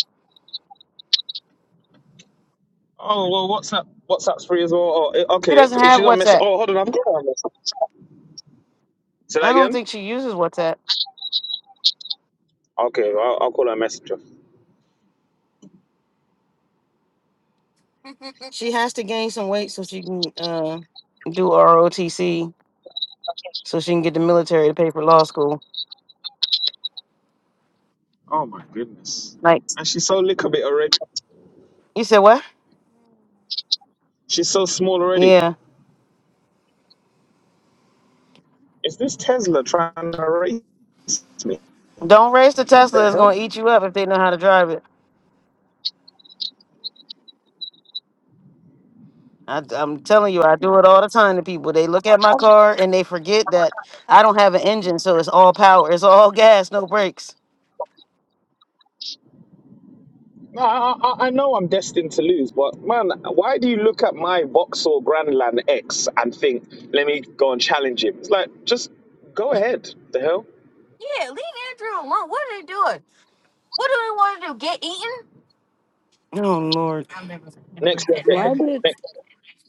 Oh well, WhatsApp, WhatsApp's free as well. Oh, She okay, if, doesn't if have she's on mess, WhatsApp. oh hold on, I've got her on WhatsApp. Say that I don't again. think she uses WhatsApp. Okay, I'll, I'll call her messenger. She has to gain some weight so she can uh, do ROTC so she can get the military to pay for law school. Oh my goodness, Like and she's so little bit already. you said, what? She's so small already. Yeah. Is this Tesla trying to race me? Don't race the What Tesla. the It's hell? gonna eat you up if they know how to drive it. I, am telling you, I do it all the time to people. They look at my car and they forget that I don't have an engine, so it's all power. It's all gas, no brakes. No, I, I, I know I'm destined to lose, but man, why do you look at my Vauxhall Grandland X and think, let me go and challenge him? It's like just go ahead. The hell? Yeah, leave Andrew alone. What are they doing? What do they want to do? Get eaten? Oh Lord! I'll never let Next, that Why down. did next,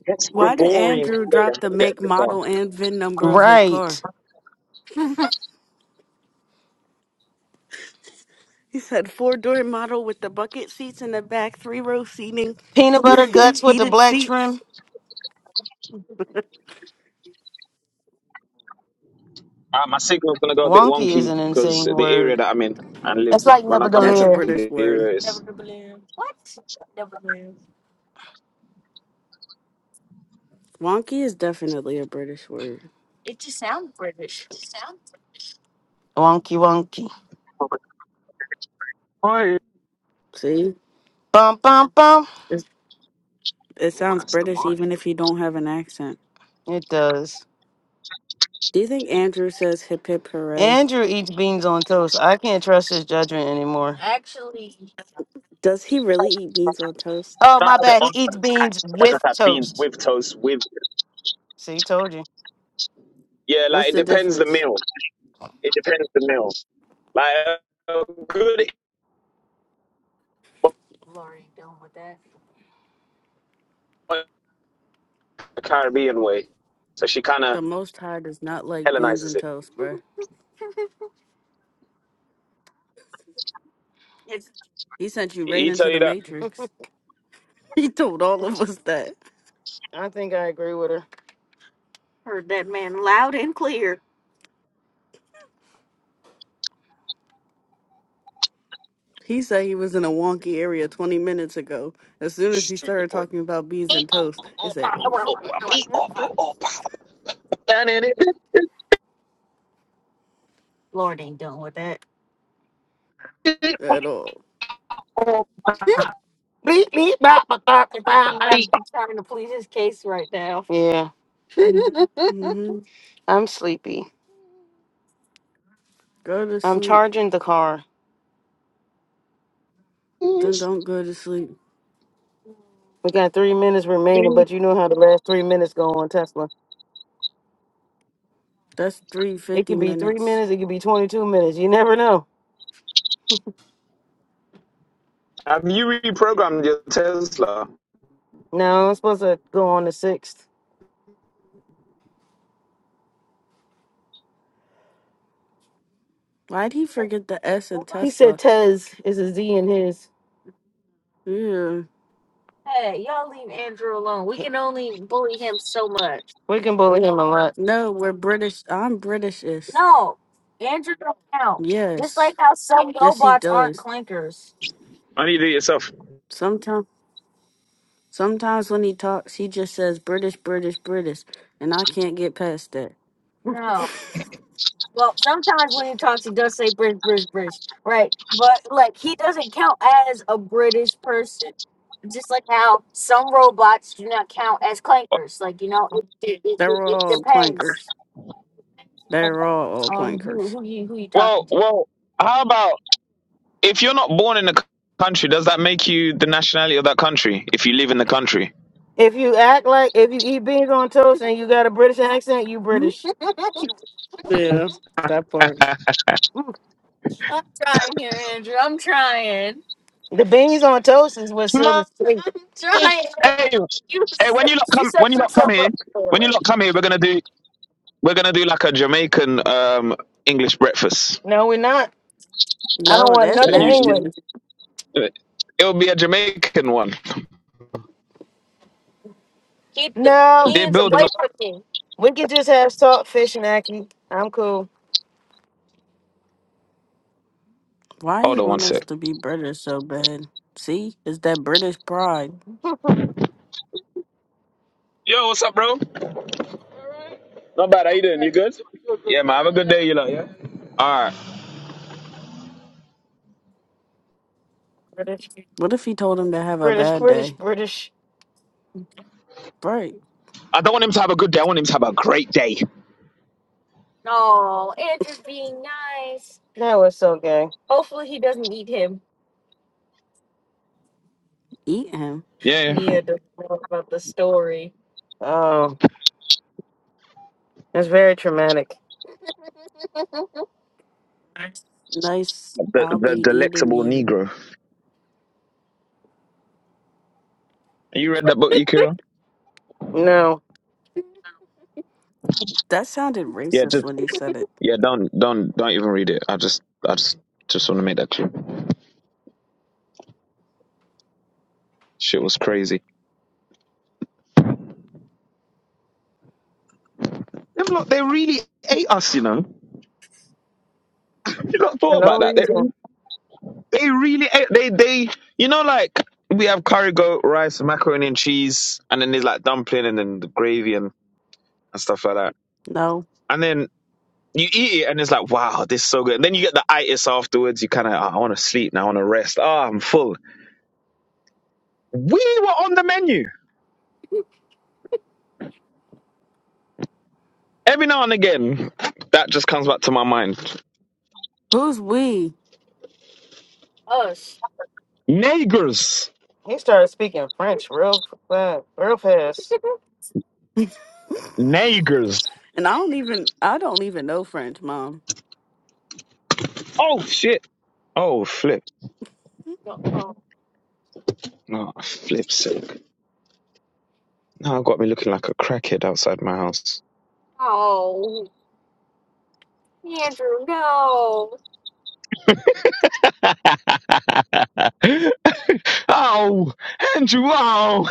next why did Gregorian Andrew player drop the will get make, the car. model, and VIN number of his car? Right, He said four door model with the bucket seats in the back, three row seating, peanut butter guts with the heated black seats. trim. Uh, my signal's gonna go a bit Wonky is wonky an because insane the area word. that I'm in and live. That's like When I come That's into a nebular. British the word. area, Never it's the What? Never balloon. Wonky is definitely a British word. It just sounds British. Wonky, wonky. oh, See, Bum, bum, bum. it's, it oh sounds Aston British Martin. even if you don't have an accent. It does. Do you think Andrew says hip hip hooray? Andrew eats beans on toast. I can't trust his judgment anymore. Actually, Does he really eat beans on toast? Oh, That my a bit bad. He on. eats beans That's with what that's toast. Beatles with. See, told you. Yeah, like What's it the depends the difference? meal. It depends the meal. Like a good Lori, done with that. Caribbean way, so she kind of The Most High does not like beans Hellenizes and it. toast, bruh. it's. He sent you Did right He tell into you the that. Matrix. He told all of us that. I think I agree with her. Heard that man loud and clear. He said he was in a wonky area 20 minutes ago. As You soon as he stupid started boy. talking about beans and toast, it said, Oh, well, no, I- Lord ain't done with that. at all. Beep, beep, bop, bop, bop, bop, bop. He's trying to plead his case right now. Yeah. hmm I'm sleepy. Go to I'm sleep. charging the car. Then don't go to sleep. We got three minutes remaining, but you know how the last three minutes go on Tesla. That's It 350 could be three minutes. minutes. It could be 22 minutes. You never know. Have you reprogrammed your Tesla? No, I'm supposed to go on the sixth. Why'd he forget the S in He said Tesla? Tez is a Z in his. Yeah. Hey, y'all leave Andrew alone. We can only bully him so much. We can bully him a lot. No, we're British. I'm Britishist. No, Andrew don't count. Just Yes. like how some Yes, he robots aren't does. clankers. I need to do it yourself. Sometimes. Sometimes when he talks, he just says British, British, British, and I can't get past that. No. Well, sometimes when he talks, he does say British, British, British, right? But like he doesn't count as a British person. just like how some robots do not count as clankers. Like you know, it, it, it, They're it all depends clankers. They're all on who clankers. who you who you talking Well, to. well, how about? If you're not born in the country, does that make you the nationality of that country? If you live in the country, If you act like if you eat beans on toast and you got a British accent, you Mhm. British. Yeah, that part. Mm. I'm trying here, Andrew. I'm trying. The beans on toast is what sealed No, the fate. I'm hey, trying, Andrew. hey, You when you set- lot you come, when set you lot come yourself here, up for when you failure. lot come here, we're gonna do, we're gonna do like a Jamaican um, English breakfast. No, we're not. I don't No, want that's nothing English. nasty. It'll be a Jamaican one. Keep the No, They're beans building. away up- from me. we can just have saltfish and ackee. I'm cool. Why he Hold on one want us sec. to be British so bad? See, it's that British pride. Yo, what's up, bro? Not bad. How Oh, you doing? You good? Yeah, man. Have a good day, you lot. Yeah. All right. British. What if he told him to have a British, bad British, day? British. Right, I don't want him to have a good day. I want him to have a great day. No, Andrew's being nice. That was so gay. Hopefully he doesn't eat him. eat him. Yeah. yeah. Mia doesn't know about the story. Oh, it's very traumatic. Nice, The I'll be the eating delectable you. Negro. You read that book, Yukiro? No, That sounded Yeah, just racist when you said it. Yeah, don't don't don't even read it. I just I just just want to make that clear. Shit was crazy. Them lot, they really ate us, you know. Have You not for thought no about that? They reason. they really ate. They they you know like we have curry goat rice, macaroni and cheese, and then there's like dumpling and then the gravy and, and stuff like that. No, And then you eat it and it's like wow, this is so good. And then you get the itis afterwards. You kind of I want to sleep now. I want to rest. Ah, I'm full. We were on the menu. Every now and again, that just comes back to my mind. who's we? Us. Nagers. He started speaking French real fast, real fast. Nagers. And I don't even I don't even know French, Mom. Oh shit. Oh flip. Oh, No, flip sick. Now I got me looking like a crackhead outside my house. oh, Andrew, no. oh, Andrew, oh,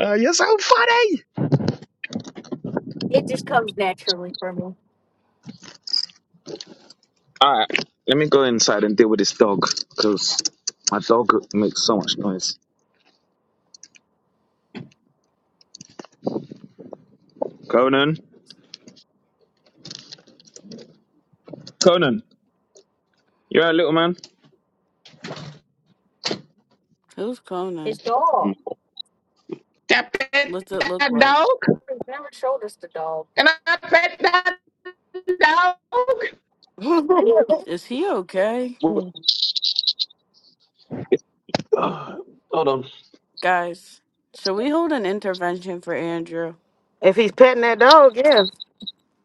uh, you're so funny. It just comes naturally for me. All right, let me go inside and deal with this dog because my dog makes so much noise. Conan, Conan, you're a little man. Who's His Conan? dog. What's it look like? Oh, He never showed us the dog. can I pet that dog? Is he okay? Guys, should we hold an intervention for Andrew? if he's petting that dog, yeah.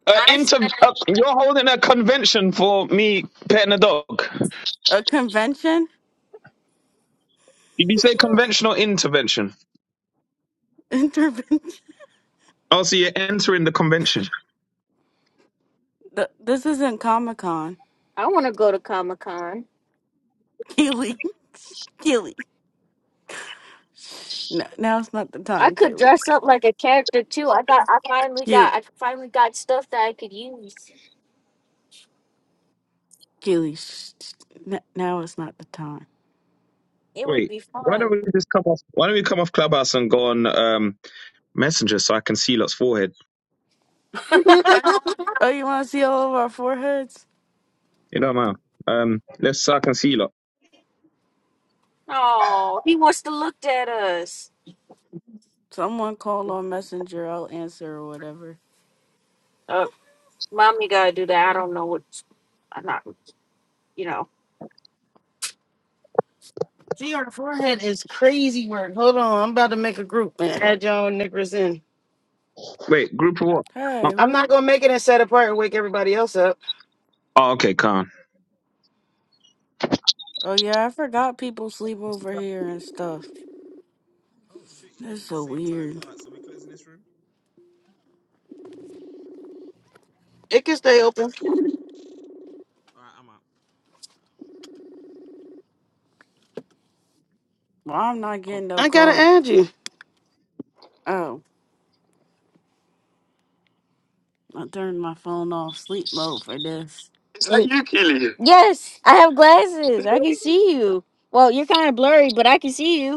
Uh, I inter- said uh, you're holding a convention for me petting a dog. A convention? Did you say convention or intervention? Intervention? Oh, so you're entering the convention. Th- This isn't Comic Con. I want to go to Comic Con. Keely. Keely. Shh, n- Now it's not the I time, could Keely. dress up like a character too. I got. I finally got. You, I finally got stuff that I could use. Keely. shh, shh, n- Now it's not the time. It would Wait, be why don't fun. we just come off? Why don't we come off Clubhouse and go on um, Messenger so I can see lot's forehead? Oh, you want to see all of our foreheads? You know, man. Um, let's so I can see lot. oh, he wants to look at us. Someone call on Messenger. I'll answer or whatever. Uh, mommy gotta do that. I don't know what. I'm not. You know. Gee, her forehead is crazy work. Hold on, I'm about to make a group and add y'all niggas Wait, group of what? Oh, Hey, I'm not who? gonna make it and set apart and wake everybody else up. oh, okay, Khan. Oh yeah, I forgot people sleep over here and stuff. Oh shit, you're doing it That's at the so same time. weird. All right, so we closing this room. It can All stay right, open. all right, I'm out. Well, I'm not getting no I gotta call. add you. Oh, I turned my phone off sleep mode for this. Is that you, Keely? Yes, I have glasses. I can see you. Well, you're kind of blurry, but I see you.